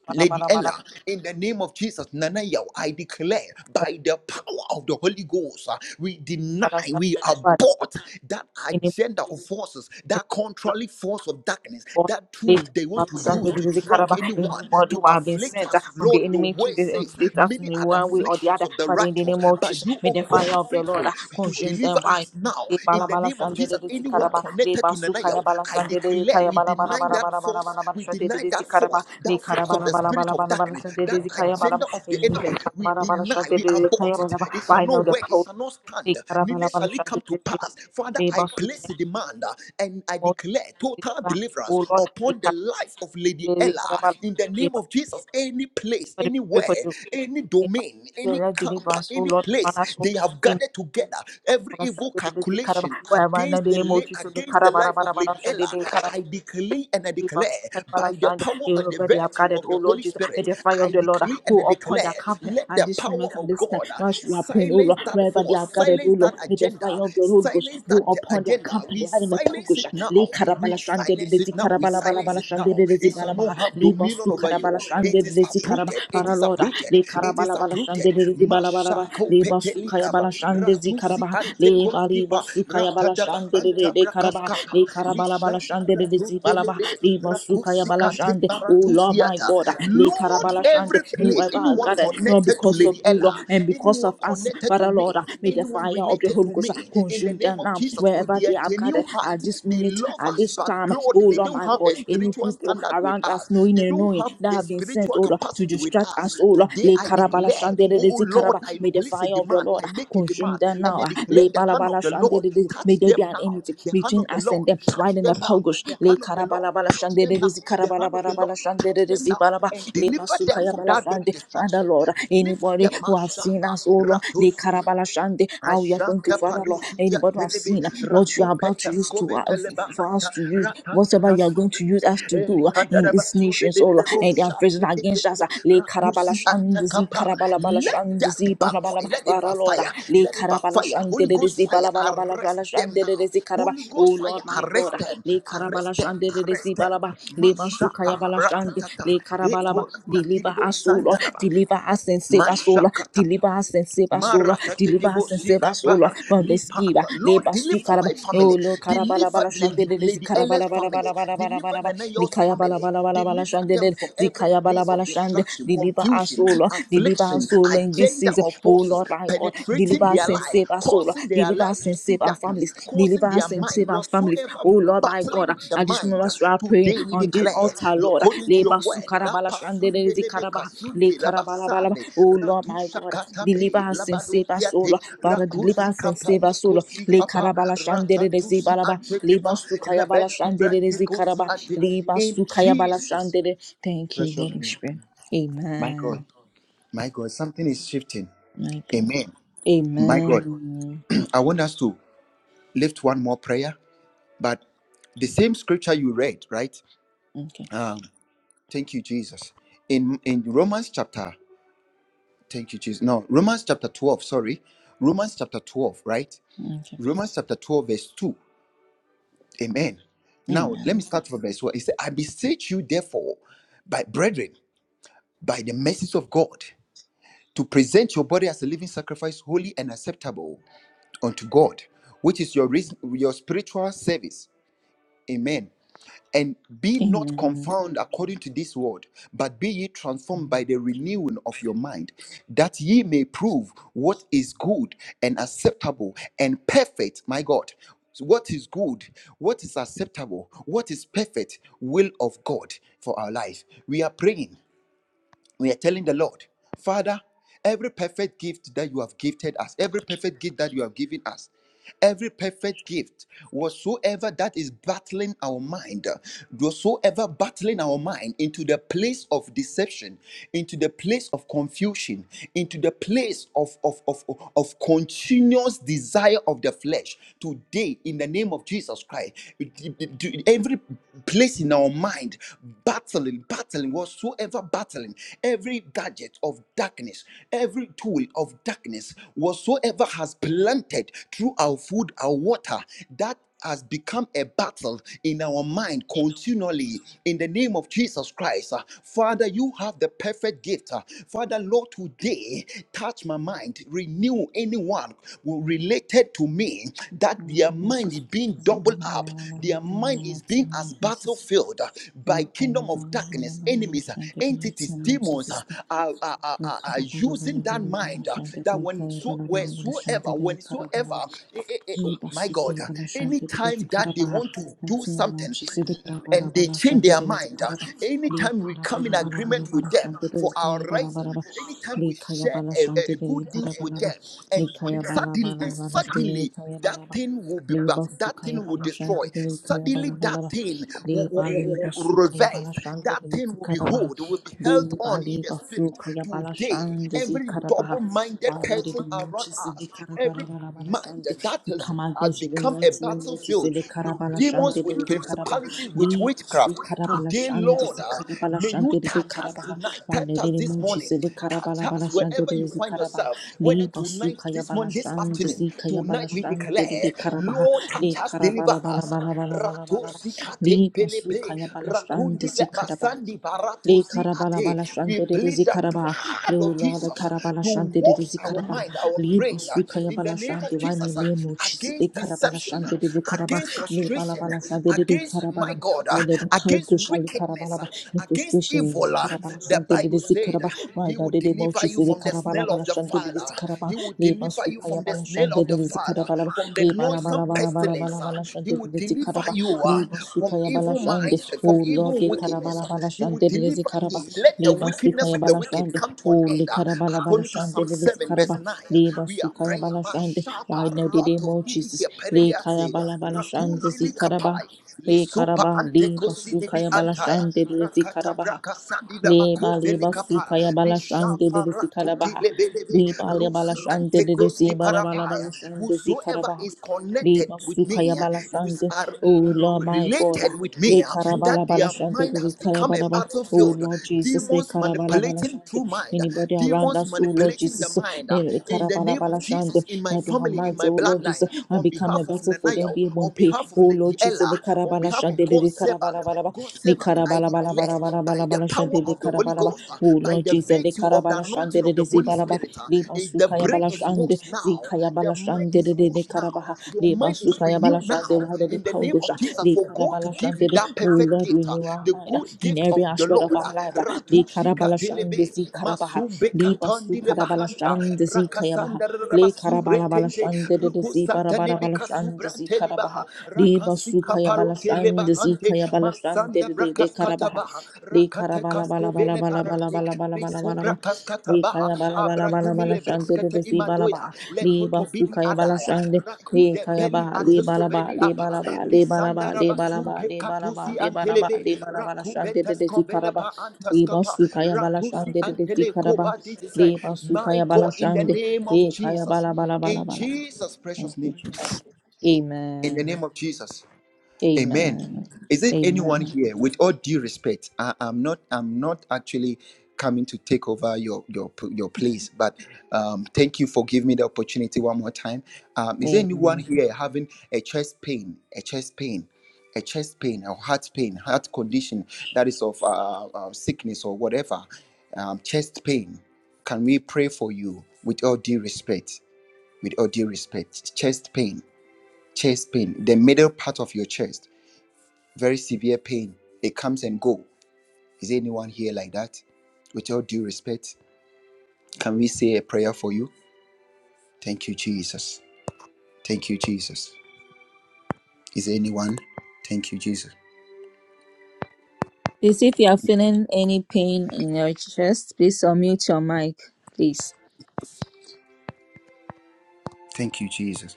[SPEAKER 2] Lady Ella, in the name of Jesus, Nanayo, I declare by the power of the Holy Ghost, uh, we deny, we abort that agenda of forces, that controlling force of darkness, that tool they want to use to track anyone, to
[SPEAKER 1] been
[SPEAKER 2] afflict
[SPEAKER 1] sent uh,
[SPEAKER 2] us.
[SPEAKER 1] from the
[SPEAKER 2] Lord, your
[SPEAKER 1] enemy to
[SPEAKER 2] word
[SPEAKER 1] the
[SPEAKER 2] says,
[SPEAKER 1] inflict us in
[SPEAKER 2] many are the
[SPEAKER 1] one way or the
[SPEAKER 2] afflictions
[SPEAKER 1] other,
[SPEAKER 2] of the
[SPEAKER 1] but in the
[SPEAKER 2] righteous,
[SPEAKER 1] name of
[SPEAKER 2] but
[SPEAKER 1] Jesus,
[SPEAKER 2] you,
[SPEAKER 1] may the
[SPEAKER 2] oh
[SPEAKER 1] fire
[SPEAKER 2] God,
[SPEAKER 1] of the Lord
[SPEAKER 2] faithful
[SPEAKER 1] uh,
[SPEAKER 2] to
[SPEAKER 1] consume them
[SPEAKER 2] deliver
[SPEAKER 1] by
[SPEAKER 2] us now.
[SPEAKER 1] Le bala
[SPEAKER 2] In the
[SPEAKER 1] bala
[SPEAKER 2] name of
[SPEAKER 1] shande de
[SPEAKER 2] Jesus,
[SPEAKER 1] de
[SPEAKER 2] anyone
[SPEAKER 1] zikaraba le
[SPEAKER 2] connected to
[SPEAKER 1] basu kaya
[SPEAKER 2] denial.
[SPEAKER 1] bala
[SPEAKER 2] I
[SPEAKER 1] shande de
[SPEAKER 2] declare
[SPEAKER 1] kaya
[SPEAKER 2] we
[SPEAKER 1] bala bala
[SPEAKER 2] deny
[SPEAKER 1] bala
[SPEAKER 2] that
[SPEAKER 1] bala bala
[SPEAKER 2] force.
[SPEAKER 1] bala bala
[SPEAKER 2] We
[SPEAKER 1] shande de
[SPEAKER 2] deny
[SPEAKER 1] de
[SPEAKER 2] that
[SPEAKER 1] zikaraba
[SPEAKER 2] force,
[SPEAKER 1] le
[SPEAKER 2] that
[SPEAKER 1] kara
[SPEAKER 2] force of
[SPEAKER 1] bala
[SPEAKER 2] the
[SPEAKER 1] bala
[SPEAKER 2] spirit
[SPEAKER 1] bala
[SPEAKER 2] of
[SPEAKER 1] bala bala
[SPEAKER 2] darkness,
[SPEAKER 1] shande de
[SPEAKER 2] that
[SPEAKER 1] de bala
[SPEAKER 2] agenda
[SPEAKER 1] bala
[SPEAKER 2] of the enemy. We
[SPEAKER 1] bala bala
[SPEAKER 2] deny,
[SPEAKER 1] shande
[SPEAKER 2] we
[SPEAKER 1] de kaya
[SPEAKER 2] abort it.
[SPEAKER 1] bala bala
[SPEAKER 2] It shall
[SPEAKER 1] By now
[SPEAKER 2] not work,
[SPEAKER 1] the
[SPEAKER 2] it shall not stand.
[SPEAKER 1] the
[SPEAKER 2] Neither
[SPEAKER 1] Karabalabala
[SPEAKER 2] shall it
[SPEAKER 1] Shandu
[SPEAKER 2] come to
[SPEAKER 1] Deva,
[SPEAKER 2] pass. Father,
[SPEAKER 1] Deva
[SPEAKER 2] I place
[SPEAKER 1] Sutta,
[SPEAKER 2] a demand uh, and I
[SPEAKER 1] Mochi
[SPEAKER 2] declare total
[SPEAKER 1] Deva,
[SPEAKER 2] deliverance
[SPEAKER 1] O Lord, the
[SPEAKER 2] upon the life of Lady Ella
[SPEAKER 1] Karabala
[SPEAKER 2] in the name
[SPEAKER 1] Deva,
[SPEAKER 2] of Jesus. Any place,
[SPEAKER 1] but we pray
[SPEAKER 2] anywhere,
[SPEAKER 1] for the
[SPEAKER 2] any
[SPEAKER 1] Deva,
[SPEAKER 2] domain, any
[SPEAKER 1] the
[SPEAKER 2] camp,
[SPEAKER 1] deliverance, O
[SPEAKER 2] any
[SPEAKER 1] Lord, upon
[SPEAKER 2] place
[SPEAKER 1] us, O Lord,
[SPEAKER 2] they have
[SPEAKER 1] in
[SPEAKER 2] gathered together every
[SPEAKER 1] Karabala
[SPEAKER 2] evil
[SPEAKER 1] Shandu Deva, the Karabala,
[SPEAKER 2] calculation
[SPEAKER 1] wherever in the
[SPEAKER 2] against the
[SPEAKER 1] name of
[SPEAKER 2] la-
[SPEAKER 1] Jesus, the
[SPEAKER 2] against the
[SPEAKER 1] Karabala
[SPEAKER 2] life of Lady
[SPEAKER 1] Shandu
[SPEAKER 2] Ella.
[SPEAKER 1] Deva,
[SPEAKER 2] I declare and I
[SPEAKER 1] You
[SPEAKER 2] declare by the power and the
[SPEAKER 1] already have
[SPEAKER 2] virtue
[SPEAKER 1] gathered,
[SPEAKER 2] of
[SPEAKER 1] oh
[SPEAKER 2] the
[SPEAKER 1] Lord
[SPEAKER 2] Holy
[SPEAKER 1] Jesus. May
[SPEAKER 2] Spirit.
[SPEAKER 1] the fire of
[SPEAKER 2] I
[SPEAKER 1] the Lord uh,
[SPEAKER 2] declare and
[SPEAKER 1] go
[SPEAKER 2] I
[SPEAKER 1] upon
[SPEAKER 2] declare.
[SPEAKER 1] their camp
[SPEAKER 2] Let
[SPEAKER 1] at
[SPEAKER 2] the
[SPEAKER 1] this
[SPEAKER 2] power
[SPEAKER 1] moment, at
[SPEAKER 2] of
[SPEAKER 1] this time.
[SPEAKER 2] God uh,
[SPEAKER 1] As we are praying, oh
[SPEAKER 2] silence
[SPEAKER 1] Lord,
[SPEAKER 2] that
[SPEAKER 1] wherever they
[SPEAKER 2] force,
[SPEAKER 1] have gathered, oh
[SPEAKER 2] silence
[SPEAKER 1] Lord,
[SPEAKER 2] that
[SPEAKER 1] may the
[SPEAKER 2] agenda,
[SPEAKER 1] fire of the Holy Ghost
[SPEAKER 2] silence
[SPEAKER 1] go
[SPEAKER 2] that ge-
[SPEAKER 1] upon their
[SPEAKER 2] agenda.
[SPEAKER 1] camp and
[SPEAKER 2] We
[SPEAKER 1] their in the
[SPEAKER 2] silence it
[SPEAKER 1] Pugusha.
[SPEAKER 2] now.
[SPEAKER 1] Le Karabala
[SPEAKER 2] We
[SPEAKER 1] Shande, the
[SPEAKER 2] silence
[SPEAKER 1] Desi
[SPEAKER 2] it now. We
[SPEAKER 1] Karabala
[SPEAKER 2] silence
[SPEAKER 1] Balabala
[SPEAKER 2] it now.
[SPEAKER 1] Shande, the Desi
[SPEAKER 2] It shall not
[SPEAKER 1] Balabaha,
[SPEAKER 2] have dominion
[SPEAKER 1] Libosu
[SPEAKER 2] over
[SPEAKER 1] Karabala
[SPEAKER 2] you.
[SPEAKER 1] Shande,
[SPEAKER 2] It
[SPEAKER 1] the
[SPEAKER 2] is
[SPEAKER 1] Desi Karaba,
[SPEAKER 2] uprooted. It is
[SPEAKER 1] Paraloda,
[SPEAKER 2] uprooted.
[SPEAKER 1] Le
[SPEAKER 2] It is
[SPEAKER 1] Karabala Bala Shande, the
[SPEAKER 2] uprooted.
[SPEAKER 1] Desi Balabalaba,
[SPEAKER 2] Mashako
[SPEAKER 1] Libosu
[SPEAKER 2] petelikava.
[SPEAKER 1] Kayabala Shande,
[SPEAKER 2] Ratusi
[SPEAKER 1] Zikaraba, Le Bali
[SPEAKER 2] antekoskipa.
[SPEAKER 1] Bosu Kayabala
[SPEAKER 2] Ratadaba
[SPEAKER 1] Shande, the Karabaha,
[SPEAKER 2] antabrakaskapa.
[SPEAKER 1] E
[SPEAKER 2] Lisha
[SPEAKER 1] karabala shande de desi balaba.
[SPEAKER 2] paratutelebe.
[SPEAKER 1] Lima sukaya bala
[SPEAKER 2] Rakusikate
[SPEAKER 1] shande. Oh Lord, my
[SPEAKER 2] paratusiata.
[SPEAKER 1] God. Le
[SPEAKER 2] Lord,
[SPEAKER 1] karabala shande.
[SPEAKER 2] every place,
[SPEAKER 1] Whoever
[SPEAKER 2] anyone
[SPEAKER 1] God, not
[SPEAKER 2] connected to
[SPEAKER 1] because of
[SPEAKER 2] Lady
[SPEAKER 1] you, Lord,
[SPEAKER 2] Ella,
[SPEAKER 1] and because of
[SPEAKER 2] anyone
[SPEAKER 1] us,
[SPEAKER 2] connected to
[SPEAKER 1] Father Lord,
[SPEAKER 2] me,
[SPEAKER 1] may the
[SPEAKER 2] anyone
[SPEAKER 1] fire of the
[SPEAKER 2] related
[SPEAKER 1] Holy
[SPEAKER 2] to
[SPEAKER 1] Ghost
[SPEAKER 2] me, in the
[SPEAKER 1] consume
[SPEAKER 2] name
[SPEAKER 1] them
[SPEAKER 2] of
[SPEAKER 1] now.
[SPEAKER 2] Jesus, with
[SPEAKER 1] Wherever
[SPEAKER 2] their
[SPEAKER 1] they are
[SPEAKER 2] genuine
[SPEAKER 1] gathered at
[SPEAKER 2] heart,
[SPEAKER 1] this
[SPEAKER 2] they
[SPEAKER 1] minute,
[SPEAKER 2] love
[SPEAKER 1] at
[SPEAKER 2] us,
[SPEAKER 1] this
[SPEAKER 2] but
[SPEAKER 1] time, oh
[SPEAKER 2] Lord, they
[SPEAKER 1] Lord,
[SPEAKER 2] don't
[SPEAKER 1] my
[SPEAKER 2] have
[SPEAKER 1] God,
[SPEAKER 2] a
[SPEAKER 1] any
[SPEAKER 2] spiritual
[SPEAKER 1] people
[SPEAKER 2] standard with
[SPEAKER 1] around us
[SPEAKER 2] us.
[SPEAKER 1] knowing
[SPEAKER 2] They
[SPEAKER 1] and
[SPEAKER 2] don't
[SPEAKER 1] knowing
[SPEAKER 2] have
[SPEAKER 1] that
[SPEAKER 2] the
[SPEAKER 1] have been sent,
[SPEAKER 2] spiritual
[SPEAKER 1] oh Lord, to
[SPEAKER 2] capacity with
[SPEAKER 1] distract
[SPEAKER 2] us.
[SPEAKER 1] us, oh Lord,
[SPEAKER 2] Today,
[SPEAKER 1] le
[SPEAKER 2] I
[SPEAKER 1] karabala
[SPEAKER 2] declare,
[SPEAKER 1] shande de
[SPEAKER 2] oh oh,
[SPEAKER 1] desi
[SPEAKER 2] Lord,
[SPEAKER 1] karaba.
[SPEAKER 2] I
[SPEAKER 1] May the
[SPEAKER 2] place a
[SPEAKER 1] fire of the
[SPEAKER 2] demand.
[SPEAKER 1] Lord
[SPEAKER 2] I make a
[SPEAKER 1] consume
[SPEAKER 2] demand,
[SPEAKER 1] them
[SPEAKER 2] and
[SPEAKER 1] now.
[SPEAKER 2] I declare
[SPEAKER 1] Le
[SPEAKER 2] the hand of
[SPEAKER 1] balabala karabala
[SPEAKER 2] the Lord
[SPEAKER 1] shandere may
[SPEAKER 2] touch
[SPEAKER 1] there be
[SPEAKER 2] them
[SPEAKER 1] an
[SPEAKER 2] now.
[SPEAKER 1] enmity
[SPEAKER 2] The hand
[SPEAKER 1] between
[SPEAKER 2] of the
[SPEAKER 1] us and
[SPEAKER 2] Lord
[SPEAKER 1] them Why
[SPEAKER 2] touch
[SPEAKER 1] in the
[SPEAKER 2] them now.
[SPEAKER 1] pogosh
[SPEAKER 2] The
[SPEAKER 1] le
[SPEAKER 2] hand of the Lord
[SPEAKER 1] karabala bala
[SPEAKER 2] touch
[SPEAKER 1] shandere
[SPEAKER 2] them now. The
[SPEAKER 1] karabala
[SPEAKER 2] hand of
[SPEAKER 1] bala
[SPEAKER 2] the Lord touch them now
[SPEAKER 1] balaba
[SPEAKER 2] and
[SPEAKER 1] le
[SPEAKER 2] deliver
[SPEAKER 1] basuka
[SPEAKER 2] them
[SPEAKER 1] ya
[SPEAKER 2] from
[SPEAKER 1] bala
[SPEAKER 2] that very
[SPEAKER 1] shande Father
[SPEAKER 2] destruction.
[SPEAKER 1] Lord
[SPEAKER 2] Deliver
[SPEAKER 1] anybody
[SPEAKER 2] them,
[SPEAKER 1] who have seen
[SPEAKER 2] Mashaba,
[SPEAKER 1] us oh Lord le
[SPEAKER 2] Ratosi,
[SPEAKER 1] karabala shande how you are going to
[SPEAKER 2] Ashaka
[SPEAKER 1] Father Lord
[SPEAKER 2] palusitia
[SPEAKER 1] anybody who have
[SPEAKER 2] telebe
[SPEAKER 1] seen what you are about to
[SPEAKER 2] rakupeta
[SPEAKER 1] use to
[SPEAKER 2] skove
[SPEAKER 1] uh, for us
[SPEAKER 2] telebahanta
[SPEAKER 1] to use whatever
[SPEAKER 2] rakatata
[SPEAKER 1] you are going to use
[SPEAKER 2] subrente
[SPEAKER 1] us to do uh, in
[SPEAKER 2] elikandaraba
[SPEAKER 1] these nations oh Lord
[SPEAKER 2] surelebo
[SPEAKER 1] and they are facing against us uh,
[SPEAKER 2] shatekete
[SPEAKER 1] le karabala
[SPEAKER 2] rakusi anta
[SPEAKER 1] shandezi, zi
[SPEAKER 2] kapa
[SPEAKER 1] karabala bala
[SPEAKER 2] let that be
[SPEAKER 1] balaba
[SPEAKER 2] backfire let it
[SPEAKER 1] Father Lord,
[SPEAKER 2] backfire
[SPEAKER 1] ah, le
[SPEAKER 2] let it
[SPEAKER 1] karabala
[SPEAKER 2] backfire Holy
[SPEAKER 1] shandere de zi
[SPEAKER 2] Ghost fire
[SPEAKER 1] bala bala bala bala
[SPEAKER 2] arrest them
[SPEAKER 1] shandere de
[SPEAKER 2] now
[SPEAKER 1] zi karaba.
[SPEAKER 2] Holy Ghost
[SPEAKER 1] Oh Lord,
[SPEAKER 2] fire
[SPEAKER 1] my God,
[SPEAKER 2] arrest
[SPEAKER 1] ah,
[SPEAKER 2] them
[SPEAKER 1] le karabala
[SPEAKER 2] arrest them
[SPEAKER 1] shandere de zi
[SPEAKER 2] arrest
[SPEAKER 1] bala
[SPEAKER 2] them
[SPEAKER 1] ba, le
[SPEAKER 2] Mashapa
[SPEAKER 1] masukaya bala shande,
[SPEAKER 2] ratatata
[SPEAKER 1] le karabala ba.
[SPEAKER 2] eko
[SPEAKER 1] Deliver
[SPEAKER 2] ratatilibo
[SPEAKER 1] us, O Lord,
[SPEAKER 2] sandaraba
[SPEAKER 1] deliver us and save us, O Lord, deliver us and save us, O Lord, deliver
[SPEAKER 2] Maratatebo
[SPEAKER 1] us and save us, O Lord,
[SPEAKER 2] Sikapara
[SPEAKER 1] from the skiba,
[SPEAKER 2] Lipata.
[SPEAKER 1] le
[SPEAKER 2] Lord, deliver
[SPEAKER 1] basukaraba.
[SPEAKER 2] my
[SPEAKER 1] Oh
[SPEAKER 2] family.
[SPEAKER 1] Lord, karabala
[SPEAKER 2] Deliver
[SPEAKER 1] bala
[SPEAKER 2] the Lady
[SPEAKER 1] shandere de zi
[SPEAKER 2] Lady Ellen's
[SPEAKER 1] karabala bala
[SPEAKER 2] family.
[SPEAKER 1] bala bala bala
[SPEAKER 2] Deliver
[SPEAKER 1] bala ba,
[SPEAKER 2] Nanayo's
[SPEAKER 1] nikaya bala
[SPEAKER 2] family.
[SPEAKER 1] bala bala bala
[SPEAKER 2] Deliver them
[SPEAKER 1] shandere,
[SPEAKER 2] from every
[SPEAKER 1] zikaya bala
[SPEAKER 2] place
[SPEAKER 1] bala
[SPEAKER 2] of
[SPEAKER 1] shande.
[SPEAKER 2] destruction,
[SPEAKER 1] Deliver us,
[SPEAKER 2] confusion,
[SPEAKER 1] O oh Lord. Deliver
[SPEAKER 2] affliction,
[SPEAKER 1] us, oh Lord, in this
[SPEAKER 2] agenda
[SPEAKER 1] season.
[SPEAKER 2] of
[SPEAKER 1] Oh
[SPEAKER 2] forces
[SPEAKER 1] Lord, my God. Deliver
[SPEAKER 2] penetrating
[SPEAKER 1] us
[SPEAKER 2] their
[SPEAKER 1] and
[SPEAKER 2] life,
[SPEAKER 1] save us, oh Lord.
[SPEAKER 2] causing their
[SPEAKER 1] Deliver
[SPEAKER 2] life
[SPEAKER 1] us
[SPEAKER 2] to
[SPEAKER 1] and
[SPEAKER 2] see
[SPEAKER 1] save our
[SPEAKER 2] darkness,
[SPEAKER 1] families.
[SPEAKER 2] causing
[SPEAKER 1] Deliver
[SPEAKER 2] their
[SPEAKER 1] us and
[SPEAKER 2] mind
[SPEAKER 1] save our families. Oh
[SPEAKER 2] whatsoever
[SPEAKER 1] Lord, my God.
[SPEAKER 2] battling the
[SPEAKER 1] I just
[SPEAKER 2] mind.
[SPEAKER 1] remember as we praying
[SPEAKER 2] Today we
[SPEAKER 1] on the
[SPEAKER 2] declare,
[SPEAKER 1] altar,
[SPEAKER 2] you-
[SPEAKER 1] Lord.
[SPEAKER 2] according to your
[SPEAKER 1] Leba su
[SPEAKER 2] word, na
[SPEAKER 1] karabala shandere
[SPEAKER 2] pasunde
[SPEAKER 1] zi
[SPEAKER 2] lebe
[SPEAKER 1] karaba. Le
[SPEAKER 2] kasunde
[SPEAKER 1] karabala balaba.
[SPEAKER 2] labasade
[SPEAKER 1] Oh Lord,
[SPEAKER 2] ratu
[SPEAKER 1] my God.
[SPEAKER 2] shakata
[SPEAKER 1] Deliver
[SPEAKER 2] pe
[SPEAKER 1] us and
[SPEAKER 2] labadu
[SPEAKER 1] save us, oh
[SPEAKER 2] yate
[SPEAKER 1] Lord. Father, deliver
[SPEAKER 2] rakusi
[SPEAKER 1] us and save
[SPEAKER 2] kapande
[SPEAKER 1] us, oh Lord.
[SPEAKER 2] koski
[SPEAKER 1] Le
[SPEAKER 2] apa
[SPEAKER 1] karabala shandere
[SPEAKER 2] rata
[SPEAKER 1] zi
[SPEAKER 2] juicy
[SPEAKER 1] balaba.
[SPEAKER 2] ante
[SPEAKER 1] Leba
[SPEAKER 2] keba
[SPEAKER 1] su kayabala
[SPEAKER 2] labens tu
[SPEAKER 1] shandere
[SPEAKER 2] brante
[SPEAKER 1] zi
[SPEAKER 2] kosi
[SPEAKER 1] karaba.
[SPEAKER 2] ante
[SPEAKER 1] Leba
[SPEAKER 2] in
[SPEAKER 1] su kayabala
[SPEAKER 2] Jesus
[SPEAKER 1] shandere. Thank you,
[SPEAKER 2] precious
[SPEAKER 1] Holy
[SPEAKER 2] name.
[SPEAKER 1] Spirit.
[SPEAKER 2] My
[SPEAKER 1] Amen.
[SPEAKER 2] God, my God, something is shifting.
[SPEAKER 1] My God.
[SPEAKER 2] Amen. My God,
[SPEAKER 1] Amen.
[SPEAKER 2] I want us to lift one more prayer, but the same scripture you read, right?
[SPEAKER 1] Okay.
[SPEAKER 2] Thank you, Jesus. In in Romans chapter, thank you, Jesus. No, Romans chapter 12, sorry. Romans chapter 12, right?
[SPEAKER 1] Okay.
[SPEAKER 2] Romans chapter 12, verse 2. Amen. Now let me
[SPEAKER 1] Amen.
[SPEAKER 2] start from verse 1. It says, I beseech you, therefore, by brethren, by the mercies of God, to present your body as a living sacrifice, holy and acceptable unto God, which is your reason, your spiritual service. Amen. And be not
[SPEAKER 1] Amen.
[SPEAKER 2] confounded according to this word, but be ye transformed by the renewing of your mind, that ye may prove what is good and acceptable and perfect, my God. So What is good, what is acceptable, what is perfect will of God for our life. We are praying we are telling the Lord, Father, every perfect gift that you have gifted us, every perfect gift that you have given us, every perfect gift whatsoever that is battling our mind uh, whatsoever battling our mind into the place of deception into the place of confusion into the place of of, of, of continuous desire of the flesh today in the name of jesus christ every place in our mind battling, battling, whatsoever battling, every gadget of darkness, every tool of darkness, whatsoever has planted through our food, our water, that has become a battle in our mind continually in the name of Jesus Christ. uh, Father, you have the perfect gift. uh, Father, Lord, today touch my mind, renew anyone who related to me that their
[SPEAKER 1] Amen. This
[SPEAKER 2] mind is
[SPEAKER 1] is-
[SPEAKER 2] being doubled up, their mind mind is being as
[SPEAKER 1] Jesus.
[SPEAKER 2] battlefield uh, by
[SPEAKER 1] Lord, I am a-
[SPEAKER 2] kingdom
[SPEAKER 1] a-
[SPEAKER 2] of
[SPEAKER 1] a- a-
[SPEAKER 2] darkness,
[SPEAKER 1] a- a-
[SPEAKER 2] enemies, uh,
[SPEAKER 1] friend of the Lord,
[SPEAKER 2] entities,
[SPEAKER 1] son of
[SPEAKER 2] demons uh,
[SPEAKER 1] Jesus Christ.
[SPEAKER 2] are, are, are,
[SPEAKER 1] Lord,
[SPEAKER 2] are-
[SPEAKER 1] God, I am a- a- a-
[SPEAKER 2] using that
[SPEAKER 1] a- a- a-
[SPEAKER 2] mind uh,
[SPEAKER 1] friend of the
[SPEAKER 2] that
[SPEAKER 1] Lord, God, I
[SPEAKER 2] when
[SPEAKER 1] am a- a-
[SPEAKER 2] so
[SPEAKER 1] a- a- a- friend
[SPEAKER 2] wheresoever,
[SPEAKER 1] of the Lord, God, I am a- a- a- a-
[SPEAKER 2] whensoever, eh, eh, eh, oh,
[SPEAKER 1] Bali
[SPEAKER 2] my
[SPEAKER 1] basu
[SPEAKER 2] God, uh, anytime that they want to do something and they change their mind, uh, anytime we come in agreement with them for our reason, anytime we share a, a a good news with them, and suddenly, suddenly that thing will be buff- that
[SPEAKER 1] kaya
[SPEAKER 2] thing will
[SPEAKER 1] bala
[SPEAKER 2] destroy suddenly that thing will, will, will- will reverse that thing will be hold will be held on in the spirit today every double-minded person around us every mind
[SPEAKER 1] shanti,
[SPEAKER 2] that
[SPEAKER 1] we
[SPEAKER 2] has,
[SPEAKER 1] come
[SPEAKER 2] has
[SPEAKER 1] against you in the
[SPEAKER 2] become a
[SPEAKER 1] mighty name of Jesus.
[SPEAKER 2] battlefield
[SPEAKER 1] The
[SPEAKER 2] with
[SPEAKER 1] Karabala
[SPEAKER 2] demons
[SPEAKER 1] Shante, the
[SPEAKER 2] with
[SPEAKER 1] Karaba,
[SPEAKER 2] principalities with
[SPEAKER 1] the Su
[SPEAKER 2] witchcraft
[SPEAKER 1] Karabala
[SPEAKER 2] today
[SPEAKER 1] Shante,
[SPEAKER 2] lord
[SPEAKER 1] the
[SPEAKER 2] uh,
[SPEAKER 1] Karabala
[SPEAKER 2] may you
[SPEAKER 1] Shante, the
[SPEAKER 2] touch us
[SPEAKER 1] Karabaha,
[SPEAKER 2] tonight
[SPEAKER 1] by
[SPEAKER 2] touch
[SPEAKER 1] the
[SPEAKER 2] us
[SPEAKER 1] name
[SPEAKER 2] this
[SPEAKER 1] of
[SPEAKER 2] morning
[SPEAKER 1] Jesus. The
[SPEAKER 2] touch
[SPEAKER 1] Karabala Bala
[SPEAKER 2] us wherever you
[SPEAKER 1] the
[SPEAKER 2] find
[SPEAKER 1] Karaba,
[SPEAKER 2] yourself whether
[SPEAKER 1] the
[SPEAKER 2] to
[SPEAKER 1] Basu
[SPEAKER 2] tonight, this
[SPEAKER 1] Kayabala
[SPEAKER 2] morning, this
[SPEAKER 1] Shante,
[SPEAKER 2] afternoon,
[SPEAKER 1] the Kayabala
[SPEAKER 2] tonight we
[SPEAKER 1] Shante,
[SPEAKER 2] declare,
[SPEAKER 1] the Karabaha,
[SPEAKER 2] Lord, touch
[SPEAKER 1] the
[SPEAKER 2] us, deliver
[SPEAKER 1] Karabala Bala
[SPEAKER 2] us.
[SPEAKER 1] Bala Bala Bala
[SPEAKER 2] Rato
[SPEAKER 1] Bala,
[SPEAKER 2] sikate
[SPEAKER 1] the Basu
[SPEAKER 2] pelepe,
[SPEAKER 1] Kayabala Shante,
[SPEAKER 2] rakundi le basandi barato
[SPEAKER 1] Le
[SPEAKER 2] si
[SPEAKER 1] karabala
[SPEAKER 2] ate.
[SPEAKER 1] bala
[SPEAKER 2] We
[SPEAKER 1] shante de de
[SPEAKER 2] plead the
[SPEAKER 1] zikaraba. Le
[SPEAKER 2] blood of
[SPEAKER 1] ulada
[SPEAKER 2] Jesus
[SPEAKER 1] karabala
[SPEAKER 2] to
[SPEAKER 1] shante de de
[SPEAKER 2] wash our
[SPEAKER 1] zikaraba.
[SPEAKER 2] mind, our
[SPEAKER 1] Le
[SPEAKER 2] brain, uh,
[SPEAKER 1] basuka ya
[SPEAKER 2] in the
[SPEAKER 1] bala
[SPEAKER 2] name
[SPEAKER 1] shante
[SPEAKER 2] of
[SPEAKER 1] wani
[SPEAKER 2] Jesus, uh,
[SPEAKER 1] le mochis. de
[SPEAKER 2] against
[SPEAKER 1] karabala
[SPEAKER 2] deception, uh,
[SPEAKER 1] shante de de karaba.
[SPEAKER 2] against
[SPEAKER 1] Le bala
[SPEAKER 2] frustration,
[SPEAKER 1] bala shante de de
[SPEAKER 2] against my
[SPEAKER 1] karabala.
[SPEAKER 2] God, uh,
[SPEAKER 1] Why the
[SPEAKER 2] against
[SPEAKER 1] palgo shali
[SPEAKER 2] wickedness,
[SPEAKER 1] karabala
[SPEAKER 2] uh,
[SPEAKER 1] ba. Le
[SPEAKER 2] against
[SPEAKER 1] frustration
[SPEAKER 2] evil. uh,
[SPEAKER 1] karabala
[SPEAKER 2] The
[SPEAKER 1] shante de de
[SPEAKER 2] Bible said
[SPEAKER 1] zikaraba.
[SPEAKER 2] uh,
[SPEAKER 1] Why
[SPEAKER 2] He
[SPEAKER 1] the
[SPEAKER 2] would
[SPEAKER 1] de
[SPEAKER 2] deliver deliver
[SPEAKER 1] mochis.
[SPEAKER 2] you
[SPEAKER 1] Le
[SPEAKER 2] from the
[SPEAKER 1] karabala
[SPEAKER 2] snail
[SPEAKER 1] bala
[SPEAKER 2] of the
[SPEAKER 1] shante de de
[SPEAKER 2] fowler.
[SPEAKER 1] zikaraba.
[SPEAKER 2] He will
[SPEAKER 1] Le
[SPEAKER 2] deliver you
[SPEAKER 1] basuka ya
[SPEAKER 2] from the
[SPEAKER 1] bala
[SPEAKER 2] snail
[SPEAKER 1] shante de
[SPEAKER 2] of the
[SPEAKER 1] de
[SPEAKER 2] fowler,
[SPEAKER 1] zikarabala.
[SPEAKER 2] from the
[SPEAKER 1] Le bala
[SPEAKER 2] noisome
[SPEAKER 1] bala bala bala bala
[SPEAKER 2] pestilence. uh.
[SPEAKER 1] bala
[SPEAKER 2] He
[SPEAKER 1] shante de
[SPEAKER 2] will
[SPEAKER 1] de
[SPEAKER 2] deliver
[SPEAKER 1] zikaraba.
[SPEAKER 2] you uh,
[SPEAKER 1] Le basuka
[SPEAKER 2] from
[SPEAKER 1] ya bala
[SPEAKER 2] evil
[SPEAKER 1] shante.
[SPEAKER 2] minds, uh, from
[SPEAKER 1] O Lord,
[SPEAKER 2] evil
[SPEAKER 1] the
[SPEAKER 2] wickedness.
[SPEAKER 1] Karabala
[SPEAKER 2] uh. He
[SPEAKER 1] Balashante,
[SPEAKER 2] will
[SPEAKER 1] the Lizzy
[SPEAKER 2] deliver
[SPEAKER 1] Karaba,
[SPEAKER 2] thee. Let the
[SPEAKER 1] Leba
[SPEAKER 2] wickedness
[SPEAKER 1] Sukaya
[SPEAKER 2] of the wicked
[SPEAKER 1] Balashante,
[SPEAKER 2] come to
[SPEAKER 1] O
[SPEAKER 2] an
[SPEAKER 1] Le
[SPEAKER 2] end. uh,
[SPEAKER 1] Karabala
[SPEAKER 2] According to
[SPEAKER 1] Balashante,
[SPEAKER 2] Psalm
[SPEAKER 1] the Lizzy
[SPEAKER 2] 7, verse
[SPEAKER 1] Karaba,
[SPEAKER 2] 9, uh,
[SPEAKER 1] Leba
[SPEAKER 2] we are
[SPEAKER 1] Sukaya
[SPEAKER 2] praying.
[SPEAKER 1] Balashante, why
[SPEAKER 2] Mashata
[SPEAKER 1] now the name
[SPEAKER 2] roto
[SPEAKER 1] of
[SPEAKER 2] dili te
[SPEAKER 1] Jesus, Le
[SPEAKER 2] pereyase,
[SPEAKER 1] Karabala Balashante,
[SPEAKER 2] rakundili
[SPEAKER 1] Zikaraba,
[SPEAKER 2] kapai, li
[SPEAKER 1] E
[SPEAKER 2] supa
[SPEAKER 1] Karaba,
[SPEAKER 2] ante
[SPEAKER 1] Leba
[SPEAKER 2] kosi libi
[SPEAKER 1] Sukaya
[SPEAKER 2] antaya,
[SPEAKER 1] Balashante, the
[SPEAKER 2] rakata
[SPEAKER 1] Zikarabaha.
[SPEAKER 2] brakasa Dida Bako
[SPEAKER 1] Leba leba
[SPEAKER 2] Felikapa,
[SPEAKER 1] suka ya bala
[SPEAKER 2] Lisha
[SPEAKER 1] shande de de sikara
[SPEAKER 2] Parakuti
[SPEAKER 1] baha.
[SPEAKER 2] Lebelebe,
[SPEAKER 1] Leba leba la
[SPEAKER 2] Rusi
[SPEAKER 1] shande de de si
[SPEAKER 2] Antekoski
[SPEAKER 1] bala bala
[SPEAKER 2] Parabaya.
[SPEAKER 1] bala shande zikara
[SPEAKER 2] Whosoever
[SPEAKER 1] baha.
[SPEAKER 2] is connected
[SPEAKER 1] Liba
[SPEAKER 2] with
[SPEAKER 1] sukaya
[SPEAKER 2] me,
[SPEAKER 1] bala
[SPEAKER 2] is
[SPEAKER 1] shante.
[SPEAKER 2] are
[SPEAKER 1] Oh Lord, my God.
[SPEAKER 2] related with me,
[SPEAKER 1] Le karabala
[SPEAKER 2] that
[SPEAKER 1] bala
[SPEAKER 2] their
[SPEAKER 1] shante.
[SPEAKER 2] mind
[SPEAKER 1] Please
[SPEAKER 2] has become a
[SPEAKER 1] karabala bala. Oh
[SPEAKER 2] battlefield.
[SPEAKER 1] Lord Jesus. Le
[SPEAKER 2] Demons
[SPEAKER 1] karabala bala
[SPEAKER 2] manipulating
[SPEAKER 1] shante.
[SPEAKER 2] through mind,
[SPEAKER 1] Anybody around
[SPEAKER 2] demons
[SPEAKER 1] us, oh Lord
[SPEAKER 2] manipulating the
[SPEAKER 1] Jesus.
[SPEAKER 2] mind.
[SPEAKER 1] Le
[SPEAKER 2] In the
[SPEAKER 1] karabala
[SPEAKER 2] name
[SPEAKER 1] bala
[SPEAKER 2] of
[SPEAKER 1] shante.
[SPEAKER 2] Jesus, in my
[SPEAKER 1] That their
[SPEAKER 2] family, in
[SPEAKER 1] minds,
[SPEAKER 2] my
[SPEAKER 1] oh Lord Jesus,
[SPEAKER 2] bloodline,
[SPEAKER 1] have
[SPEAKER 2] on
[SPEAKER 1] become a
[SPEAKER 2] behalf of
[SPEAKER 1] battle for
[SPEAKER 2] Nanaya,
[SPEAKER 1] them. Be able
[SPEAKER 2] on
[SPEAKER 1] to pay.
[SPEAKER 2] behalf of
[SPEAKER 1] Oh
[SPEAKER 2] Lady
[SPEAKER 1] Lord Jesus.
[SPEAKER 2] Ella,
[SPEAKER 1] Le
[SPEAKER 2] on
[SPEAKER 1] karabala
[SPEAKER 2] behalf of
[SPEAKER 1] shante. Le
[SPEAKER 2] God's
[SPEAKER 1] karabala
[SPEAKER 2] servant,
[SPEAKER 1] bala bala.
[SPEAKER 2] God's
[SPEAKER 1] Le
[SPEAKER 2] servant, I
[SPEAKER 1] karabala bala bala
[SPEAKER 2] declare
[SPEAKER 1] bala
[SPEAKER 2] by
[SPEAKER 1] bala
[SPEAKER 2] the
[SPEAKER 1] bala
[SPEAKER 2] power
[SPEAKER 1] shante. Le
[SPEAKER 2] of the Holy
[SPEAKER 1] karabala bala.
[SPEAKER 2] Ghost, uh,
[SPEAKER 1] Oh
[SPEAKER 2] by
[SPEAKER 1] Lord
[SPEAKER 2] the
[SPEAKER 1] Jesus. Le
[SPEAKER 2] virtue of the
[SPEAKER 1] karabala shante.
[SPEAKER 2] anointing
[SPEAKER 1] Le
[SPEAKER 2] of the Holy
[SPEAKER 1] zibala bala.
[SPEAKER 2] Spirit, uh,
[SPEAKER 1] Liba
[SPEAKER 2] eh, the
[SPEAKER 1] sukaya
[SPEAKER 2] brain
[SPEAKER 1] bala
[SPEAKER 2] is
[SPEAKER 1] shante.
[SPEAKER 2] washed now,
[SPEAKER 1] Zikaya
[SPEAKER 2] the
[SPEAKER 1] bala
[SPEAKER 2] mind
[SPEAKER 1] shante.
[SPEAKER 2] is
[SPEAKER 1] Le
[SPEAKER 2] washed now,
[SPEAKER 1] karabala.
[SPEAKER 2] your
[SPEAKER 1] Le
[SPEAKER 2] mind is
[SPEAKER 1] basuka ya
[SPEAKER 2] renewed
[SPEAKER 1] balashande
[SPEAKER 2] now.
[SPEAKER 1] wada de
[SPEAKER 2] In the name of
[SPEAKER 1] poundusha.
[SPEAKER 2] Jesus,
[SPEAKER 1] Le
[SPEAKER 2] for God to give
[SPEAKER 1] karabalashande.
[SPEAKER 2] you that
[SPEAKER 1] o
[SPEAKER 2] perfect
[SPEAKER 1] Lord,
[SPEAKER 2] gift, uh,
[SPEAKER 1] renew our
[SPEAKER 2] the
[SPEAKER 1] mind uh,
[SPEAKER 2] good
[SPEAKER 1] in
[SPEAKER 2] gift
[SPEAKER 1] every
[SPEAKER 2] of the
[SPEAKER 1] aspect of
[SPEAKER 2] Lord. uh,
[SPEAKER 1] our life. uh. Le
[SPEAKER 2] Ratushi
[SPEAKER 1] karabalashande
[SPEAKER 2] katelebe,
[SPEAKER 1] zi karabaha. Le basuka da balashande zi kayabaha.
[SPEAKER 2] rakasanda
[SPEAKER 1] Le
[SPEAKER 2] rabasure tete,
[SPEAKER 1] karabalabalashande de zi barabarabalashande zi karabaha. Le
[SPEAKER 2] Sika
[SPEAKER 1] basuka ya
[SPEAKER 2] parute
[SPEAKER 1] balashande zi
[SPEAKER 2] lebahante
[SPEAKER 1] kayabalashande
[SPEAKER 2] masanda
[SPEAKER 1] de de
[SPEAKER 2] brakaskata
[SPEAKER 1] karabaha.
[SPEAKER 2] baha
[SPEAKER 1] Le
[SPEAKER 2] rakate
[SPEAKER 1] karabala bala
[SPEAKER 2] kasko
[SPEAKER 1] bala
[SPEAKER 2] vele
[SPEAKER 1] bala bala
[SPEAKER 2] parate
[SPEAKER 1] bala bala bala
[SPEAKER 2] risu
[SPEAKER 1] bala bala.
[SPEAKER 2] brakaskata
[SPEAKER 1] Le
[SPEAKER 2] baha
[SPEAKER 1] kaya bala bala bala
[SPEAKER 2] abradumi
[SPEAKER 1] bala shande de
[SPEAKER 2] lebreskete
[SPEAKER 1] de zi bala
[SPEAKER 2] imadoya
[SPEAKER 1] bala. Le
[SPEAKER 2] letoto
[SPEAKER 1] basu
[SPEAKER 2] bili
[SPEAKER 1] kaya bala
[SPEAKER 2] adaya
[SPEAKER 1] shande. Le
[SPEAKER 2] rakude peli
[SPEAKER 1] kayaba, le
[SPEAKER 2] ateso
[SPEAKER 1] balaba, le
[SPEAKER 2] apa
[SPEAKER 1] balaba, le
[SPEAKER 2] lisanda
[SPEAKER 1] balaba, le balaba,
[SPEAKER 2] rabasumpe
[SPEAKER 1] le balaba,
[SPEAKER 2] katusi
[SPEAKER 1] le balaba,
[SPEAKER 2] antelebe
[SPEAKER 1] le balaba, la shande
[SPEAKER 2] rakubetas
[SPEAKER 1] de
[SPEAKER 2] kovele
[SPEAKER 1] zikaraba,
[SPEAKER 2] pa
[SPEAKER 1] le
[SPEAKER 2] antaskapa
[SPEAKER 1] basu kayaba la
[SPEAKER 2] ratusi
[SPEAKER 1] shande de
[SPEAKER 2] antele
[SPEAKER 1] zikaraba,
[SPEAKER 2] kobadi desai
[SPEAKER 1] le basu
[SPEAKER 2] my
[SPEAKER 1] kayaba la
[SPEAKER 2] God in the
[SPEAKER 1] shande,
[SPEAKER 2] name of
[SPEAKER 1] le kayaba
[SPEAKER 2] Jesus
[SPEAKER 1] la bala bala
[SPEAKER 2] in
[SPEAKER 1] bala. bala.
[SPEAKER 2] Jesus
[SPEAKER 1] Thank
[SPEAKER 2] precious
[SPEAKER 1] you,
[SPEAKER 2] name
[SPEAKER 1] Jesus.
[SPEAKER 2] in the
[SPEAKER 1] Amen.
[SPEAKER 2] name of Jesus Amen.
[SPEAKER 1] Amen.
[SPEAKER 2] Is it anyone
[SPEAKER 1] Amen.
[SPEAKER 2] here? With all due respect, I, I'm not. I'm not actually coming to take over your your your place. But um, thank you for giving me the opportunity one more time. Um, is there anyone
[SPEAKER 1] Amen.
[SPEAKER 2] here having a chest pain? A chest pain. A chest pain or heart pain, heart condition that is of uh, uh, sickness or whatever, um, chest pain. Can we pray for you with all due respect? With all due respect, chest pain, chest pain, the middle part of your chest very severe pain. It comes and go. Is anyone here like that? With all due respect, can we say a prayer for you? Thank you, Jesus. Thank you, Jesus. Is anyone? Thank you, Jesus.
[SPEAKER 1] Please, if you are feeling any pain in your chest, please unmute your mic, please.
[SPEAKER 2] Thank you, Jesus.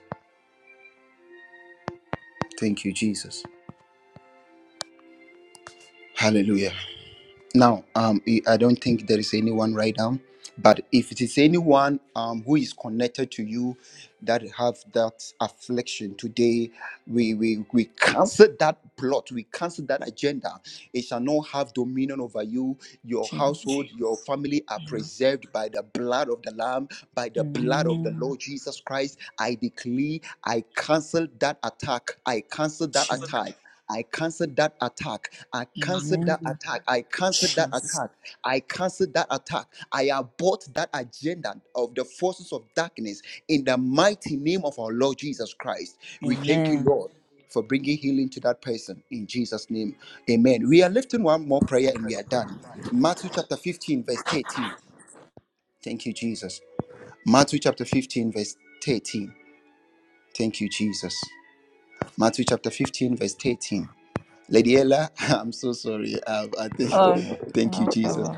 [SPEAKER 2] Thank you, Jesus. Hallelujah. Now, um, I I don't think there is anyone right now, but if it is anyone um, who is connected to you that have that affliction today, we, we we cancel that plot, we cancel that agenda. It shall not have dominion over you. Your
[SPEAKER 1] Jesus.
[SPEAKER 2] household, your family are
[SPEAKER 1] Amen.
[SPEAKER 2] preserved by the blood of the Lamb, by the blood of the
[SPEAKER 1] Amen.
[SPEAKER 2] Lord Jesus Christ. I declare, I cancel that attack. I cancel that attack. I cancel that attack. I cancel that
[SPEAKER 1] Amen.
[SPEAKER 2] attack. I cancel that
[SPEAKER 1] Jesus.
[SPEAKER 2] attack. I cancel that attack. I abort that agenda of the forces of darkness in the mighty name of our Lord Jesus Christ. We thank you,
[SPEAKER 1] Amen.
[SPEAKER 2] Lord, for bringing healing to that person in Jesus' name. Amen. We are lifting one more prayer and we are done. Matthew chapter 15, verse 13. Thank you, Jesus. Matthew chapter 15, verse 13. Thank you, Jesus. Matthew chapter 15, verse 13. Lady Ella, I'm so sorry. Um, I think,
[SPEAKER 1] Oh,
[SPEAKER 2] thank you,
[SPEAKER 1] no.
[SPEAKER 2] Jesus.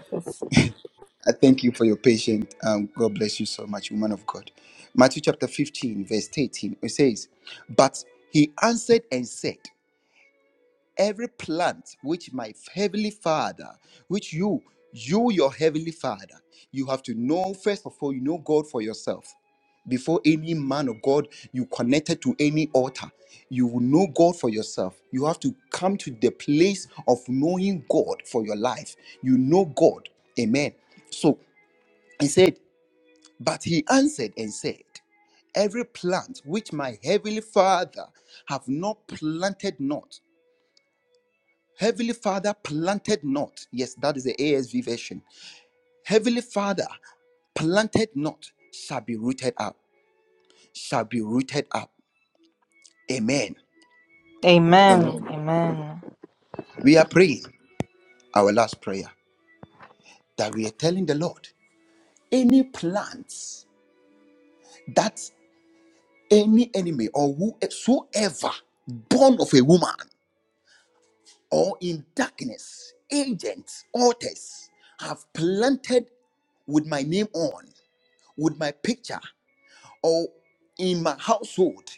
[SPEAKER 2] I thank you for your patience. Um, God bless you so much, woman of God. Matthew chapter 15, verse 18, it says, But he answered and said, every plant which my heavenly father which you you your heavenly father you have to know first of all you know god for yourself before any man of god you connected to any altar you will know god for yourself you have to come to the place of knowing god for your life you know god amen so he said but he answered and said every plant which my heavenly father have not planted not Heavenly Father planted not. Yes, that is the ASV version. Heavenly Father planted not shall be rooted up. Shall be rooted up. Amen.
[SPEAKER 1] Amen.
[SPEAKER 2] Amen.
[SPEAKER 1] Amen.
[SPEAKER 2] We are praying our last prayer that we are telling the Lord any plants that any enemy or whosoever born of a woman or in darkness, agents, altars have planted with my name on, with my picture. or in my household,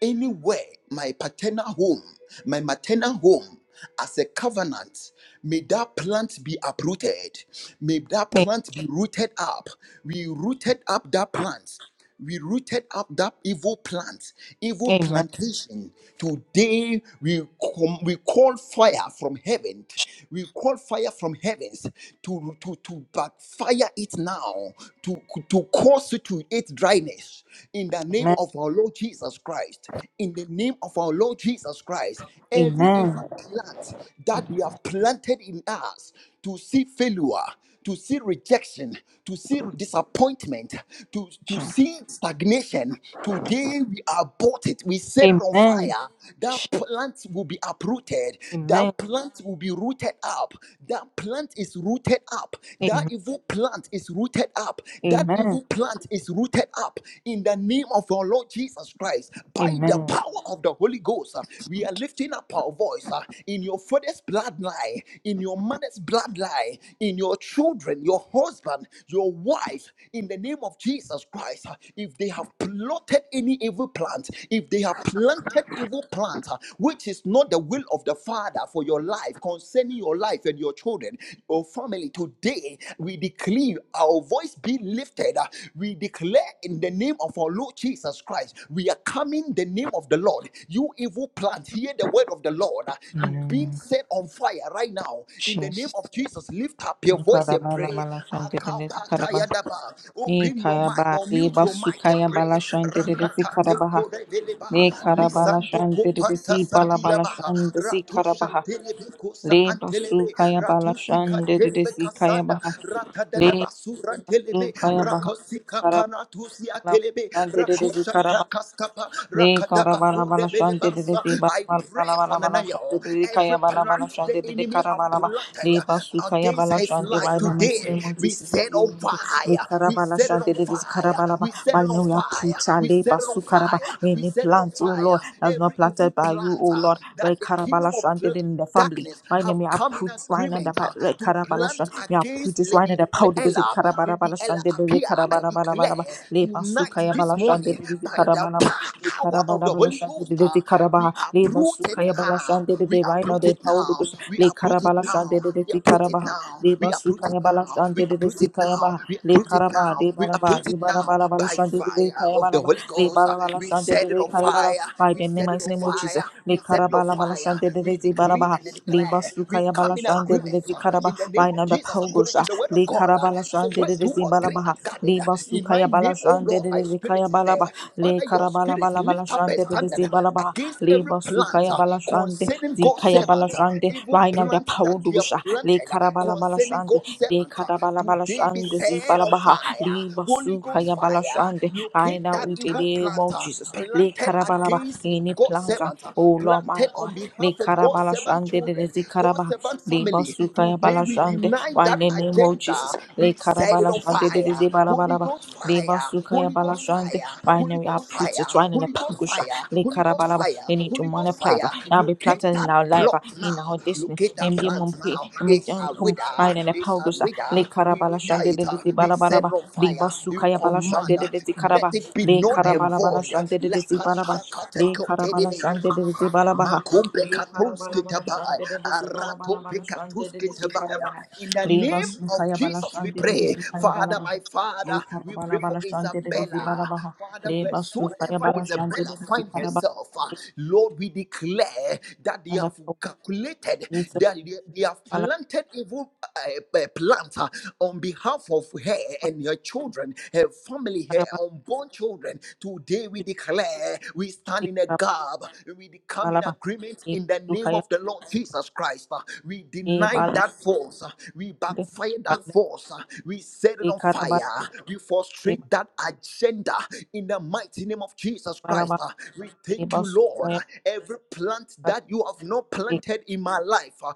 [SPEAKER 2] anywhere, my paternal home, my maternal home, as a covenant, may that plant be uprooted. May that
[SPEAKER 1] A-
[SPEAKER 2] plant be rooted up. We rooted up that plant. We rooted up that evil plant, evil
[SPEAKER 1] Amen.
[SPEAKER 2] plantation. Today we com- we call fire from heaven. We call fire from heavens to to to backfire it now. to to, to constitute its dryness in the name
[SPEAKER 1] Amen.
[SPEAKER 2] of our Lord Jesus Christ. In the name of our Lord Jesus Christ, every
[SPEAKER 1] Amen.
[SPEAKER 2] evil plant that they have planted in us to see failure, to see rejection, to see disappointment, to, to see stagnation. Today we abort it. We
[SPEAKER 1] Amen.
[SPEAKER 2] set it on
[SPEAKER 1] Amen.
[SPEAKER 2] fire. That plant will be uprooted.
[SPEAKER 1] Amen.
[SPEAKER 2] That plant will be rooted up. That plant is rooted up that
[SPEAKER 1] Amen.
[SPEAKER 2] evil plant is rooted up. That
[SPEAKER 1] Amen.
[SPEAKER 2] evil plant is rooted up in the name of our Lord Jesus Christ. By the
[SPEAKER 1] Amen.
[SPEAKER 2] power of the Holy Ghost, uh, we are lifting up our voice uh, in your father's bloodline, in your mother's bloodline, in your children, your husband, your wife, in the name of Jesus Christ. uh, If they have plotted any evil plant, if they have planted evil plant, uh, which is not the will of the Father for your life, concerning your life, life and your children, your family. Today, we declare our voice be lifted. Uh, We declare in the name of our Lord Jesus Christ, we are coming the name of the Lord. You evil plant, hear the word of the Lord. Uh, You being
[SPEAKER 1] Amen.
[SPEAKER 2] set on fire right now. In the name
[SPEAKER 1] Jesus.
[SPEAKER 2] of Jesus, lift up your voice and
[SPEAKER 1] Karaba la
[SPEAKER 2] pray.
[SPEAKER 1] bala shante de de karaba. Ni
[SPEAKER 2] Open your
[SPEAKER 1] kaya
[SPEAKER 2] mic
[SPEAKER 1] ba
[SPEAKER 2] or mute your
[SPEAKER 1] basu
[SPEAKER 2] mic and
[SPEAKER 1] kaya
[SPEAKER 2] pray.
[SPEAKER 1] bala shante de de
[SPEAKER 2] Rakata te
[SPEAKER 1] karaba
[SPEAKER 2] kore veleba,
[SPEAKER 1] Le karabala
[SPEAKER 2] Lisando
[SPEAKER 1] shante de de
[SPEAKER 2] Kopanta
[SPEAKER 1] si bala bala shante
[SPEAKER 2] Sagilaba
[SPEAKER 1] si
[SPEAKER 2] Ratusha
[SPEAKER 1] karabaha.
[SPEAKER 2] Telebecosa
[SPEAKER 1] Le
[SPEAKER 2] and
[SPEAKER 1] basu
[SPEAKER 2] telebe kosa antelebe.
[SPEAKER 1] kaya bala
[SPEAKER 2] Ratusika
[SPEAKER 1] shante de de
[SPEAKER 2] telebe
[SPEAKER 1] si kaya
[SPEAKER 2] kasanda. Ratadada basura telebe.
[SPEAKER 1] Kaya baha
[SPEAKER 2] Rakosika
[SPEAKER 1] kara
[SPEAKER 2] panatusia
[SPEAKER 1] kala
[SPEAKER 2] telebe. Rakusha takaskapa. Rakadabaku debele basa. I pray for Nanayo.
[SPEAKER 1] the Kaya
[SPEAKER 2] Every
[SPEAKER 1] bala bala
[SPEAKER 2] plant the
[SPEAKER 1] shande de
[SPEAKER 2] enemy
[SPEAKER 1] kara
[SPEAKER 2] have
[SPEAKER 1] bala ba
[SPEAKER 2] planted
[SPEAKER 1] le basu kaya
[SPEAKER 2] against
[SPEAKER 1] bala
[SPEAKER 2] his
[SPEAKER 1] shande
[SPEAKER 2] life
[SPEAKER 1] why the mighty
[SPEAKER 2] today,
[SPEAKER 1] name of
[SPEAKER 2] we
[SPEAKER 1] Jesus the
[SPEAKER 2] set on
[SPEAKER 1] name le
[SPEAKER 2] fire.
[SPEAKER 1] kara
[SPEAKER 2] We
[SPEAKER 1] bala
[SPEAKER 2] set it on
[SPEAKER 1] shande de kara
[SPEAKER 2] fire.
[SPEAKER 1] bala ba
[SPEAKER 2] We set
[SPEAKER 1] by
[SPEAKER 2] it on
[SPEAKER 1] now we are
[SPEAKER 2] fire.
[SPEAKER 1] puta
[SPEAKER 2] We
[SPEAKER 1] le
[SPEAKER 2] set it on
[SPEAKER 1] basu
[SPEAKER 2] fire. We
[SPEAKER 1] any
[SPEAKER 2] set it on
[SPEAKER 1] plant oh Lord
[SPEAKER 2] fire
[SPEAKER 1] that's
[SPEAKER 2] every
[SPEAKER 1] not
[SPEAKER 2] evil
[SPEAKER 1] planted by you
[SPEAKER 2] plant
[SPEAKER 1] oh
[SPEAKER 2] uh,
[SPEAKER 1] Lord
[SPEAKER 2] that
[SPEAKER 1] right
[SPEAKER 2] the
[SPEAKER 1] kara
[SPEAKER 2] kingdom
[SPEAKER 1] shante
[SPEAKER 2] of pl-
[SPEAKER 1] in the family
[SPEAKER 2] darkness
[SPEAKER 1] why name
[SPEAKER 2] have
[SPEAKER 1] we are
[SPEAKER 2] come in
[SPEAKER 1] put why now the
[SPEAKER 2] agreement uh,
[SPEAKER 1] right
[SPEAKER 2] to
[SPEAKER 1] kara bala
[SPEAKER 2] plant
[SPEAKER 1] shande we are put
[SPEAKER 2] against
[SPEAKER 1] this why now
[SPEAKER 2] Lady
[SPEAKER 1] the power because it
[SPEAKER 2] Ella,
[SPEAKER 1] kara bala
[SPEAKER 2] Lady
[SPEAKER 1] bala
[SPEAKER 2] Ella
[SPEAKER 1] shande de
[SPEAKER 2] appear,
[SPEAKER 1] kara
[SPEAKER 2] I
[SPEAKER 1] bala bala bala ba
[SPEAKER 2] declare
[SPEAKER 1] le basu
[SPEAKER 2] tonight,
[SPEAKER 1] kaya
[SPEAKER 2] this
[SPEAKER 1] bala shande
[SPEAKER 2] morning,
[SPEAKER 1] de
[SPEAKER 2] by
[SPEAKER 1] kara
[SPEAKER 2] the
[SPEAKER 1] bala ba le
[SPEAKER 2] power
[SPEAKER 1] kara
[SPEAKER 2] of
[SPEAKER 1] bala
[SPEAKER 2] the
[SPEAKER 1] bala
[SPEAKER 2] Holy
[SPEAKER 1] shande
[SPEAKER 2] Ghost,
[SPEAKER 1] de
[SPEAKER 2] uh, we
[SPEAKER 1] Le
[SPEAKER 2] uproot it
[SPEAKER 1] Masukaya
[SPEAKER 2] now.
[SPEAKER 1] Balashande de
[SPEAKER 2] We
[SPEAKER 1] Divina
[SPEAKER 2] uproot
[SPEAKER 1] de
[SPEAKER 2] it now.
[SPEAKER 1] Paulus,
[SPEAKER 2] We
[SPEAKER 1] Le
[SPEAKER 2] uproot it
[SPEAKER 1] Carabala Shande
[SPEAKER 2] now.
[SPEAKER 1] de
[SPEAKER 2] We uproot it
[SPEAKER 1] Zikarabaha,
[SPEAKER 2] now.
[SPEAKER 1] Le
[SPEAKER 2] We uproot it
[SPEAKER 1] Masukaya
[SPEAKER 2] now. We
[SPEAKER 1] Balashande de
[SPEAKER 2] uproot it now.
[SPEAKER 1] Zikayabaha,
[SPEAKER 2] We
[SPEAKER 1] Le
[SPEAKER 2] uproot it
[SPEAKER 1] Caraba,
[SPEAKER 2] now.
[SPEAKER 1] Le
[SPEAKER 2] We
[SPEAKER 1] Baraba,
[SPEAKER 2] uproot
[SPEAKER 1] Le
[SPEAKER 2] it now
[SPEAKER 1] Barabala
[SPEAKER 2] by
[SPEAKER 1] Balashande de de
[SPEAKER 2] fire of the
[SPEAKER 1] Kayabalaba,
[SPEAKER 2] Holy Ghost.
[SPEAKER 1] Le
[SPEAKER 2] Ghost. Uh,
[SPEAKER 1] Barabala
[SPEAKER 2] We
[SPEAKER 1] Shande
[SPEAKER 2] set it
[SPEAKER 1] de
[SPEAKER 2] on
[SPEAKER 1] Kayabala,
[SPEAKER 2] fire.
[SPEAKER 1] by
[SPEAKER 2] We
[SPEAKER 1] the name
[SPEAKER 2] set it
[SPEAKER 1] and
[SPEAKER 2] on
[SPEAKER 1] name of Jesus,
[SPEAKER 2] fire.
[SPEAKER 1] Le
[SPEAKER 2] We set it on
[SPEAKER 1] Carabala
[SPEAKER 2] fire.
[SPEAKER 1] Balashande de de
[SPEAKER 2] We decree
[SPEAKER 1] Zibarabaha,
[SPEAKER 2] and
[SPEAKER 1] Le
[SPEAKER 2] declare. We
[SPEAKER 1] Masukaya
[SPEAKER 2] come in
[SPEAKER 1] Balashande de de
[SPEAKER 2] agreement uh,
[SPEAKER 1] Zikaraba,
[SPEAKER 2] in the name
[SPEAKER 1] by
[SPEAKER 2] of
[SPEAKER 1] the
[SPEAKER 2] Jesus according
[SPEAKER 1] Paulus,
[SPEAKER 2] to the word of
[SPEAKER 1] Le
[SPEAKER 2] God. Uh,
[SPEAKER 1] Carabala
[SPEAKER 2] He said,
[SPEAKER 1] Shande
[SPEAKER 2] Where
[SPEAKER 1] de
[SPEAKER 2] two or three are
[SPEAKER 1] Zibarabaha,
[SPEAKER 2] gathered
[SPEAKER 1] Le
[SPEAKER 2] uh, in my
[SPEAKER 1] Masukaya
[SPEAKER 2] name, oh
[SPEAKER 1] Balashande de
[SPEAKER 2] Lord, my
[SPEAKER 1] de
[SPEAKER 2] spirit
[SPEAKER 1] Zikaya
[SPEAKER 2] is there.
[SPEAKER 1] Balaba, Le
[SPEAKER 2] Father, your
[SPEAKER 1] Carabala
[SPEAKER 2] spirit
[SPEAKER 1] Balabala
[SPEAKER 2] lift up
[SPEAKER 1] Shande
[SPEAKER 2] a
[SPEAKER 1] de de
[SPEAKER 2] standard
[SPEAKER 1] Zibalaba,
[SPEAKER 2] against every
[SPEAKER 1] Leba
[SPEAKER 2] plant
[SPEAKER 1] Sukaya
[SPEAKER 2] uh,
[SPEAKER 1] Balashande,
[SPEAKER 2] concerning God's
[SPEAKER 1] Zikaya
[SPEAKER 2] servant, uh,
[SPEAKER 1] Balashande,
[SPEAKER 2] evil
[SPEAKER 1] Rain of the
[SPEAKER 2] plant that they have
[SPEAKER 1] Paudusha, Le
[SPEAKER 2] planted uh,
[SPEAKER 1] Karabala
[SPEAKER 2] concerning
[SPEAKER 1] Balashande,
[SPEAKER 2] God's
[SPEAKER 1] Le
[SPEAKER 2] servant. uh,
[SPEAKER 1] Karabala
[SPEAKER 2] Today be
[SPEAKER 1] Balashande,
[SPEAKER 2] set on
[SPEAKER 1] Zipalabaha,
[SPEAKER 2] fire.
[SPEAKER 1] Leba
[SPEAKER 2] Holy Ghost
[SPEAKER 1] Sukaya
[SPEAKER 2] fire,
[SPEAKER 1] Balashande. I
[SPEAKER 2] locate
[SPEAKER 1] now
[SPEAKER 2] that
[SPEAKER 1] in the
[SPEAKER 2] evil
[SPEAKER 1] name of
[SPEAKER 2] planter
[SPEAKER 1] Jesus, Le
[SPEAKER 2] planted
[SPEAKER 1] Karabalaba,
[SPEAKER 2] against
[SPEAKER 1] any
[SPEAKER 2] God's
[SPEAKER 1] plaza,
[SPEAKER 2] servant, uh,
[SPEAKER 1] oh Lord my
[SPEAKER 2] planted on
[SPEAKER 1] God, Le
[SPEAKER 2] behalf of God's
[SPEAKER 1] Karabala
[SPEAKER 2] servant
[SPEAKER 1] Shande, Le
[SPEAKER 2] children, God's
[SPEAKER 1] Zikaraba,
[SPEAKER 2] servant
[SPEAKER 1] Leba
[SPEAKER 2] family.
[SPEAKER 1] Sukaya
[SPEAKER 2] Today we
[SPEAKER 1] Balashande,
[SPEAKER 2] deny
[SPEAKER 1] Why in
[SPEAKER 2] that
[SPEAKER 1] the name of
[SPEAKER 2] agenda.
[SPEAKER 1] Jesus, Le
[SPEAKER 2] We set it
[SPEAKER 1] Karabala
[SPEAKER 2] on
[SPEAKER 1] Shande, Le
[SPEAKER 2] fire. Holy
[SPEAKER 1] Zibalabalaba,
[SPEAKER 2] Ghost
[SPEAKER 1] Leba
[SPEAKER 2] fire,
[SPEAKER 1] Sukaya
[SPEAKER 2] Holy Ghost fire,
[SPEAKER 1] Balashande, Why
[SPEAKER 2] Holy
[SPEAKER 1] now we are
[SPEAKER 2] Ghost
[SPEAKER 1] put to
[SPEAKER 2] fire,
[SPEAKER 1] trying in a
[SPEAKER 2] Holy Ghost
[SPEAKER 1] pangusha,
[SPEAKER 2] fire,
[SPEAKER 1] Le
[SPEAKER 2] Holy Ghost
[SPEAKER 1] Karabalaba.
[SPEAKER 2] fire,
[SPEAKER 1] In any
[SPEAKER 2] Holy Ghost
[SPEAKER 1] demonic plot uh,
[SPEAKER 2] fire.
[SPEAKER 1] that be
[SPEAKER 2] Locate
[SPEAKER 1] plotted in
[SPEAKER 2] that
[SPEAKER 1] our life, uh,
[SPEAKER 2] plot
[SPEAKER 1] in our
[SPEAKER 2] now.
[SPEAKER 1] destiny.
[SPEAKER 2] Locate that
[SPEAKER 1] In the
[SPEAKER 2] plant
[SPEAKER 1] mumpi,
[SPEAKER 2] now.
[SPEAKER 1] in the
[SPEAKER 2] It's
[SPEAKER 1] John
[SPEAKER 2] a
[SPEAKER 1] Tom,
[SPEAKER 2] wither.
[SPEAKER 1] Pine and the
[SPEAKER 2] it's a
[SPEAKER 1] Palgus, uh,
[SPEAKER 2] wither.
[SPEAKER 1] Le
[SPEAKER 2] We
[SPEAKER 1] Carabala
[SPEAKER 2] wither
[SPEAKER 1] Shande
[SPEAKER 2] it.
[SPEAKER 1] de
[SPEAKER 2] uh,
[SPEAKER 1] de
[SPEAKER 2] We set it
[SPEAKER 1] Balabalaba,
[SPEAKER 2] on
[SPEAKER 1] Le
[SPEAKER 2] fire. You
[SPEAKER 1] Basukaya Bala
[SPEAKER 2] command.
[SPEAKER 1] Shande
[SPEAKER 2] uh,
[SPEAKER 1] de de
[SPEAKER 2] Let
[SPEAKER 1] Caraba,
[SPEAKER 2] it be
[SPEAKER 1] Le
[SPEAKER 2] null and
[SPEAKER 1] Carabala Bala
[SPEAKER 2] void.
[SPEAKER 1] Shande de de
[SPEAKER 2] Lepa
[SPEAKER 1] Balaba, Le
[SPEAKER 2] shakatekotelebe.
[SPEAKER 1] Carabala Shande de de Balabaha,
[SPEAKER 2] Makumbe
[SPEAKER 1] Le Carabala Bala
[SPEAKER 2] katunskitabai.
[SPEAKER 1] Shande de de Balabala
[SPEAKER 2] Arato
[SPEAKER 1] Bala Shande de de Carabaha,
[SPEAKER 2] pekatunskitabai. In the
[SPEAKER 1] Le
[SPEAKER 2] name of
[SPEAKER 1] Basukaya Bala
[SPEAKER 2] Jesus, we
[SPEAKER 1] Shande de de
[SPEAKER 2] pray. Father,
[SPEAKER 1] Carabalaba.
[SPEAKER 2] my Father,
[SPEAKER 1] Le
[SPEAKER 2] we
[SPEAKER 1] karabala
[SPEAKER 2] pray for
[SPEAKER 1] bala shante de de zibala
[SPEAKER 2] Isabella.
[SPEAKER 1] baha.
[SPEAKER 2] Father,
[SPEAKER 1] Le basu kaya
[SPEAKER 2] wheresoever
[SPEAKER 1] bala shante
[SPEAKER 2] Isabella
[SPEAKER 1] de de
[SPEAKER 2] finds
[SPEAKER 1] zikara baha.
[SPEAKER 2] herself, uh, Lord, we declare that they
[SPEAKER 1] Anda
[SPEAKER 2] have
[SPEAKER 1] pokok
[SPEAKER 2] calculated,
[SPEAKER 1] Yesus
[SPEAKER 2] that they, they have
[SPEAKER 1] kepala
[SPEAKER 2] planted evil uh, uh, plants uh, on behalf of her
[SPEAKER 1] kepala
[SPEAKER 2] and her children, her family, her
[SPEAKER 1] kepala
[SPEAKER 2] unborn children. Today we declare we
[SPEAKER 1] cuci
[SPEAKER 2] stand in a
[SPEAKER 1] kepala
[SPEAKER 2] gap, we come in
[SPEAKER 1] bah
[SPEAKER 2] agreement
[SPEAKER 1] di
[SPEAKER 2] in the
[SPEAKER 1] luka
[SPEAKER 2] name
[SPEAKER 1] ya
[SPEAKER 2] of the Lord Jesus Christ. Uh, We
[SPEAKER 1] di
[SPEAKER 2] deny
[SPEAKER 1] balik
[SPEAKER 2] that force, uh, we
[SPEAKER 1] di
[SPEAKER 2] backfire that
[SPEAKER 1] balik
[SPEAKER 2] force, uh, we set it
[SPEAKER 1] di
[SPEAKER 2] on
[SPEAKER 1] kara balik
[SPEAKER 2] fire, we
[SPEAKER 1] di
[SPEAKER 2] frustrate that agenda in the mighty name of Jesus
[SPEAKER 1] bala
[SPEAKER 2] Christ.
[SPEAKER 1] bah
[SPEAKER 2] Uh, We
[SPEAKER 1] di
[SPEAKER 2] thank you,
[SPEAKER 1] bos luka
[SPEAKER 2] Lord.
[SPEAKER 1] ya
[SPEAKER 2] Every plant plant
[SPEAKER 1] kara
[SPEAKER 2] that you have not
[SPEAKER 1] di
[SPEAKER 2] planted in my life. Uh,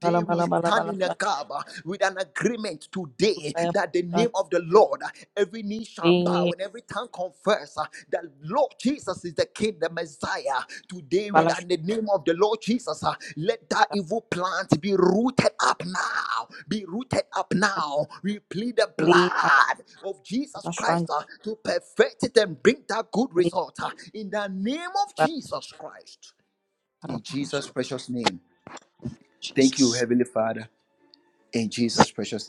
[SPEAKER 1] bala
[SPEAKER 2] we
[SPEAKER 1] bala bala
[SPEAKER 2] stand
[SPEAKER 1] bala
[SPEAKER 2] in a
[SPEAKER 1] suan
[SPEAKER 2] gap uh, with an agreement today
[SPEAKER 1] luka ya
[SPEAKER 2] that the
[SPEAKER 1] suan
[SPEAKER 2] name of the Lord, uh, every knee
[SPEAKER 1] di
[SPEAKER 2] shall bow and every tongue confess uh, that Lord Jesus is the King, the Messiah. Today we
[SPEAKER 1] bala
[SPEAKER 2] are in
[SPEAKER 1] suan
[SPEAKER 2] the name of the Lord Jesus. uh, Let that
[SPEAKER 1] kara
[SPEAKER 2] evil plant be rooted up now. Be rooted up
[SPEAKER 1] kara
[SPEAKER 2] now. We plead the
[SPEAKER 1] di
[SPEAKER 2] blood of Jesus
[SPEAKER 1] bala suan
[SPEAKER 2] Christ uh, to perfect it and bring that good
[SPEAKER 1] di
[SPEAKER 2] result uh, in the name of
[SPEAKER 1] bala
[SPEAKER 2] Jesus Christ.
[SPEAKER 1] kara
[SPEAKER 2] In
[SPEAKER 1] bala suan
[SPEAKER 2] Jesus' precious name. Thank you,
[SPEAKER 1] Jesus.
[SPEAKER 2] Heavenly Father. In Jesus' precious name.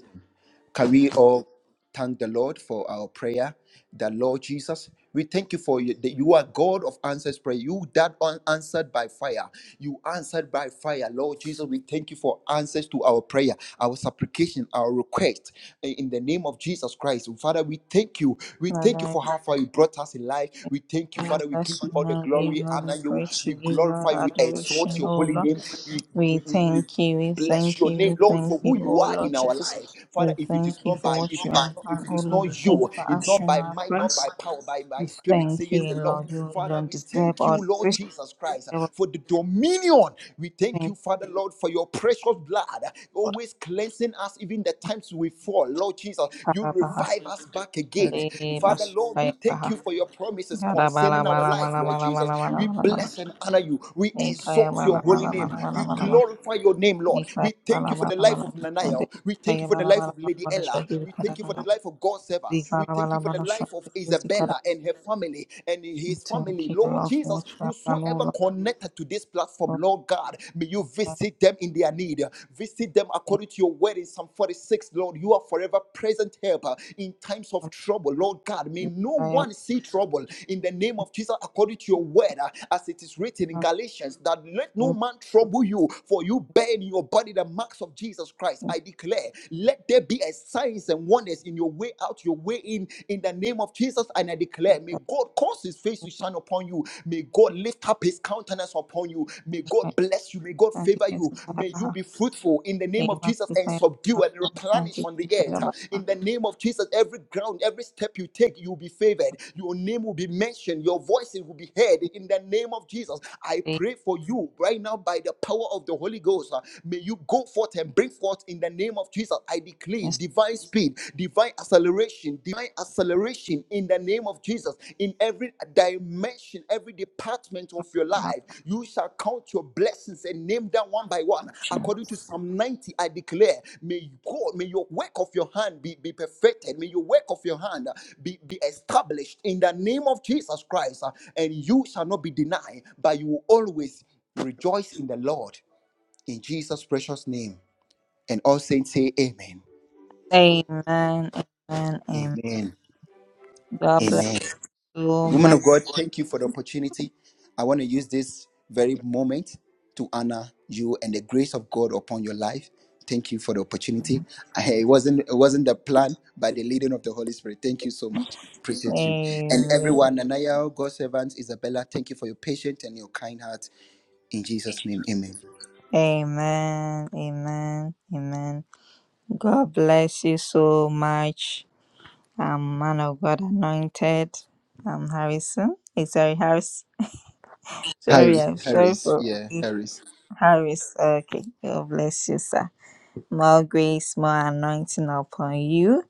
[SPEAKER 2] Can we all thank the Lord for our prayer? The Lord Jesus, we thank you for you, that you are God of answers prayer. You that un- answered by fire. You answered by fire. Lord Jesus, we thank you for answers to our prayer, our supplication, our request. In in the name of Jesus Christ, Father, we thank you. We
[SPEAKER 1] Lord,
[SPEAKER 2] thank you
[SPEAKER 1] I
[SPEAKER 2] for how far you brought us in life.
[SPEAKER 1] thank
[SPEAKER 2] We thank you,
[SPEAKER 1] you,
[SPEAKER 2] Father. We give
[SPEAKER 1] bless
[SPEAKER 2] you
[SPEAKER 1] you,
[SPEAKER 2] all the
[SPEAKER 1] and I give
[SPEAKER 2] glory,
[SPEAKER 1] you all
[SPEAKER 2] honor
[SPEAKER 1] the
[SPEAKER 2] you.
[SPEAKER 1] praise, you
[SPEAKER 2] We
[SPEAKER 1] give you all
[SPEAKER 2] glorify
[SPEAKER 1] the
[SPEAKER 2] you, exalt
[SPEAKER 1] adoration,
[SPEAKER 2] your
[SPEAKER 1] O
[SPEAKER 2] holy
[SPEAKER 1] Lord.
[SPEAKER 2] name. We,
[SPEAKER 1] We
[SPEAKER 2] we, we, we
[SPEAKER 1] thank you, we
[SPEAKER 2] Bless
[SPEAKER 1] thank
[SPEAKER 2] your
[SPEAKER 1] you, we
[SPEAKER 2] name, Lord, for
[SPEAKER 1] thank you,
[SPEAKER 2] who
[SPEAKER 1] oh
[SPEAKER 2] you are
[SPEAKER 1] Lord
[SPEAKER 2] in our
[SPEAKER 1] Jesus.
[SPEAKER 2] life. Father,
[SPEAKER 1] We
[SPEAKER 2] if it is
[SPEAKER 1] thank you
[SPEAKER 2] not
[SPEAKER 1] for
[SPEAKER 2] by,
[SPEAKER 1] what
[SPEAKER 2] if
[SPEAKER 1] you
[SPEAKER 2] it is
[SPEAKER 1] have
[SPEAKER 2] not,
[SPEAKER 1] done,
[SPEAKER 2] if it
[SPEAKER 1] oh
[SPEAKER 2] is
[SPEAKER 1] Lord. We
[SPEAKER 2] not
[SPEAKER 1] thank you
[SPEAKER 2] you,
[SPEAKER 1] for
[SPEAKER 2] it's not
[SPEAKER 1] answering
[SPEAKER 2] by
[SPEAKER 1] our
[SPEAKER 2] might, not
[SPEAKER 1] prayers.
[SPEAKER 2] by power, by my
[SPEAKER 1] We
[SPEAKER 2] spirit,
[SPEAKER 1] thank you,
[SPEAKER 2] says the Lord.
[SPEAKER 1] Lord. You
[SPEAKER 2] Father,
[SPEAKER 1] alone
[SPEAKER 2] we
[SPEAKER 1] deserve
[SPEAKER 2] thank you,
[SPEAKER 1] all
[SPEAKER 2] Lord
[SPEAKER 1] praise.
[SPEAKER 2] Jesus Christ,
[SPEAKER 1] We will
[SPEAKER 2] for the dominion. We thank
[SPEAKER 1] thank
[SPEAKER 2] you, Father, Lord, for your precious blood,
[SPEAKER 1] God.
[SPEAKER 2] always cleansing us, even the times we fall. Lord Jesus, you
[SPEAKER 1] Karabaha,
[SPEAKER 2] revive us back again. Father, Lord, we
[SPEAKER 1] lebasukaya
[SPEAKER 2] thank you
[SPEAKER 1] baha,
[SPEAKER 2] for your promises
[SPEAKER 1] garabala
[SPEAKER 2] concerning our
[SPEAKER 1] bala bala
[SPEAKER 2] life,
[SPEAKER 1] bala
[SPEAKER 2] Lord
[SPEAKER 1] bala
[SPEAKER 2] Jesus.
[SPEAKER 1] bala
[SPEAKER 2] We
[SPEAKER 1] bala bala,
[SPEAKER 2] bless and honor you. We
[SPEAKER 1] nikaya
[SPEAKER 2] exalt
[SPEAKER 1] bala
[SPEAKER 2] your holy
[SPEAKER 1] bala bala
[SPEAKER 2] name.
[SPEAKER 1] bala
[SPEAKER 2] We
[SPEAKER 1] bala bala,
[SPEAKER 2] glorify your your name, Lord. We
[SPEAKER 1] nikaya
[SPEAKER 2] thank
[SPEAKER 1] bala
[SPEAKER 2] you for
[SPEAKER 1] bala
[SPEAKER 2] the life
[SPEAKER 1] bala bala
[SPEAKER 2] of
[SPEAKER 1] bala,
[SPEAKER 2] Nanaya. We thank you
[SPEAKER 1] nikaya bala bala bala bala, nikaya
[SPEAKER 2] for
[SPEAKER 1] bala
[SPEAKER 2] the life
[SPEAKER 1] bala
[SPEAKER 2] of
[SPEAKER 1] bala bala,
[SPEAKER 2] Lady
[SPEAKER 1] bala,
[SPEAKER 2] Ella.
[SPEAKER 1] nikaya
[SPEAKER 2] We thank you for the life of God's servant. We thank you
[SPEAKER 1] bala
[SPEAKER 2] for
[SPEAKER 1] bala
[SPEAKER 2] the life
[SPEAKER 1] bala
[SPEAKER 2] of
[SPEAKER 1] bala, bala,
[SPEAKER 2] Isabella and her family and
[SPEAKER 1] We
[SPEAKER 2] his
[SPEAKER 1] Thank
[SPEAKER 2] family.
[SPEAKER 1] you,
[SPEAKER 2] Lord
[SPEAKER 1] Lord, for
[SPEAKER 2] Jesus,
[SPEAKER 1] what you have done, O
[SPEAKER 2] whosoever
[SPEAKER 1] Lord.
[SPEAKER 2] connected to this platform, Lord God, may you
[SPEAKER 1] God.
[SPEAKER 2] visit them in their need. Visit them
[SPEAKER 1] Thank
[SPEAKER 2] according to your word in Psalm 46, Lord. You are forever present helper in times of
[SPEAKER 1] you,
[SPEAKER 2] trouble. Lord God, may
[SPEAKER 1] Lord.
[SPEAKER 2] no
[SPEAKER 1] I am
[SPEAKER 2] one see trouble in the name of Jesus according to your word, uh, as it is written in
[SPEAKER 1] thankful
[SPEAKER 2] Galatians, that let no
[SPEAKER 1] to
[SPEAKER 2] man trouble you, for you you bear in your body the marks of Jesus Christ,
[SPEAKER 1] you,
[SPEAKER 2] I declare, let there be a signs and wonders in your way out, your way in, in the name of Jesus. And I declare, may God cause his face to shine upon you. May God lift up his countenance upon you. May
[SPEAKER 1] Lord.
[SPEAKER 2] God bless you. May God
[SPEAKER 1] Thank you,
[SPEAKER 2] favor you.
[SPEAKER 1] Jesus.
[SPEAKER 2] May you
[SPEAKER 1] Karabaha.
[SPEAKER 2] be fruitful in the name of
[SPEAKER 1] Deva,
[SPEAKER 2] Jesus and
[SPEAKER 1] Sita,
[SPEAKER 2] subdue and
[SPEAKER 1] Yama, Thank
[SPEAKER 2] replenish
[SPEAKER 1] you,
[SPEAKER 2] on the
[SPEAKER 1] Sita, Yama,
[SPEAKER 2] earth. In the name of Jesus, every ground, every step you take, you'll be favored. Your name will be mentioned. Your voices will be heard.
[SPEAKER 1] Thank
[SPEAKER 2] In the name of Jesus, I
[SPEAKER 1] you,
[SPEAKER 2] pray for you right now by the power of the Holy Ghost, uh, may you go forth and bring forth in the name of Jesus. I declare
[SPEAKER 1] Jesus.
[SPEAKER 2] divine speed, divine acceleration, divine acceleration in the name of Jesus. In every dimension, every department of your
[SPEAKER 1] Karabaha.
[SPEAKER 2] life, you shall count your blessings and name them one by one. According to Psalm 90, I declare, may God, may your work of your hand be, be perfected. May your work of your hand uh, be, be established in the name of Jesus Christ. uh, And you shall not be denied, but you will always rejoice in the Lord in Jesus' precious name. And all saints say amen.
[SPEAKER 1] Amen, amen, amen.
[SPEAKER 2] Amen.
[SPEAKER 1] God bless
[SPEAKER 2] Amen.
[SPEAKER 1] you,
[SPEAKER 2] Woman
[SPEAKER 1] ma.
[SPEAKER 2] of God, thank you for the opportunity. I want to use this very moment to honor you and the grace of God upon your life. Thank you for the opportunity. I- It wasn't it wasn't the plan, but the leading of the Holy Spirit. Thank you so much. Appreciate you. And
[SPEAKER 1] Amen,
[SPEAKER 2] everyone, Nanaya, God's servants, Isabella, thank you for your patience and your kind heart. In Jesus' name, amen.
[SPEAKER 1] amen, amen, amen. God bless you so much. I'm man of God anointed. I'm Harrison. It's Harris. Sorry,
[SPEAKER 2] Harris,
[SPEAKER 1] I'm sorry
[SPEAKER 2] Harris,
[SPEAKER 1] for
[SPEAKER 2] yeah, Harris.
[SPEAKER 1] Harris. Okay, God bless you, sir. More grace, more anointing upon you.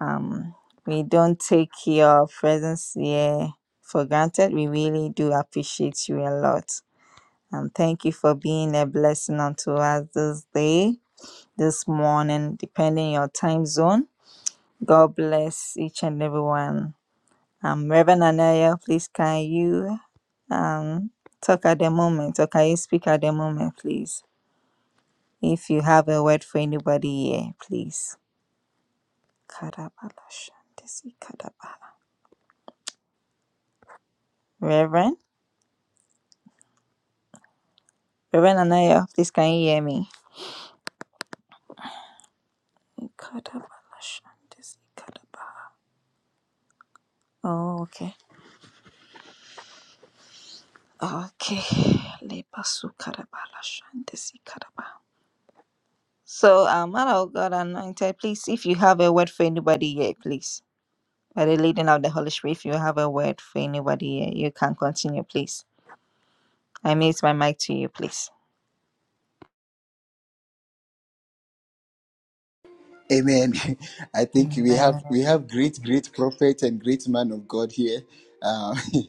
[SPEAKER 1] Um, we don't take your presence here for granted. We really do appreciate you a lot. And thank you for being a blessing unto us this day, this morning, depending on your time zone. God bless each and everyone Um, Reverend Anaya, please can you um talk at the moment or can you speak at the moment, please? If you have a word for anybody here, please. Kadabalashandisi kadabala. Reverend, Reverend Anaya, please can you hear me? Kadabalashandisi kadabala. Oh, okay. Okay. Lebasu kadabalashandisi kadaba. So, um, man of God anointed, please, if you have a word for anybody here, please. By the leading of the Holy Spirit, if you have a word for anybody here, you can continue, please. I mute my mic to you, please.
[SPEAKER 2] Amen. I think we
[SPEAKER 1] Amen.
[SPEAKER 2] have we have great, great prophet and great man of God here. Um,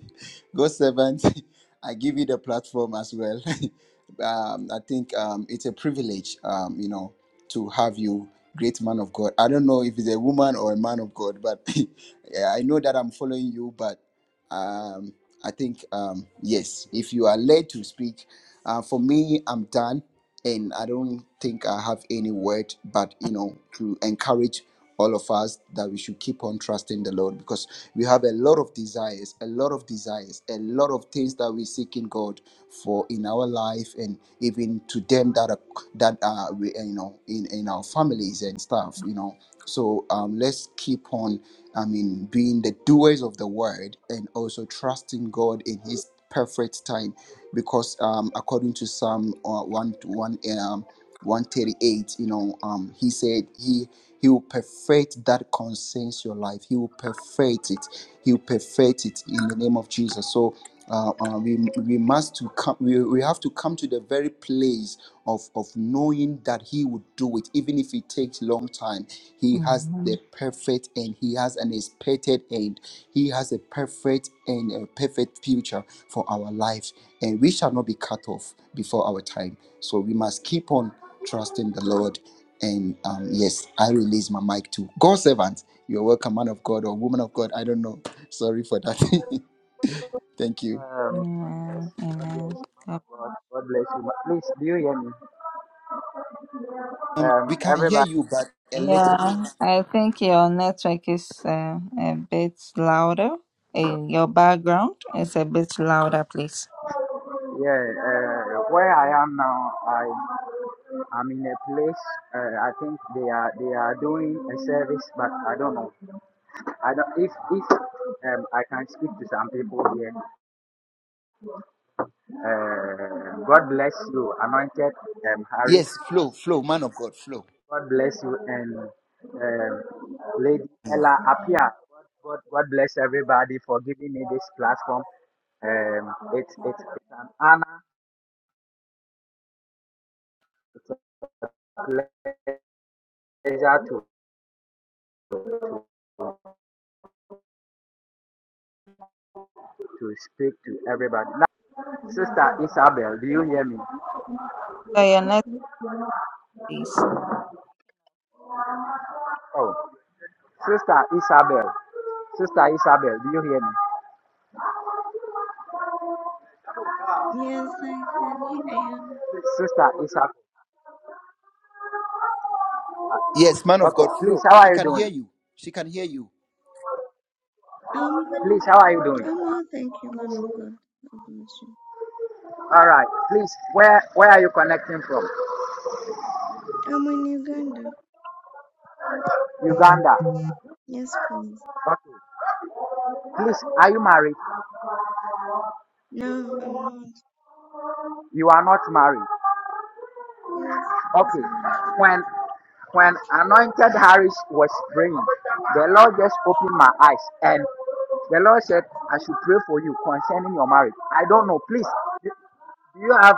[SPEAKER 2] God servant, I give you the platform as well. um, I think um, it's a privilege, um, you know, to have you, great man of God. I don't know if it's a woman or a man of God, but yeah, I know that I'm following you. But um, I think um, yes, if you are led to speak, uh, for me, I'm done, and I don't think I have any word, but you know, to encourage all of us that we should keep on trusting the Lord because we have a lot of desires, a lot of desires, a lot of things that we seek in God for in our life, and even to them that are that are we- you know in in our families and stuff, you know. So um, let's keep on. I mean, being the doers of the word and also trusting God in His perfect time, because um, according to Psalm uh, one one, uh, 138 you know um he said he he will perfect that concerns your life he will perfect it he will perfect it in the name of jesus so uh, uh, we we must to come we, we have to come to the very place of of knowing that he would do it even if it takes long time he has the
[SPEAKER 1] Amen.
[SPEAKER 2] perfect end he has an expected end he has a perfect and a perfect future for our life and we shall not be cut off before our time so we must keep on Trusting the Lord. And um, yes, I release my mic to God servant. You're welcome, man of God or woman of God. I don't know. Sorry for that. Thank you.
[SPEAKER 3] Um, God bless,
[SPEAKER 1] Amen.
[SPEAKER 3] God bless
[SPEAKER 1] Amen.
[SPEAKER 3] you, man
[SPEAKER 1] God
[SPEAKER 3] of God. God bless you. But Please, do you hear me?
[SPEAKER 2] Um,
[SPEAKER 3] Um,
[SPEAKER 2] we can hear
[SPEAKER 3] everybody,
[SPEAKER 2] you, but a little bit.
[SPEAKER 1] Yeah, I think your network is uh, a bit louder. Eh, your background is a bit louder, please.
[SPEAKER 3] yeah. Uh, where I am now, I I'm in a place. Uh, I think they are they are doing a service, but I don't know. I don't if if um I can speak to some people here. Uh, God bless you, anointed um Harris.
[SPEAKER 2] Yes, flow, flow, man of God, flow.
[SPEAKER 3] God bless you and um, Lady Ella Apia. God, God, God bless everybody for giving me this platform. Um, it's it's it's an honor, it's a pleasure to, to speak to everybody. Now, Sister Isabel, do you hear me?
[SPEAKER 1] So your network, please.
[SPEAKER 3] Oh, Sister Isabel, Sister Isabel, do you hear me?
[SPEAKER 4] Yes, I can hear you.
[SPEAKER 3] Sister Isabel.
[SPEAKER 2] Yes, man of
[SPEAKER 3] Okay,
[SPEAKER 2] God,
[SPEAKER 3] please,
[SPEAKER 2] flow.
[SPEAKER 3] how
[SPEAKER 2] She
[SPEAKER 3] are you
[SPEAKER 2] can
[SPEAKER 3] doing?
[SPEAKER 2] hear you. She can hear you.
[SPEAKER 4] I'm a man
[SPEAKER 3] Please,
[SPEAKER 4] of,
[SPEAKER 3] how are you doing?
[SPEAKER 4] I'm all thank you, man of God. God bless you.
[SPEAKER 3] All right, please, where where are you connecting from?
[SPEAKER 4] I'm in Uganda.
[SPEAKER 3] Uganda.
[SPEAKER 4] Yes, please.
[SPEAKER 3] Okay. Please, are you married?
[SPEAKER 4] No, I'm not.
[SPEAKER 3] You are not married.
[SPEAKER 4] Yes, yes,
[SPEAKER 3] Okay.
[SPEAKER 4] man of God.
[SPEAKER 3] When when anointed Harris was praying, the Lord just opened my eyes and the Lord said, I should pray for you concerning your marriage. I don't know. Please. Do you have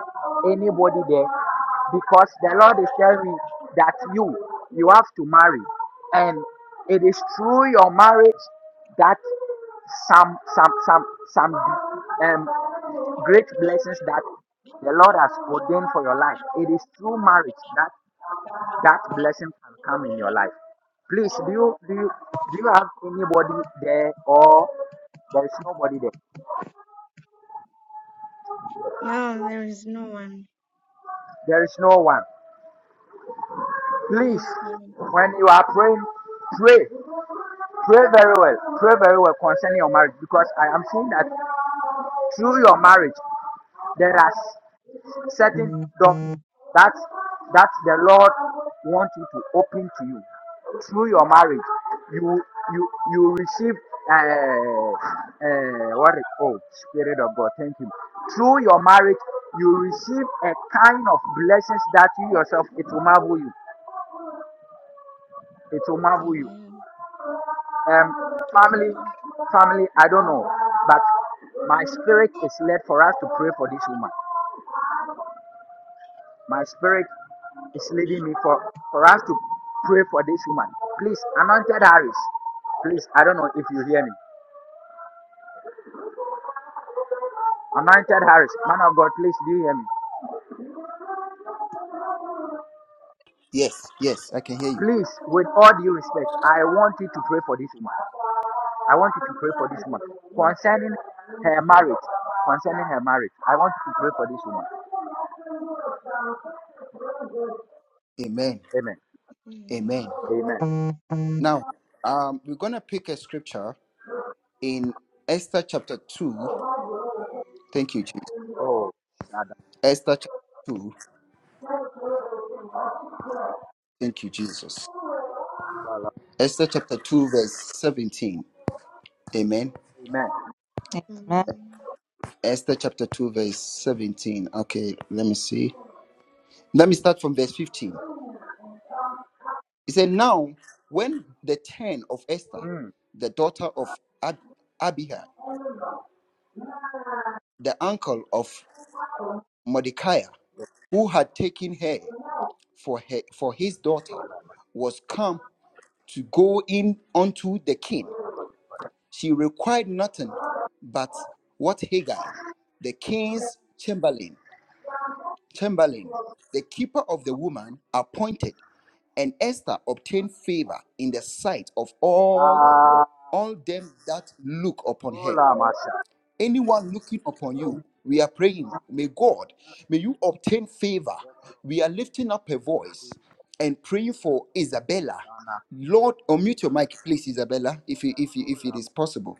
[SPEAKER 3] anybody there? Because the Lord is telling me that you you have to marry, and it is through your marriage that some some some some um great blessings that the Lord has ordained for your life. It is through marriage that that blessing can come in your life. Please, do you do you do you have anybody there or there is nobody there?
[SPEAKER 4] No, there is no one.
[SPEAKER 3] There is no one. Please,
[SPEAKER 4] Yes, man of
[SPEAKER 3] when
[SPEAKER 4] God.
[SPEAKER 3] you are praying, pray. Pray very well. Pray very well concerning your marriage because I am seeing that through your marriage there are certain
[SPEAKER 4] Amen.
[SPEAKER 3] doors that that the Lord wants you to open to you. Through your marriage, you you you receive uh, uh what is oh Spirit of God, thank you. Through your marriage, you receive a kind of blessings that you yourself it will marvel you. It will marvel you.
[SPEAKER 4] Amen.
[SPEAKER 3] Um, family,
[SPEAKER 4] Amen.
[SPEAKER 3] family, I don't know, but my spirit is led for us to pray for this woman. My spirit is leading me for, for us to pray for this woman. Please, anointed Harris, please, I don't know if you hear me. Anointed Harris, man of God, please, do you hear me?
[SPEAKER 2] Yes, yes, I can hear you.
[SPEAKER 3] Please, with all due respect, I want you to pray for this woman. I want you to pray for this woman concerning her marriage. Concerning her marriage, I want you to pray for this woman.
[SPEAKER 2] Amen.
[SPEAKER 3] Amen.
[SPEAKER 4] Amen.
[SPEAKER 2] Amen.
[SPEAKER 3] Amen.
[SPEAKER 2] Now, um, we're gonna pick a scripture in Esther chapter two. Thank you, Jesus.
[SPEAKER 3] Oh, Shada.
[SPEAKER 2] Esther chapter two. Thank you, Jesus. Esther chapter 2, verse 17. Amen.
[SPEAKER 3] Amen.
[SPEAKER 1] Amen.
[SPEAKER 4] I
[SPEAKER 2] Esther chapter 2, verse 17. Okay, let me see. Let me start from verse 15. He said, Now, when the ten of Esther,
[SPEAKER 3] Mm.
[SPEAKER 2] the daughter of Ab- Abihai, the uncle of Mordecai, who had taken her for, her for his daughter, was come to go in unto the king, she required nothing but what Haggai, the king's chamberlain, Chamberlain, the keeper of the woman, appointed, and Esther obtained favor in the sight of all
[SPEAKER 3] Ah,
[SPEAKER 2] all them that look upon her.
[SPEAKER 3] hola, Mashatana.
[SPEAKER 2] Anyone looking upon you, we are praying, may God, may you obtain favor. We are lifting up a voice and praying for Isabella. Lord, unmute your mic, please, Isabella, if you, if you, if it is possible.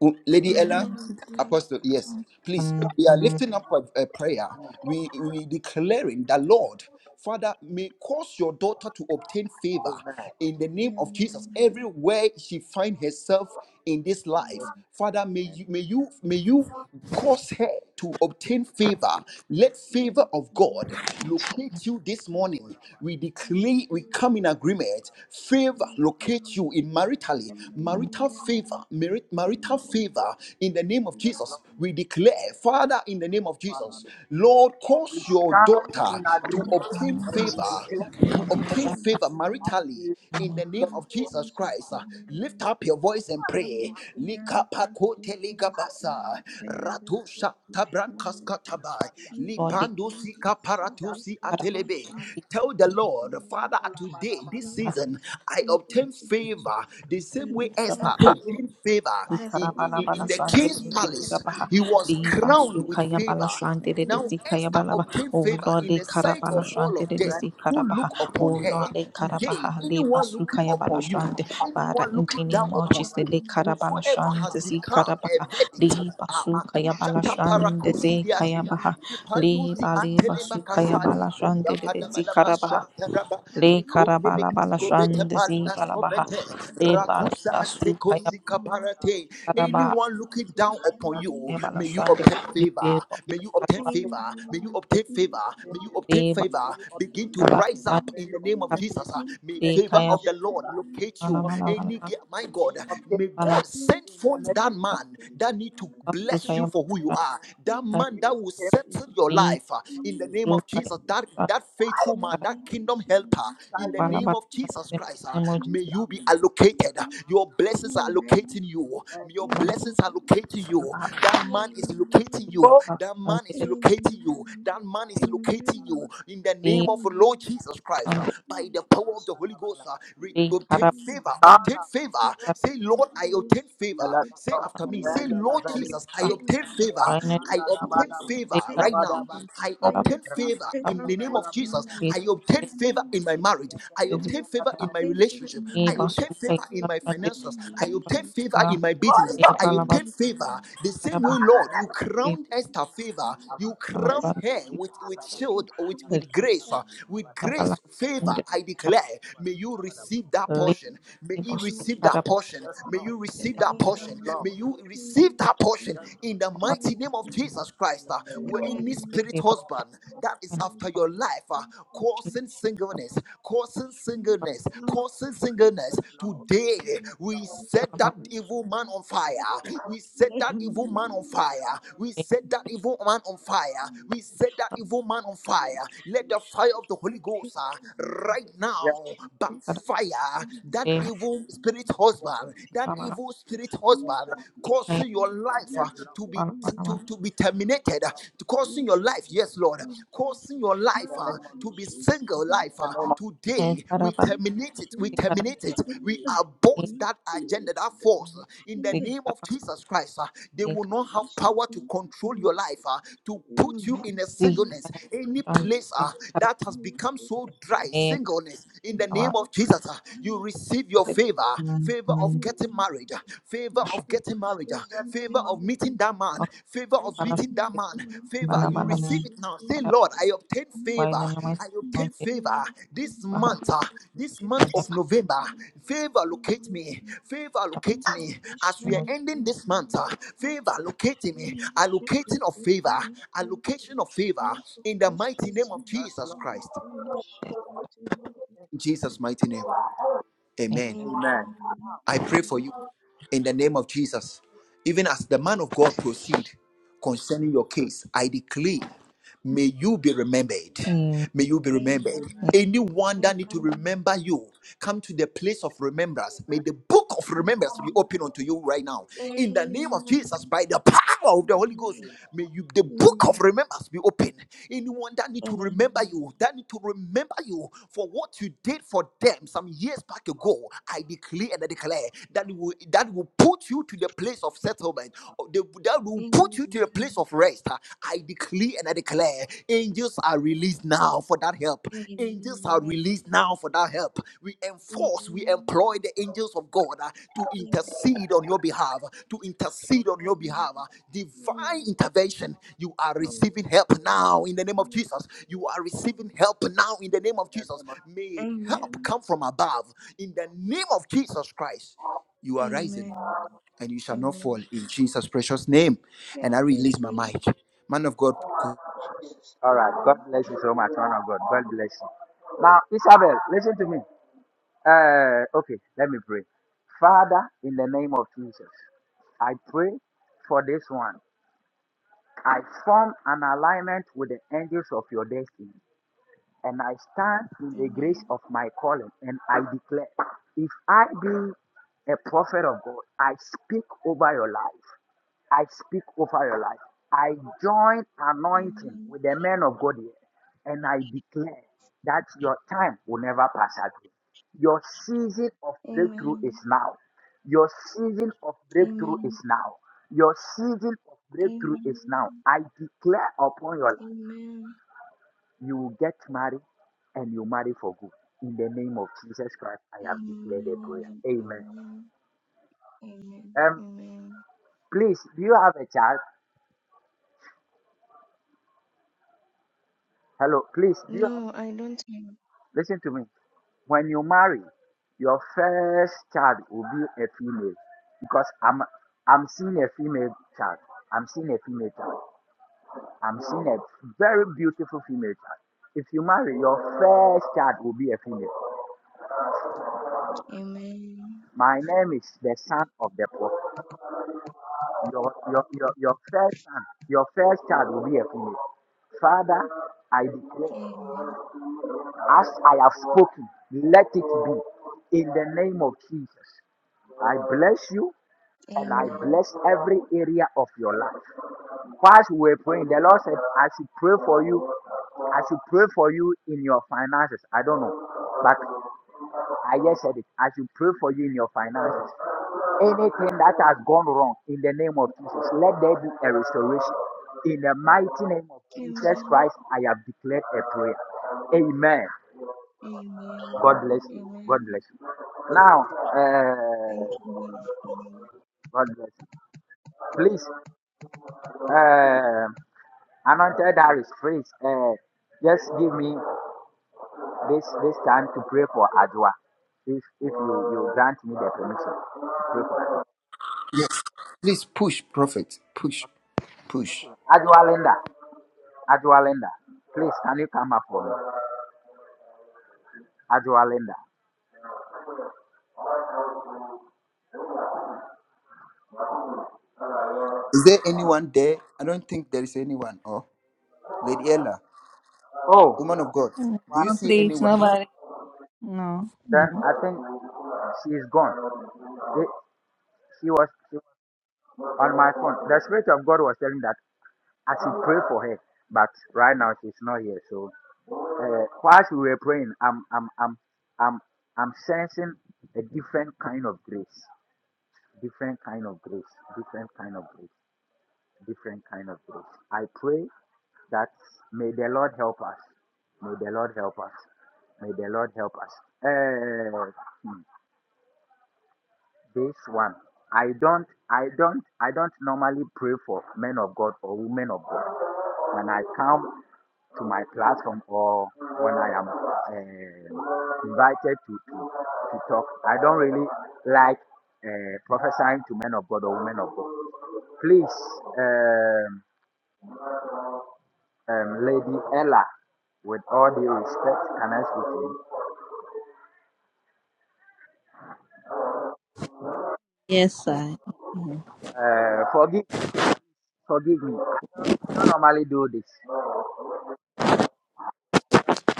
[SPEAKER 2] Oh, Lady
[SPEAKER 4] come
[SPEAKER 2] Ella,
[SPEAKER 4] on with you.
[SPEAKER 2] Apostle, yes, please.
[SPEAKER 4] Amen.
[SPEAKER 2] We are
[SPEAKER 4] Amen.
[SPEAKER 2] lifting up a, a prayer. We we declaring that Lord, Father, may cause your daughter to obtain favor
[SPEAKER 3] Amen.
[SPEAKER 2] in the name of Jesus. Everywhere she find herself in this life,
[SPEAKER 4] Amen.
[SPEAKER 2] Father, may you may
[SPEAKER 4] Amen.
[SPEAKER 2] you may you cause her to obtain favor. Let favor of God locate you this morning. We
[SPEAKER 4] Amen.
[SPEAKER 2] declare, we
[SPEAKER 4] Amen.
[SPEAKER 2] come in agreement. Favor
[SPEAKER 4] Amen.
[SPEAKER 2] locate you in marital Valley.
[SPEAKER 4] Amen.
[SPEAKER 2] Marital favor, merit, marital favor in the name of Jesus. We declare, Father, in the name of Jesus, Lord,
[SPEAKER 3] We
[SPEAKER 2] cause your
[SPEAKER 3] stand
[SPEAKER 2] daughter
[SPEAKER 3] in
[SPEAKER 2] to
[SPEAKER 3] agreement
[SPEAKER 2] obtain
[SPEAKER 3] and we
[SPEAKER 2] favor,
[SPEAKER 3] declare
[SPEAKER 2] to obtain favor
[SPEAKER 3] that
[SPEAKER 2] maritally
[SPEAKER 3] we
[SPEAKER 2] in the
[SPEAKER 3] the
[SPEAKER 2] name
[SPEAKER 4] In
[SPEAKER 2] of
[SPEAKER 3] faith.
[SPEAKER 2] Jesus
[SPEAKER 4] Jesus'
[SPEAKER 2] Christ. uh, Lift
[SPEAKER 4] name,
[SPEAKER 2] up your voice and pray.
[SPEAKER 4] I'm glad to take
[SPEAKER 2] Likapakote
[SPEAKER 4] this place.
[SPEAKER 2] ligabasa,
[SPEAKER 4] I'm glad to
[SPEAKER 2] ratusha
[SPEAKER 4] take this
[SPEAKER 2] tabrankas
[SPEAKER 4] chance.
[SPEAKER 2] katabai,
[SPEAKER 4] You
[SPEAKER 1] Lord,
[SPEAKER 4] can bring
[SPEAKER 2] lipandusi
[SPEAKER 4] this like
[SPEAKER 2] kaparatusi
[SPEAKER 4] a
[SPEAKER 2] atelebe.
[SPEAKER 4] vision
[SPEAKER 2] Tell the
[SPEAKER 4] to
[SPEAKER 2] Lord, Father, today, this season
[SPEAKER 4] you.
[SPEAKER 2] season, I
[SPEAKER 4] What
[SPEAKER 2] obtain
[SPEAKER 4] to do?
[SPEAKER 2] favor the
[SPEAKER 4] I
[SPEAKER 2] same way
[SPEAKER 4] obtained
[SPEAKER 2] Esther
[SPEAKER 4] favor.
[SPEAKER 2] obtained favor
[SPEAKER 4] Thus,
[SPEAKER 2] in, in,
[SPEAKER 4] favor
[SPEAKER 1] Karabala
[SPEAKER 2] in
[SPEAKER 4] is
[SPEAKER 2] the
[SPEAKER 1] Shanti
[SPEAKER 2] king's
[SPEAKER 1] de
[SPEAKER 4] obtained
[SPEAKER 1] de
[SPEAKER 2] palace.
[SPEAKER 1] Karabaha,
[SPEAKER 4] favor.
[SPEAKER 2] He was
[SPEAKER 4] in The
[SPEAKER 2] crowned with
[SPEAKER 4] king.
[SPEAKER 2] favor.
[SPEAKER 4] who
[SPEAKER 2] Now
[SPEAKER 4] is
[SPEAKER 1] Lihidesi
[SPEAKER 2] Esther
[SPEAKER 1] Kayabalaba,
[SPEAKER 4] currently the
[SPEAKER 2] obtained
[SPEAKER 1] O
[SPEAKER 2] favor
[SPEAKER 1] Lord,
[SPEAKER 2] in
[SPEAKER 1] de
[SPEAKER 2] the sight
[SPEAKER 1] Karabala
[SPEAKER 2] of all
[SPEAKER 1] Shanti
[SPEAKER 2] of
[SPEAKER 1] de de
[SPEAKER 4] president
[SPEAKER 2] them
[SPEAKER 1] Si
[SPEAKER 2] who look
[SPEAKER 1] Karabaha,
[SPEAKER 2] upon her.
[SPEAKER 4] and is
[SPEAKER 2] Today,
[SPEAKER 1] Bahali
[SPEAKER 2] anyone looking
[SPEAKER 1] Basukaya
[SPEAKER 2] upon you,
[SPEAKER 1] Balashande Bara
[SPEAKER 2] anyone looking
[SPEAKER 1] Intini
[SPEAKER 2] down
[SPEAKER 4] regularly
[SPEAKER 2] upon
[SPEAKER 1] Mochis de
[SPEAKER 2] you,
[SPEAKER 4] serving as
[SPEAKER 2] whosoever
[SPEAKER 4] Chief
[SPEAKER 2] has
[SPEAKER 1] Karabalashande Zi
[SPEAKER 2] become a
[SPEAKER 1] Karabaha
[SPEAKER 2] verdict.
[SPEAKER 1] Li
[SPEAKER 4] Executive
[SPEAKER 1] Basukaya
[SPEAKER 4] Officer of
[SPEAKER 2] Amakushata
[SPEAKER 1] Balashande Zi
[SPEAKER 2] parakusidiate,
[SPEAKER 1] Kayabaha Li
[SPEAKER 2] lipandusi
[SPEAKER 1] Bali
[SPEAKER 4] International
[SPEAKER 1] Basukaya
[SPEAKER 2] antelebakasadi.
[SPEAKER 4] Human
[SPEAKER 1] Balashande de Zi
[SPEAKER 4] Depression
[SPEAKER 1] Karabaha
[SPEAKER 2] Rapadabadabashataraba,
[SPEAKER 4] Research
[SPEAKER 1] Le Karabala
[SPEAKER 2] Likopelekaskovete
[SPEAKER 1] Balashande
[SPEAKER 4] International
[SPEAKER 1] Zi Balabaha
[SPEAKER 2] paliaskovete,
[SPEAKER 1] Le
[SPEAKER 4] established the
[SPEAKER 1] Bali
[SPEAKER 2] Ratusa
[SPEAKER 4] Council of
[SPEAKER 1] Basukaya
[SPEAKER 4] Human Rights
[SPEAKER 2] antekosikaparate.
[SPEAKER 1] Karaba
[SPEAKER 2] Anyone looking down upon you,
[SPEAKER 4] Organization
[SPEAKER 2] may you
[SPEAKER 1] Balashande
[SPEAKER 2] obtain
[SPEAKER 1] Le
[SPEAKER 2] favor.
[SPEAKER 1] Bebo
[SPEAKER 2] May you obtain
[SPEAKER 1] Karabala
[SPEAKER 2] favor. May you
[SPEAKER 4] Amen.
[SPEAKER 2] obtain
[SPEAKER 4] Yes,
[SPEAKER 2] favor. May you
[SPEAKER 4] Lord.
[SPEAKER 2] obtain
[SPEAKER 1] Le Balashande
[SPEAKER 2] favor.
[SPEAKER 4] Yes, Lord.
[SPEAKER 2] Begin to
[SPEAKER 4] Amen.
[SPEAKER 1] Karabala
[SPEAKER 2] rise up in the name of
[SPEAKER 4] Amen.
[SPEAKER 2] Jesus. Ah, May favor
[SPEAKER 1] Kaya
[SPEAKER 2] of the
[SPEAKER 4] Incorporation
[SPEAKER 2] Lord locate
[SPEAKER 1] Bala
[SPEAKER 2] you.
[SPEAKER 4] in corporation, I
[SPEAKER 1] Bala
[SPEAKER 2] Any
[SPEAKER 4] stand
[SPEAKER 1] Bala
[SPEAKER 2] ge-
[SPEAKER 4] in
[SPEAKER 2] my God,
[SPEAKER 4] salvation.
[SPEAKER 2] may
[SPEAKER 1] Bala
[SPEAKER 2] God
[SPEAKER 4] Lord,
[SPEAKER 2] send
[SPEAKER 4] we
[SPEAKER 2] forth that
[SPEAKER 4] want to
[SPEAKER 2] man
[SPEAKER 4] praise
[SPEAKER 2] that need
[SPEAKER 4] you,
[SPEAKER 2] to
[SPEAKER 4] know the
[SPEAKER 2] bless you
[SPEAKER 1] Basukaya
[SPEAKER 2] for who
[SPEAKER 4] creation
[SPEAKER 2] you are.
[SPEAKER 4] of
[SPEAKER 2] That
[SPEAKER 4] the person.
[SPEAKER 2] man
[SPEAKER 1] Balashande
[SPEAKER 2] that
[SPEAKER 4] Yes,
[SPEAKER 2] will set
[SPEAKER 4] Lord,
[SPEAKER 2] into your life uh, in the name of
[SPEAKER 1] Sukhaya
[SPEAKER 2] Jesus.
[SPEAKER 4] because
[SPEAKER 2] That that faithful
[SPEAKER 4] He is
[SPEAKER 2] man,
[SPEAKER 4] good. He
[SPEAKER 2] that kingdom helper,
[SPEAKER 4] is
[SPEAKER 2] in the
[SPEAKER 4] good.
[SPEAKER 2] name
[SPEAKER 1] parapala
[SPEAKER 2] of Jesus Christ, uh, may
[SPEAKER 1] parapati.
[SPEAKER 2] you be allocated. Your
[SPEAKER 4] He is good. He is
[SPEAKER 2] blessings are
[SPEAKER 4] good. He
[SPEAKER 2] allocating you. Your
[SPEAKER 4] is
[SPEAKER 2] blessings
[SPEAKER 4] good.
[SPEAKER 2] are locating you. That man is locating
[SPEAKER 4] Amen.
[SPEAKER 2] you. That man
[SPEAKER 4] Amen.
[SPEAKER 2] is locating you.
[SPEAKER 4] Amen.
[SPEAKER 2] That man is locating you.
[SPEAKER 4] Amen.
[SPEAKER 2] In the name of
[SPEAKER 4] Amen.
[SPEAKER 2] the Lord
[SPEAKER 4] Amen.
[SPEAKER 2] Jesus Christ, uh, by
[SPEAKER 4] Please,
[SPEAKER 2] the power
[SPEAKER 4] please,
[SPEAKER 2] of the Holy Ghost, uh, re- obtain favor.
[SPEAKER 4] please,
[SPEAKER 2] Obtain
[SPEAKER 3] Ana,
[SPEAKER 2] favor. Say, Lord, I
[SPEAKER 4] please,
[SPEAKER 2] obtain favor.
[SPEAKER 4] please,
[SPEAKER 2] Say after
[SPEAKER 3] Elakadosha,
[SPEAKER 2] me.
[SPEAKER 4] Lord, I
[SPEAKER 2] Say,
[SPEAKER 3] Vendela,
[SPEAKER 2] Lord
[SPEAKER 4] obtain
[SPEAKER 2] Jesus,
[SPEAKER 3] Veliata.
[SPEAKER 2] I obtain obtain
[SPEAKER 4] favor.
[SPEAKER 2] favor.
[SPEAKER 4] Lord
[SPEAKER 2] I
[SPEAKER 3] Rapanda, Daba,
[SPEAKER 2] obtain
[SPEAKER 4] Jesus, I
[SPEAKER 3] Daba,
[SPEAKER 2] favor
[SPEAKER 4] obtain
[SPEAKER 2] right
[SPEAKER 3] Daba,
[SPEAKER 2] now.
[SPEAKER 3] Daba.
[SPEAKER 4] favor.
[SPEAKER 2] I
[SPEAKER 4] I
[SPEAKER 2] obtain
[SPEAKER 4] obtain
[SPEAKER 2] favor in
[SPEAKER 4] favor
[SPEAKER 2] the name
[SPEAKER 4] right
[SPEAKER 2] of Jesus.
[SPEAKER 4] now.
[SPEAKER 2] I
[SPEAKER 4] In
[SPEAKER 2] obtain
[SPEAKER 4] the
[SPEAKER 2] favor
[SPEAKER 4] name of
[SPEAKER 2] in my marriage.
[SPEAKER 4] Jesus,
[SPEAKER 2] I
[SPEAKER 4] I
[SPEAKER 2] obtain
[SPEAKER 4] obtain
[SPEAKER 2] favor in my
[SPEAKER 4] favor in
[SPEAKER 2] relationship.
[SPEAKER 4] my
[SPEAKER 2] I
[SPEAKER 4] marriage.
[SPEAKER 2] obtain favor
[SPEAKER 4] I
[SPEAKER 2] in my
[SPEAKER 4] obtain favor in
[SPEAKER 2] finances.
[SPEAKER 4] my
[SPEAKER 2] I obtain
[SPEAKER 4] relationship.
[SPEAKER 2] favor in my
[SPEAKER 4] I
[SPEAKER 2] business.
[SPEAKER 4] obtain
[SPEAKER 2] I
[SPEAKER 4] favor in
[SPEAKER 2] obtain
[SPEAKER 4] my
[SPEAKER 2] favor
[SPEAKER 4] family.
[SPEAKER 2] the
[SPEAKER 4] I
[SPEAKER 2] same way,
[SPEAKER 4] obtain
[SPEAKER 2] Lord. You
[SPEAKER 4] favor in my
[SPEAKER 2] crowned
[SPEAKER 4] business.
[SPEAKER 2] Esther favor.
[SPEAKER 4] Miracle.
[SPEAKER 2] You crowned
[SPEAKER 4] Bless me
[SPEAKER 2] her with with
[SPEAKER 4] with your
[SPEAKER 2] shield, with
[SPEAKER 4] crown
[SPEAKER 2] with
[SPEAKER 4] as
[SPEAKER 2] grace,
[SPEAKER 4] the
[SPEAKER 2] uh,
[SPEAKER 4] Lord.
[SPEAKER 2] with grace favor. I
[SPEAKER 4] Jesus,
[SPEAKER 2] declare,
[SPEAKER 4] I
[SPEAKER 2] may
[SPEAKER 4] thank
[SPEAKER 2] you
[SPEAKER 4] you,
[SPEAKER 2] receive that
[SPEAKER 4] Father.
[SPEAKER 2] portion. May you
[SPEAKER 4] Thank
[SPEAKER 2] receive that portion. May you receive that portion portion. May you receive that portion in the mighty name of Jesus Christ. Uh, where any spirit husband that is after your life, uh, causing singleness, causing singleness, causing singleness. Today, we set that evil man on fire. We set that evil man on fire. We set that evil man on fire. We set that
[SPEAKER 4] you.
[SPEAKER 2] evil man on
[SPEAKER 4] Yes,
[SPEAKER 2] fire. Let the fire of the Holy
[SPEAKER 4] Lord.
[SPEAKER 2] Ghost uh, right
[SPEAKER 3] Yes,
[SPEAKER 2] now backfire that
[SPEAKER 1] Hey,
[SPEAKER 2] evil spirit spirit husband, that
[SPEAKER 1] Ramana,
[SPEAKER 2] evil
[SPEAKER 4] Yes,
[SPEAKER 2] spirit husband,
[SPEAKER 1] Hey,
[SPEAKER 2] causing your life uh, to be
[SPEAKER 1] Ramana,
[SPEAKER 2] to,
[SPEAKER 1] Ramana,
[SPEAKER 2] to be terminated, uh, to causing your life, yes, Lord, causing your life uh, to be single life. uh,
[SPEAKER 1] Hey,
[SPEAKER 2] today we
[SPEAKER 1] Karaba,
[SPEAKER 2] terminate it, we
[SPEAKER 1] Karaba,
[SPEAKER 2] terminate it, we
[SPEAKER 1] Hey,
[SPEAKER 2] abort that agenda, that
[SPEAKER 4] Lord.
[SPEAKER 2] force uh, in the
[SPEAKER 4] Yes,
[SPEAKER 2] name of
[SPEAKER 1] Karaba,
[SPEAKER 2] Jesus Christ. uh, they
[SPEAKER 1] Hey, Karaba, Hey,
[SPEAKER 2] will not
[SPEAKER 1] Karaba,
[SPEAKER 2] have power to control
[SPEAKER 4] Thank
[SPEAKER 2] your life, uh, to put you in a
[SPEAKER 1] Hey,
[SPEAKER 2] singleness, any place uh,
[SPEAKER 1] Karaba,
[SPEAKER 2] that has become so dry,
[SPEAKER 1] Hey,
[SPEAKER 2] singleness in the name
[SPEAKER 1] Karaba,
[SPEAKER 2] name of Jesus, uh, you receive your
[SPEAKER 1] Hey,
[SPEAKER 2] favor, favor of getting married, uh, favor of getting married, uh, favor of meeting that man,
[SPEAKER 1] of
[SPEAKER 2] favor of
[SPEAKER 1] Karaba,
[SPEAKER 2] meeting that
[SPEAKER 1] Hey,
[SPEAKER 2] man, favor. You
[SPEAKER 1] Karaba,
[SPEAKER 2] receive it now. Say,
[SPEAKER 1] Karaba,
[SPEAKER 2] Lord, I obtain
[SPEAKER 1] Why
[SPEAKER 2] favor.
[SPEAKER 1] none of my
[SPEAKER 2] I obtain
[SPEAKER 1] emojis?
[SPEAKER 2] favor this
[SPEAKER 1] Haha,
[SPEAKER 2] month, uh, this month of November. Favor locate me. Favor locate me. As we are
[SPEAKER 1] emoji
[SPEAKER 2] ending this month, uh,
[SPEAKER 4] you.
[SPEAKER 2] favor locating
[SPEAKER 4] Amen,
[SPEAKER 2] me.
[SPEAKER 4] amen,
[SPEAKER 2] Allocating
[SPEAKER 4] amen, with
[SPEAKER 2] of favor.
[SPEAKER 4] the Lord.
[SPEAKER 2] Allocation of favor
[SPEAKER 4] We
[SPEAKER 2] in the mighty
[SPEAKER 4] worship
[SPEAKER 2] name
[SPEAKER 4] you
[SPEAKER 2] of
[SPEAKER 4] with
[SPEAKER 2] Jesus
[SPEAKER 4] the Lord.
[SPEAKER 2] Christ.
[SPEAKER 4] We worship you with the Lord.
[SPEAKER 2] In Jesus' mighty name.
[SPEAKER 1] name.
[SPEAKER 2] Amen.
[SPEAKER 4] Amen.
[SPEAKER 3] amen.
[SPEAKER 4] Amen.
[SPEAKER 2] I pray for
[SPEAKER 4] Amen.
[SPEAKER 2] you in the name of Jesus. Even as the man of God proceed concerning your case, I declare May you be remembered.
[SPEAKER 1] Hmm.
[SPEAKER 2] May you be remembered.
[SPEAKER 4] Amen.
[SPEAKER 2] Anyone that need to
[SPEAKER 4] Amen.
[SPEAKER 2] remember you, come to the place of remembrance. May the book of
[SPEAKER 4] Amen.
[SPEAKER 2] remembrance be
[SPEAKER 4] Amen.
[SPEAKER 2] open unto you right now. In the name
[SPEAKER 4] Amen.
[SPEAKER 2] of Jesus, by the power of the Holy Ghost,
[SPEAKER 4] Amen.
[SPEAKER 2] may you the book of
[SPEAKER 4] Amen.
[SPEAKER 2] remembrance be open. Anyone that need to remember
[SPEAKER 4] Amen.
[SPEAKER 2] you, that need to remember you for what you did for them some years back ago, I declare and I declare that will that will put you to the place of settlement. That will put you to a place of rest. Ah, I decree and I declare angels are released now for that help.
[SPEAKER 4] Amen. Amen.
[SPEAKER 2] Angels are
[SPEAKER 4] Amen.
[SPEAKER 2] released now for that help. We enforce, we employ the angels of God ah, to intercede on your behalf, to intercede on your behalf. ah. Divine intervention. You are
[SPEAKER 4] Lord,
[SPEAKER 2] receiving help
[SPEAKER 4] Lord,
[SPEAKER 2] now in the name of
[SPEAKER 4] yes,
[SPEAKER 2] Jesus. You are receiving
[SPEAKER 4] Lord.
[SPEAKER 2] help now in the name of Jesus. May help
[SPEAKER 4] Amen.
[SPEAKER 2] come from above in the name of Jesus Christ. You are rising
[SPEAKER 4] Amen.
[SPEAKER 2] and you shall not fall
[SPEAKER 4] Amen.
[SPEAKER 2] in Jesus' precious name.
[SPEAKER 4] Thank
[SPEAKER 2] And I
[SPEAKER 4] you,
[SPEAKER 2] release my
[SPEAKER 4] Jesus.
[SPEAKER 2] mic. Man of God,
[SPEAKER 4] Jesus.
[SPEAKER 3] All right. God
[SPEAKER 4] Amen.
[SPEAKER 3] bless you so much, man of God. God bless you. Now, Isabel, listen to me. Uh, okay, let me pray. Father, in the name of Jesus, I pray for this one. I form an alignment with the angels of your destiny and I stand in the grace of my calling and I declare if I be a prophet of God, I speak over your life. I speak over your life. I join anointing
[SPEAKER 4] Amen.
[SPEAKER 3] with the men of God here and I declare that your time will never pass again. Your season of breakthrough is
[SPEAKER 4] Amen.
[SPEAKER 3] now. Your season of breakthrough is
[SPEAKER 4] Amen.
[SPEAKER 3] now. Your season of breakthrough is now.
[SPEAKER 4] Amen.
[SPEAKER 3] I declare upon your life.
[SPEAKER 4] Amen.
[SPEAKER 3] You will get married and you marry for good. In the name of Jesus Christ, I have declared a prayer.
[SPEAKER 4] Amen.
[SPEAKER 3] Amen.
[SPEAKER 4] Amen. Amen. Amen.
[SPEAKER 3] Um,
[SPEAKER 4] Amen.
[SPEAKER 3] please, do you have a child? Hello, please, do you have,
[SPEAKER 4] No, I don't have.
[SPEAKER 3] listen to me. When you marry, your first child will be a female because I'm, I'm seeing a female child. I'm seeing a female child. I'm seeing a very beautiful female child. If you marry, your first child will be a female.
[SPEAKER 4] Amen.
[SPEAKER 3] My name is the son of the prophet. Your, your, your, your first son, your first child will be a female. Father, I declare,
[SPEAKER 4] Amen.
[SPEAKER 3] as I have spoken, let it be in the name of Jesus. I bless you and I
[SPEAKER 4] Amen.
[SPEAKER 3] bless every area of your life. Whilst we were praying, the Lord said, I should pray for you. I should pray for you in your finances. I don't know. but." I just said it. I should pray for you in your finances. Anything that has gone wrong in the name of Jesus, let there be a restoration. In the mighty name of Jesus
[SPEAKER 4] Amen.
[SPEAKER 3] Christ, I have declared a prayer. Amen. God bless
[SPEAKER 4] Amen.
[SPEAKER 3] you. God
[SPEAKER 4] Amen.
[SPEAKER 3] bless you. Now, uh,
[SPEAKER 4] Thank you. Lord. Thank
[SPEAKER 3] God bless you. Please, uh, anointed Aris, please, uh, just give me this this time to pray for Adwa. If if you, you grant me the permission to pray for
[SPEAKER 2] yes, please push, prophet, push, push.
[SPEAKER 3] Adwa Linda. Ajualinda, please can you come up for me? Ajualinda.
[SPEAKER 2] Is there anyone there? I don't think there is anyone. Oh, Lady Ella, woman
[SPEAKER 3] Oh,
[SPEAKER 2] of God, do you
[SPEAKER 1] No,
[SPEAKER 2] see
[SPEAKER 1] please,
[SPEAKER 2] anyone?
[SPEAKER 1] nobody. No,
[SPEAKER 3] then
[SPEAKER 1] no.
[SPEAKER 3] I think she is gone. It, she was she was on my phone. The Spirit of God was telling that I should pray for her, but right now she's not here. So uh, while we were praying, I'm I'm I'm I'm I'm sensing a different kind of grace, different kind of grace, different kind of grace. different kind of things. I pray that may the Lord help us. May the Lord help us. May the Lord help us. Uh, hmm, this one, I don't, I don't, I don't normally pray for men of God or women of God. When I come to my platform or when I am uh, invited to, to to talk, I don't really like uh, prophesying to men of God or women of God. Please. Um, um, Lady Ella, with all due respect, can I speak to you?
[SPEAKER 1] Yes, I am.
[SPEAKER 3] Uh, forgive, forgive me. I don't, I don't normally do this. I don't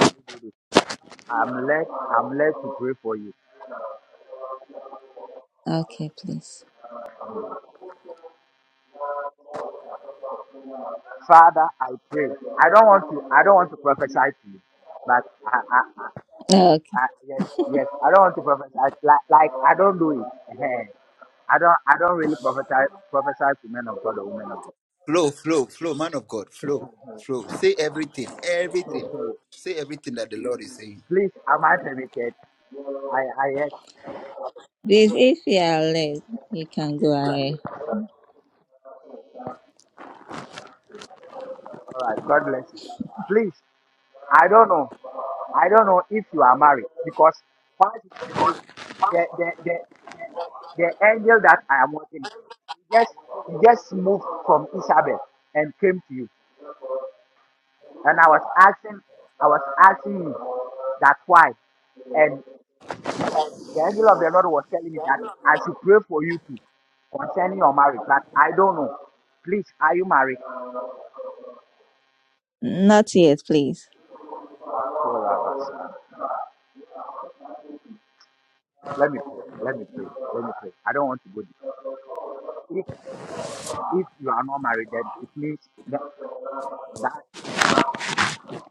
[SPEAKER 3] Normally do this. But I'm led. I'm led to pray for you,
[SPEAKER 1] Okay, please.
[SPEAKER 3] Father. I pray. I don't want to. I don't want to prophesy to you, but I, I, I, I yes, yes. I don't want to prophesy. Like, like like, I don't do it. Eh. I don't. I don't really prophesy. Prophesy to men of God or women of God.
[SPEAKER 2] Flow, flow, flow, man of God, flow, flow. Say everything, everything. Say everything that the Lord is saying.
[SPEAKER 3] Please, am I permitted? I, I yes.
[SPEAKER 1] Please, if you are late, you can go ahead.
[SPEAKER 3] All right. God bless you. Please, I don't know. I don't know if you are married because once you pray, the the the the, the angel that I am working, with, he just he just moved from Isabel and came to you, and I was asking, I was asking you that why, and the angel of the Lord was telling me that I should pray for you too concerning your marriage, but I don't know. Please, are you married?
[SPEAKER 1] Not yet, please.
[SPEAKER 3] Let me pray. Let me pray. Let me pray. I don't want to go deep. If if you are not married, then it means that that's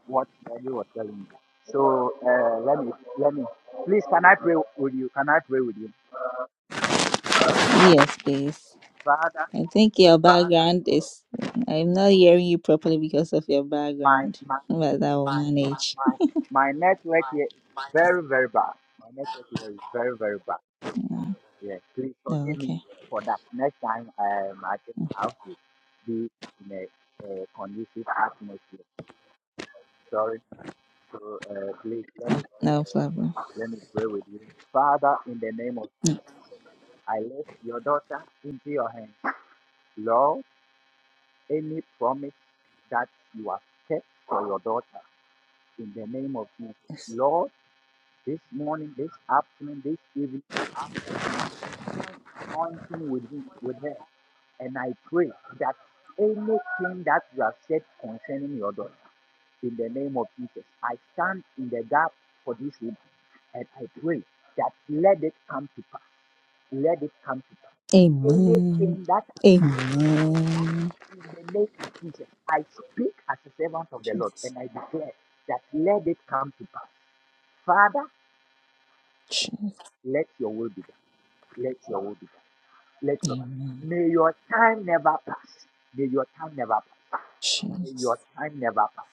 [SPEAKER 3] what the angel was telling me. So uh, let me let me please can I pray with you? Can I pray with you?
[SPEAKER 1] Yes, please.
[SPEAKER 3] Father,
[SPEAKER 1] I think your background is. I'm not hearing you properly because of your
[SPEAKER 3] my
[SPEAKER 1] background,
[SPEAKER 3] my
[SPEAKER 1] but I will manage.
[SPEAKER 3] my my network here is very, very bad. My network here is very, very bad.
[SPEAKER 1] Yeah.
[SPEAKER 3] Yeah. Please
[SPEAKER 1] Oh,
[SPEAKER 3] forgive
[SPEAKER 1] okay.
[SPEAKER 3] me for that. Next time um, I think I have to be in a, a conducive atmosphere. Sorry. So uh, please let me pray.
[SPEAKER 1] No problem.
[SPEAKER 3] Let me pray with you. Father, in the name of Jesus, I lift your daughter into your hands. Lord, any promise that you have kept for your daughter, in the name of Jesus. Lord, this morning, this afternoon, this evening, join anointing with, him, with her. And I pray that anything that you have said concerning your daughter, in the name of Jesus, I stand in the gap for this woman. And I pray that let it come to pass let it come to pass.
[SPEAKER 1] Amen.
[SPEAKER 3] Anything that
[SPEAKER 1] Amen.
[SPEAKER 3] in the name of Jesus, I speak as a servant of the Lord and I declare that let it come to pass. Father,
[SPEAKER 1] Jesus.
[SPEAKER 3] let your will be done. Let your will be done. Let your
[SPEAKER 1] Amen.
[SPEAKER 3] may your time never pass. May your time never pass. May
[SPEAKER 1] Jesus.
[SPEAKER 3] your time never pass.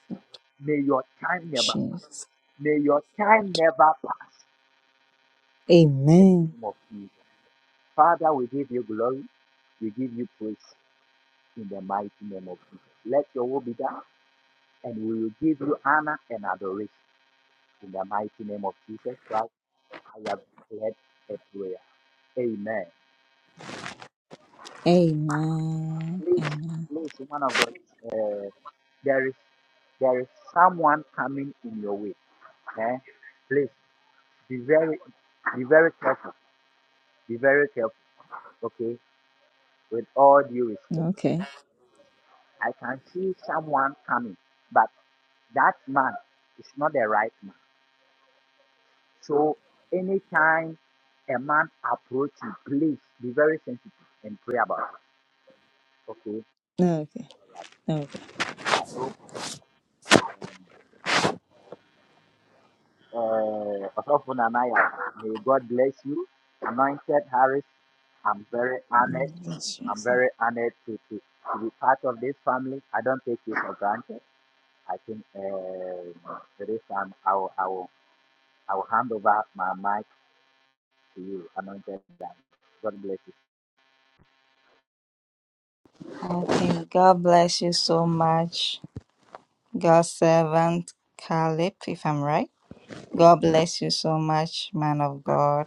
[SPEAKER 3] May your time never pass.
[SPEAKER 1] Jesus.
[SPEAKER 3] May your time never pass. In the
[SPEAKER 1] Amen.
[SPEAKER 3] name of Jesus. Father, we give you glory. We give you praise. in the mighty name of Jesus. Let your will be done, and we will give you honor and adoration in the mighty name of Jesus Christ. I have declared a prayer. Amen.
[SPEAKER 1] Amen.
[SPEAKER 3] Please,
[SPEAKER 1] Amen.
[SPEAKER 3] please, man of God, there is there is someone coming in your way. Eh? Please be very be very careful. Be very careful. Okay, with all due respect,
[SPEAKER 1] Okay.
[SPEAKER 3] I can see someone coming, but that man is not the right man. So anytime a man approaches, please be very sensitive and pray about it. Okay.
[SPEAKER 1] Okay. Okay.
[SPEAKER 3] All right. So um, uh, Osofo Nanaya, may God bless you. Anointed Harris, I'm very honored.
[SPEAKER 1] Bless you,
[SPEAKER 3] I'm
[SPEAKER 1] sir.
[SPEAKER 3] very honored to, to, to be part of this family. I don't take it for granted. I think um for this time I will, I will I will hand over my mic to you, Anointed. Harris. God bless you.
[SPEAKER 1] Okay, God bless you so much, God's servant Caleb, if I'm right. God bless you so much, man of God.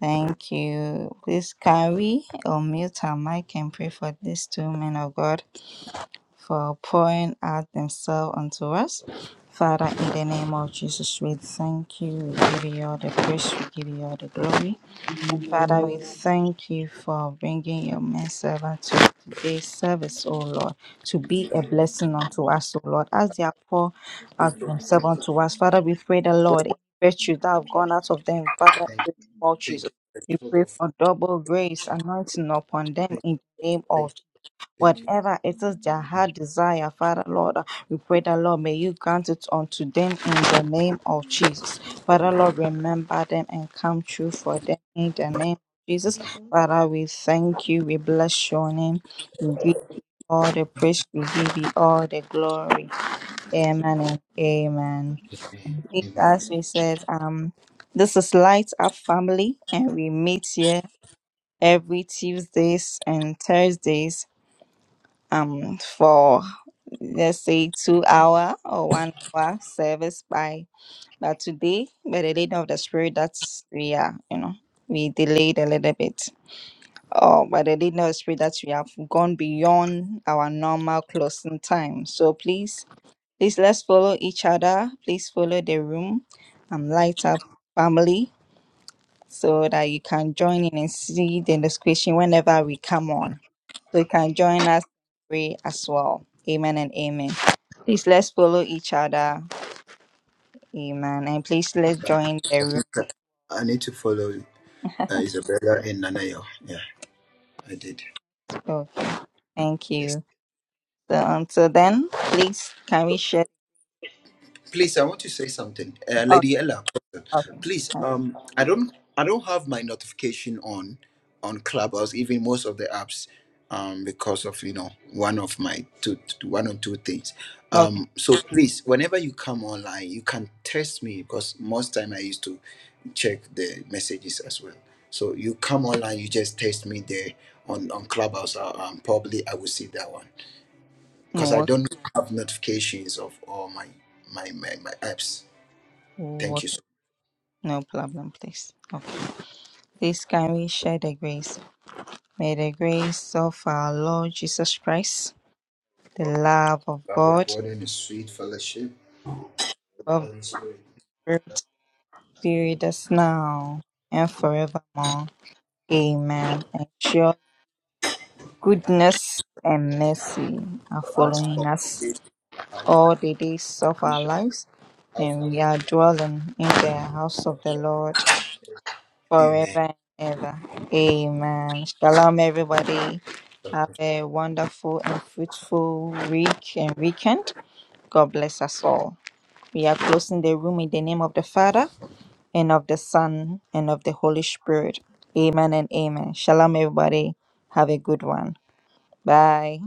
[SPEAKER 1] Thank you. Please, can we unmute our mic and pray for these two men of God for pouring out themselves unto us? Father, in the name of Jesus, we thank you. We give you all the praise. We give you all the glory.
[SPEAKER 4] you.
[SPEAKER 1] Father, we thank you for bringing your men servant to today's service, O Lord, to be a
[SPEAKER 4] Thank
[SPEAKER 1] blessing
[SPEAKER 4] you.
[SPEAKER 1] unto us, O Lord, as they are poor
[SPEAKER 4] Thank
[SPEAKER 1] out themselves unto us. Father, we pray the Lord, any virtue that have gone out of them, Father, in the name of Jesus. We pray for double grace, anointing upon them in the name of Whatever it is their heart desire, Father Lord, uh, we pray that Lord, may you grant it unto them in the name of Jesus. Father Lord, remember them and come true for them in the name of Jesus. Father, we thank you, we bless your name. We give you all the praise, we give you all the glory. Amen and amen. Please, As
[SPEAKER 4] you.
[SPEAKER 1] we said, um, this is Light Up Family, and we meet here every Tuesdays and Thursdays um for let's say two hour or one hour service by but today by the leading of the spirit that's we are you know we delayed a little bit or by the leading of the spirit that we have gone beyond our normal closing time so please please let's follow each other please follow the room um light up family so that you can join in and see the discussion whenever we come on so you can join us pray as well. Amen and amen. Please let's follow each other. Amen. And please let's join the room.
[SPEAKER 2] Okay. I need to follow uh, Isabella and Nanayo. Yeah, I did.
[SPEAKER 1] Oh, thank
[SPEAKER 2] Yes.
[SPEAKER 1] you. So until then, please can we share?
[SPEAKER 2] Please, I want to say something. Uh,
[SPEAKER 1] Oh,
[SPEAKER 2] Lady Ella,
[SPEAKER 1] okay.
[SPEAKER 2] please
[SPEAKER 1] Okay.
[SPEAKER 2] um i don't i don't have my notification on on clubhouse even most of the apps um because of you know one of my two one or two things
[SPEAKER 1] okay.
[SPEAKER 2] um so please whenever you come online you can test me because most time i used to check the messages as well so you come online you just test me there on on clubhouse uh, um, probably i will see that one because
[SPEAKER 1] No
[SPEAKER 2] i
[SPEAKER 1] work.
[SPEAKER 2] don't have notifications of all my my my, my apps thank
[SPEAKER 1] work.
[SPEAKER 2] you so
[SPEAKER 1] No problem, please. Okay. Please can we share the grace? May the grace of our Lord Jesus Christ, the love of
[SPEAKER 2] much Love of
[SPEAKER 1] God,
[SPEAKER 2] god and his sweet fellowship
[SPEAKER 1] of
[SPEAKER 2] Holy Spirit.
[SPEAKER 1] the Spirit, be with us now and forevermore. Amen. And sure goodness and mercy are
[SPEAKER 2] For us, for
[SPEAKER 1] following us
[SPEAKER 2] this life,
[SPEAKER 1] all the days of
[SPEAKER 2] we
[SPEAKER 1] our
[SPEAKER 2] shall
[SPEAKER 1] lives,
[SPEAKER 2] have
[SPEAKER 1] and
[SPEAKER 2] an
[SPEAKER 1] we are dwelling in the house of the Lord forever and ever. Amen. Shalom, everybody. Have a wonderful and fruitful week and weekend. God bless us all. We are closing the room in the name of the Father and of the Son and of the Holy Spirit. Amen and amen. Shalom, everybody. Have a good one. Bye.